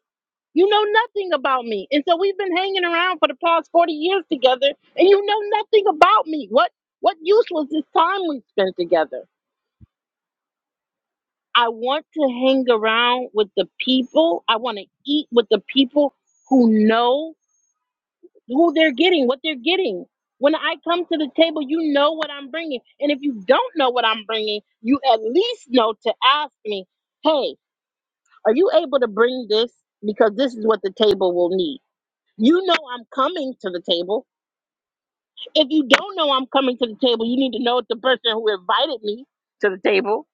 [SPEAKER 1] you know nothing about me. And so we've been hanging around for the past 40 years together and you know nothing about me. What what use was this time we spent together? I want to hang around with the people. I want to eat with the people who know who they're getting, what they're getting. When I come to the table, you know what I'm bringing. And if you don't know what I'm bringing, you at least know to ask me, "Hey, are you able to bring this because this is what the table will need?" You know I'm coming to the table If you don't know I'm coming to the table, you need to know the person who invited me to the table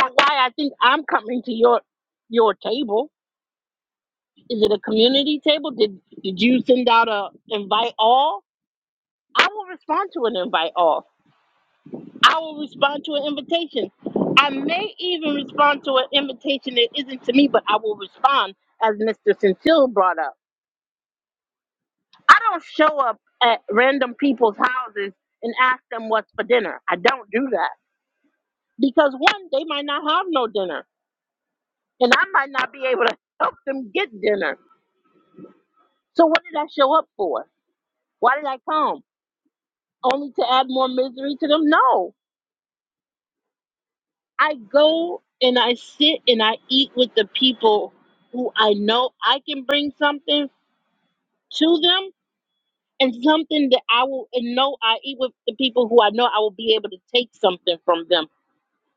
[SPEAKER 1] or why I think I'm coming to your your table. Is it a community table? Did did you send out a invite all? I will respond to an invite all. I will respond to an invitation. I may even respond to an invitation that isn't to me, but I will respond as Mr. Centil brought up. I don't show up at random people's houses and ask them what's for dinner. I don't do that. because one, they might not have no dinner, and I might not be able to help them get dinner. So what did I show up for? Why did I come? Only to add more misery to them? No. I go and I sit and I eat with the people who I know I can bring something to them and something that I will and know I eat with the people who I know I will be able to take something from them.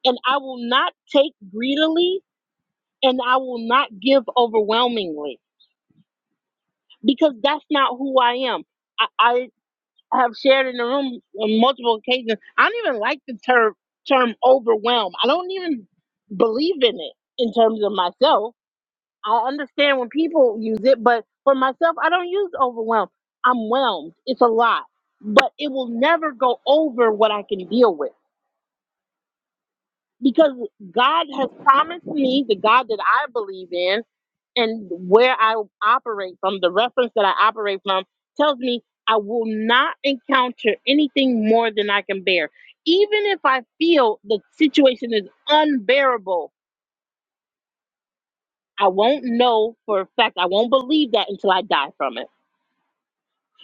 [SPEAKER 1] And I will not take greedily and I will not give overwhelmingly because that's not who I am. I, I have shared in the room on multiple occasions. I don't even like the term term overwhelm. I don't even believe in it in terms of myself. I understand when people use it, but for myself, I don't use overwhelm. I'm whelmed. It's a lot, but it will never go over what I can deal with because God has promised me the God that I believe in and where I operate from, the reference that I operate from, tells me I will not encounter anything more than I can bear. Even if I feel the situation is unbearable, I won't know for a fact. I won't believe that until I die from it.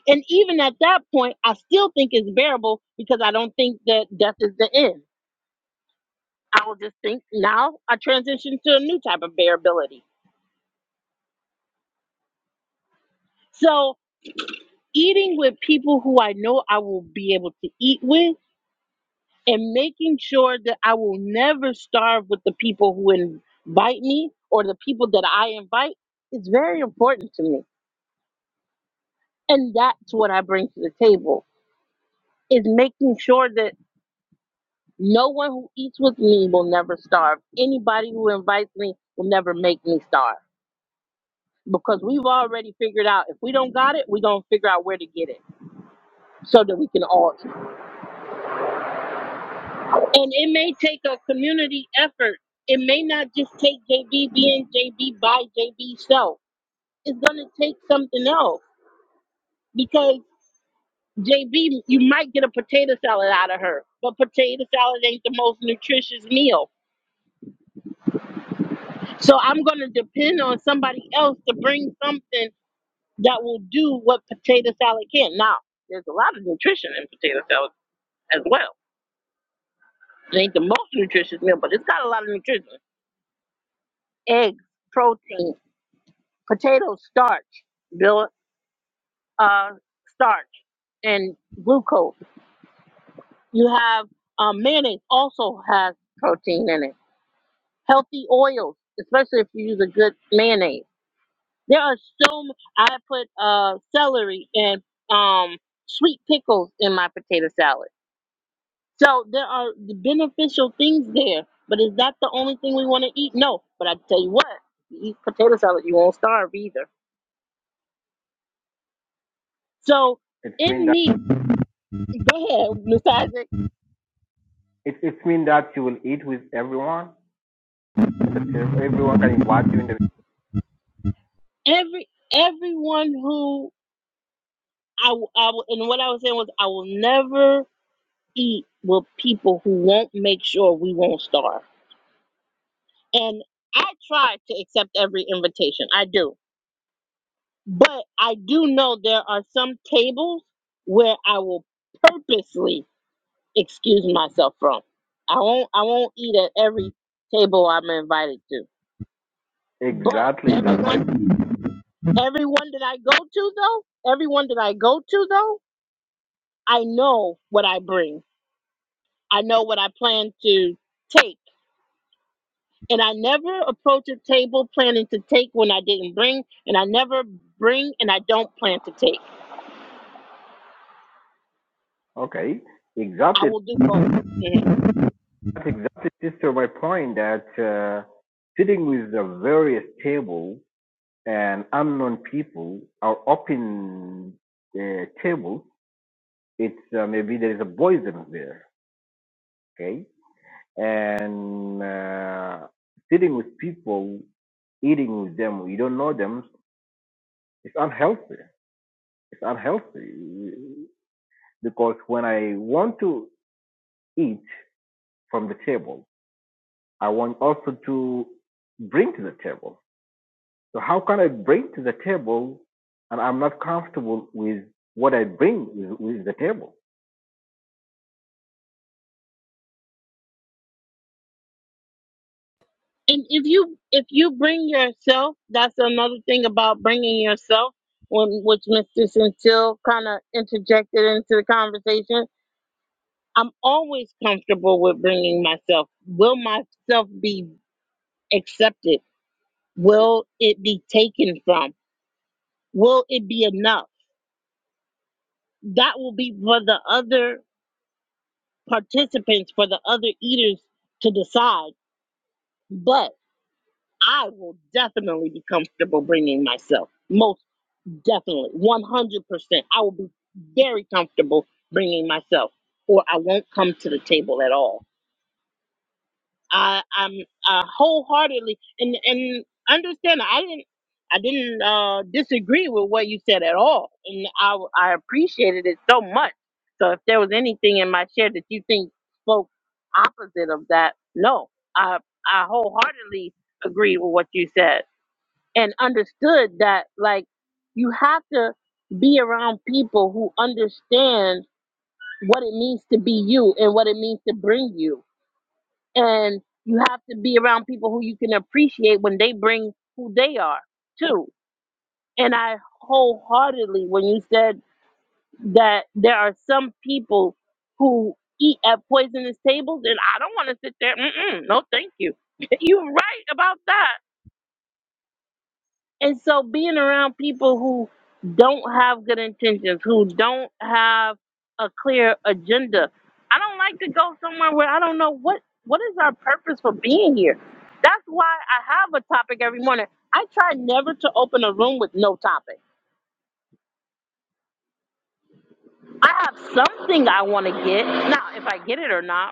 [SPEAKER 1] And even at that point, I still think it's bearable because I don't think that death is the end. I will just think now I transition to a new type of bearability. So, eating with people who I know I will be able to eat with and making sure that I will never starve with the people who invite me or the people that I invite is very important to me. And that's what I bring to the table is making sure that no one who eats with me will never starve. Anybody who invites me will never make me starve because we've already figured out if we don't got it, we're going to figure out where to get it so that we can all eat. And it may take a community effort. It may not just take JB being JB by JB self It's going to take something else because JB, you might get a potato salad out of her, but potato salad ain't the most nutritious meal. So I'm going to depend on somebody else to bring something that will do what potato salad can. Now, there's a lot of nutrition in potato salad as well. It ain't the most nutritious meal, but it's got a lot of nutrition. Eggs, protein, potato starch, bill- uh, starch, and glucose. You have um, mayonnaise also has protein in it healthy oils, especially if you use a good mayonnaise. There are so m- I put uh celery and um sweet pickles in my potato salad. So there are the beneficial things there. But is that the only thing we want to eat? No. But I tell you what, you eat potato salad, you won't starve either. So
[SPEAKER 5] much it's mean
[SPEAKER 1] in
[SPEAKER 5] that
[SPEAKER 1] me, go ahead, Miss Isaac.
[SPEAKER 5] it, it's mean that you will eat with everyone and the table everyone can invite you in the
[SPEAKER 1] Every everyone who I, w- I w- and what I was saying was I will never eat with people who won't make sure we won't starve And I try to accept every invitation. I do. But I do know there are some tables where I will purposely excuse myself from. I won't I won't eat at every table I'm invited to. But
[SPEAKER 5] exactly that's my
[SPEAKER 1] everyone everyone that I go to though, everyone that I go to though, I know what I bring. I know what I plan to take. and I never approach a table planning to take when I didn't bring, and I never bring and I don't plan to take.
[SPEAKER 5] okay
[SPEAKER 1] I
[SPEAKER 5] exactly
[SPEAKER 1] will do both. Mhm.
[SPEAKER 5] that's exactly sister my point that uh, sitting with the various table and unknown people are open the table. It's uh, maybe there is a poison there, okay? And uh, sitting with people, eating with them, you don't know them, it's unhealthy. It's unhealthy because when I want to eat from the table, I want also to bring to the table. So how can I bring to the table, and I'm not comfortable with what I bring with, with the table?
[SPEAKER 1] And if you if you bring yourself, that's another thing about bringing yourself, when which Mr. Centil kind of interjected into the conversation. I'm always comfortable with bringing myself. Will myself be accepted? Will it be taken from? Will it be enough? That will be for the other participants for the other eaters to decide, but I will definitely be comfortable bringing myself. Most definitely, 100%. I will be very comfortable bringing myself, or I won't come to the table at all. I, I'm uh, wholeheartedly and and understand. I didn't I didn't uh, disagree with what you said at all, and I I appreciated it so much. So if there was anything in my share that you think spoke opposite of that, no, I I wholeheartedly agreed with what you said and understood that like you have to be around people who understand what it means to be you and what it means to bring you and you have to be around people who you can appreciate when they bring who they are too. And I wholeheartedly, when you said that there are some people who eat at poisonous tables, and I don't want to sit there. Mm-mm, no, thank you. You're right about that. And so being around people who don't have good intentions, who don't have a clear agenda. I don't like to go somewhere where I don't know what what is our purpose for being here. That's why I have a topic every morning. I try never to open a room with no topic. I have something I want to get. Now, if I get it or not,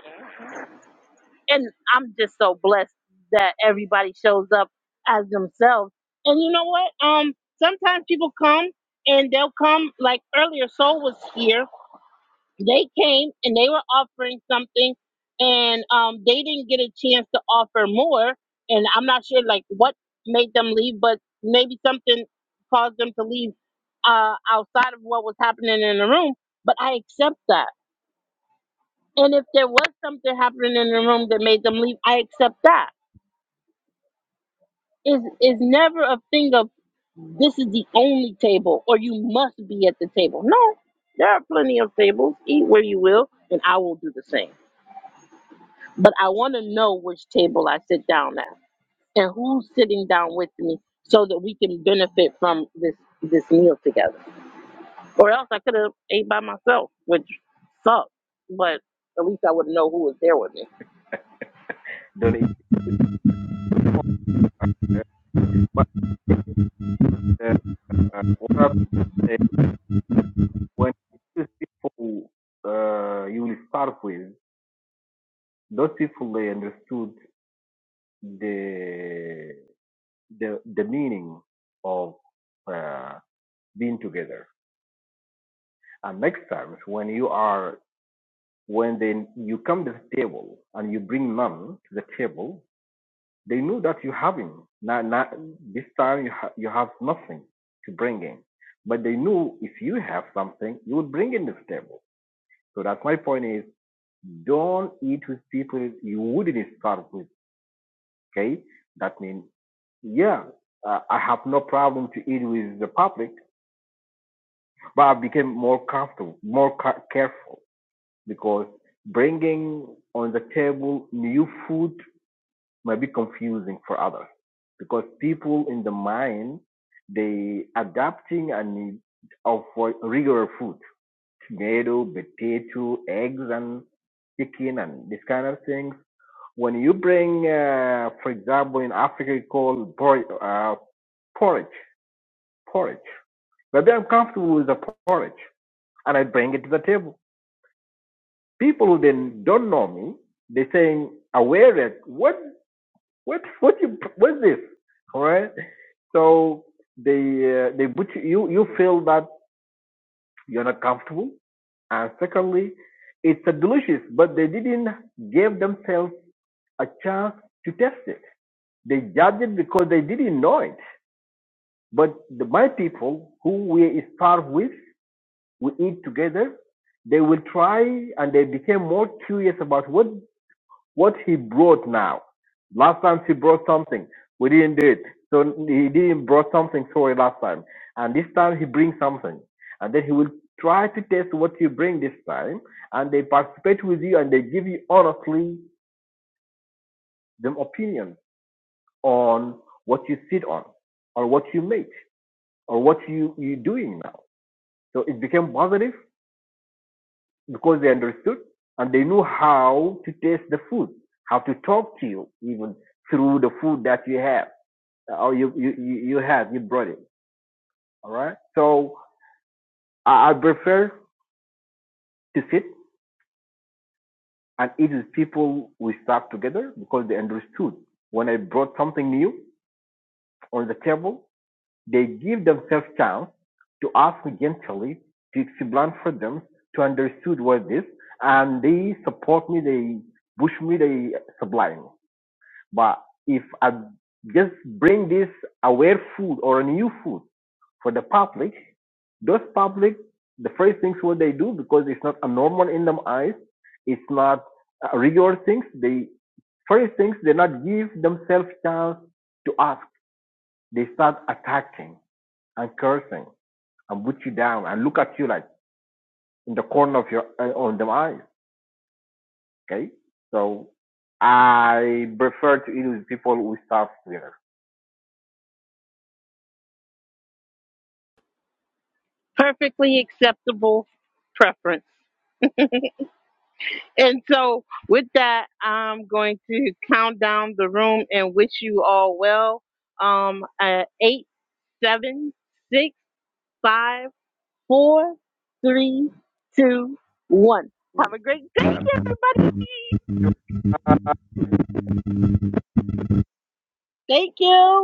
[SPEAKER 1] and I'm just so blessed that everybody shows up as themselves. And you know what? Um, sometimes people come and they'll come like earlier. Soul was here. They came and they were offering something, and um, they didn't get a chance to offer more. And I'm not sure like what made them leave, but maybe something caused them to leave uh, outside of what was happening in the room. But I accept that. And if there was something happening in the room that made them leave, I accept that is is never a thing of this is the only table or you must be at the table. No, there are plenty of tables. Eat where you will, and I will do the same. But I want to know which table I sit down at and who's sitting down with me so that we can benefit from this this meal together. Or else I could have ate by myself, which sucks. But at least I would know who was there with me.
[SPEAKER 5] Then it, it, uh, but it, uh, uh, what I say, when it is people uh, you will start with, those people they understood the the the meaning of uh, being together. And next time when you are when then you come to the table and you bring none to the table, They knew that you have him. Now, now this time you, ha- you have nothing to bring in. But they knew if you have something, you would bring in this table. So that's my point is don't eat with people you wouldn't start with. Okay. That means, yeah, uh, I have no problem to eat with the public, but I became more comfortable, more ca- careful because bringing on the table new food might be confusing for others because people in the mind they adapting and of regular food tomato potato eggs and chicken and this kind of things when you bring uh, for example in africa you call por- uh, porridge porridge maybe i'm comfortable with the porridge and i bring it to the table people who then don't know me they saying aware that what what what you what's this all right so they uh, they put you, you you feel that you're not comfortable and secondly it's a delicious but they didn't give themselves a chance to test it they judged it because they didn't know it but the, my people who we start with we eat together they will try and they became more curious about what What he brought now, last time he brought something, we didn't do it. So he didn't brought something sorry last time, and this time he brings something, and then he will try to test what you bring this time, and they participate with you and they give you honestly the opinion on what you sit on, or what you make, or what you you doing now. So it became positive because they understood and they knew how to taste the food, how to talk to you even through the food that you have Uh, Or you you you you had you brought it. All right. So I, I prefer to sit and eat with people we serve together because they understood when I brought something new on the table. They give themselves chance to ask me gently to explain for them to understood what this and they support me. They push me. They supply me. But if I just bring this aware food or a new food for the public, those public, the first things what they do because it's not a normal in them eyes, it's not uh, regular things. They first things they not give themselves chance to ask. They start attacking and cursing and put you down and look at you like in the corner of your uh, on them eyes. Okay, so I prefer to eat with people who start together.
[SPEAKER 1] Perfectly acceptable preference And so, with that, I'm going to count down the room and wish you all well. Um, uh, eight, seven, six, five.
[SPEAKER 5] Mm.
[SPEAKER 1] Have a great day.
[SPEAKER 5] And
[SPEAKER 1] Thank you.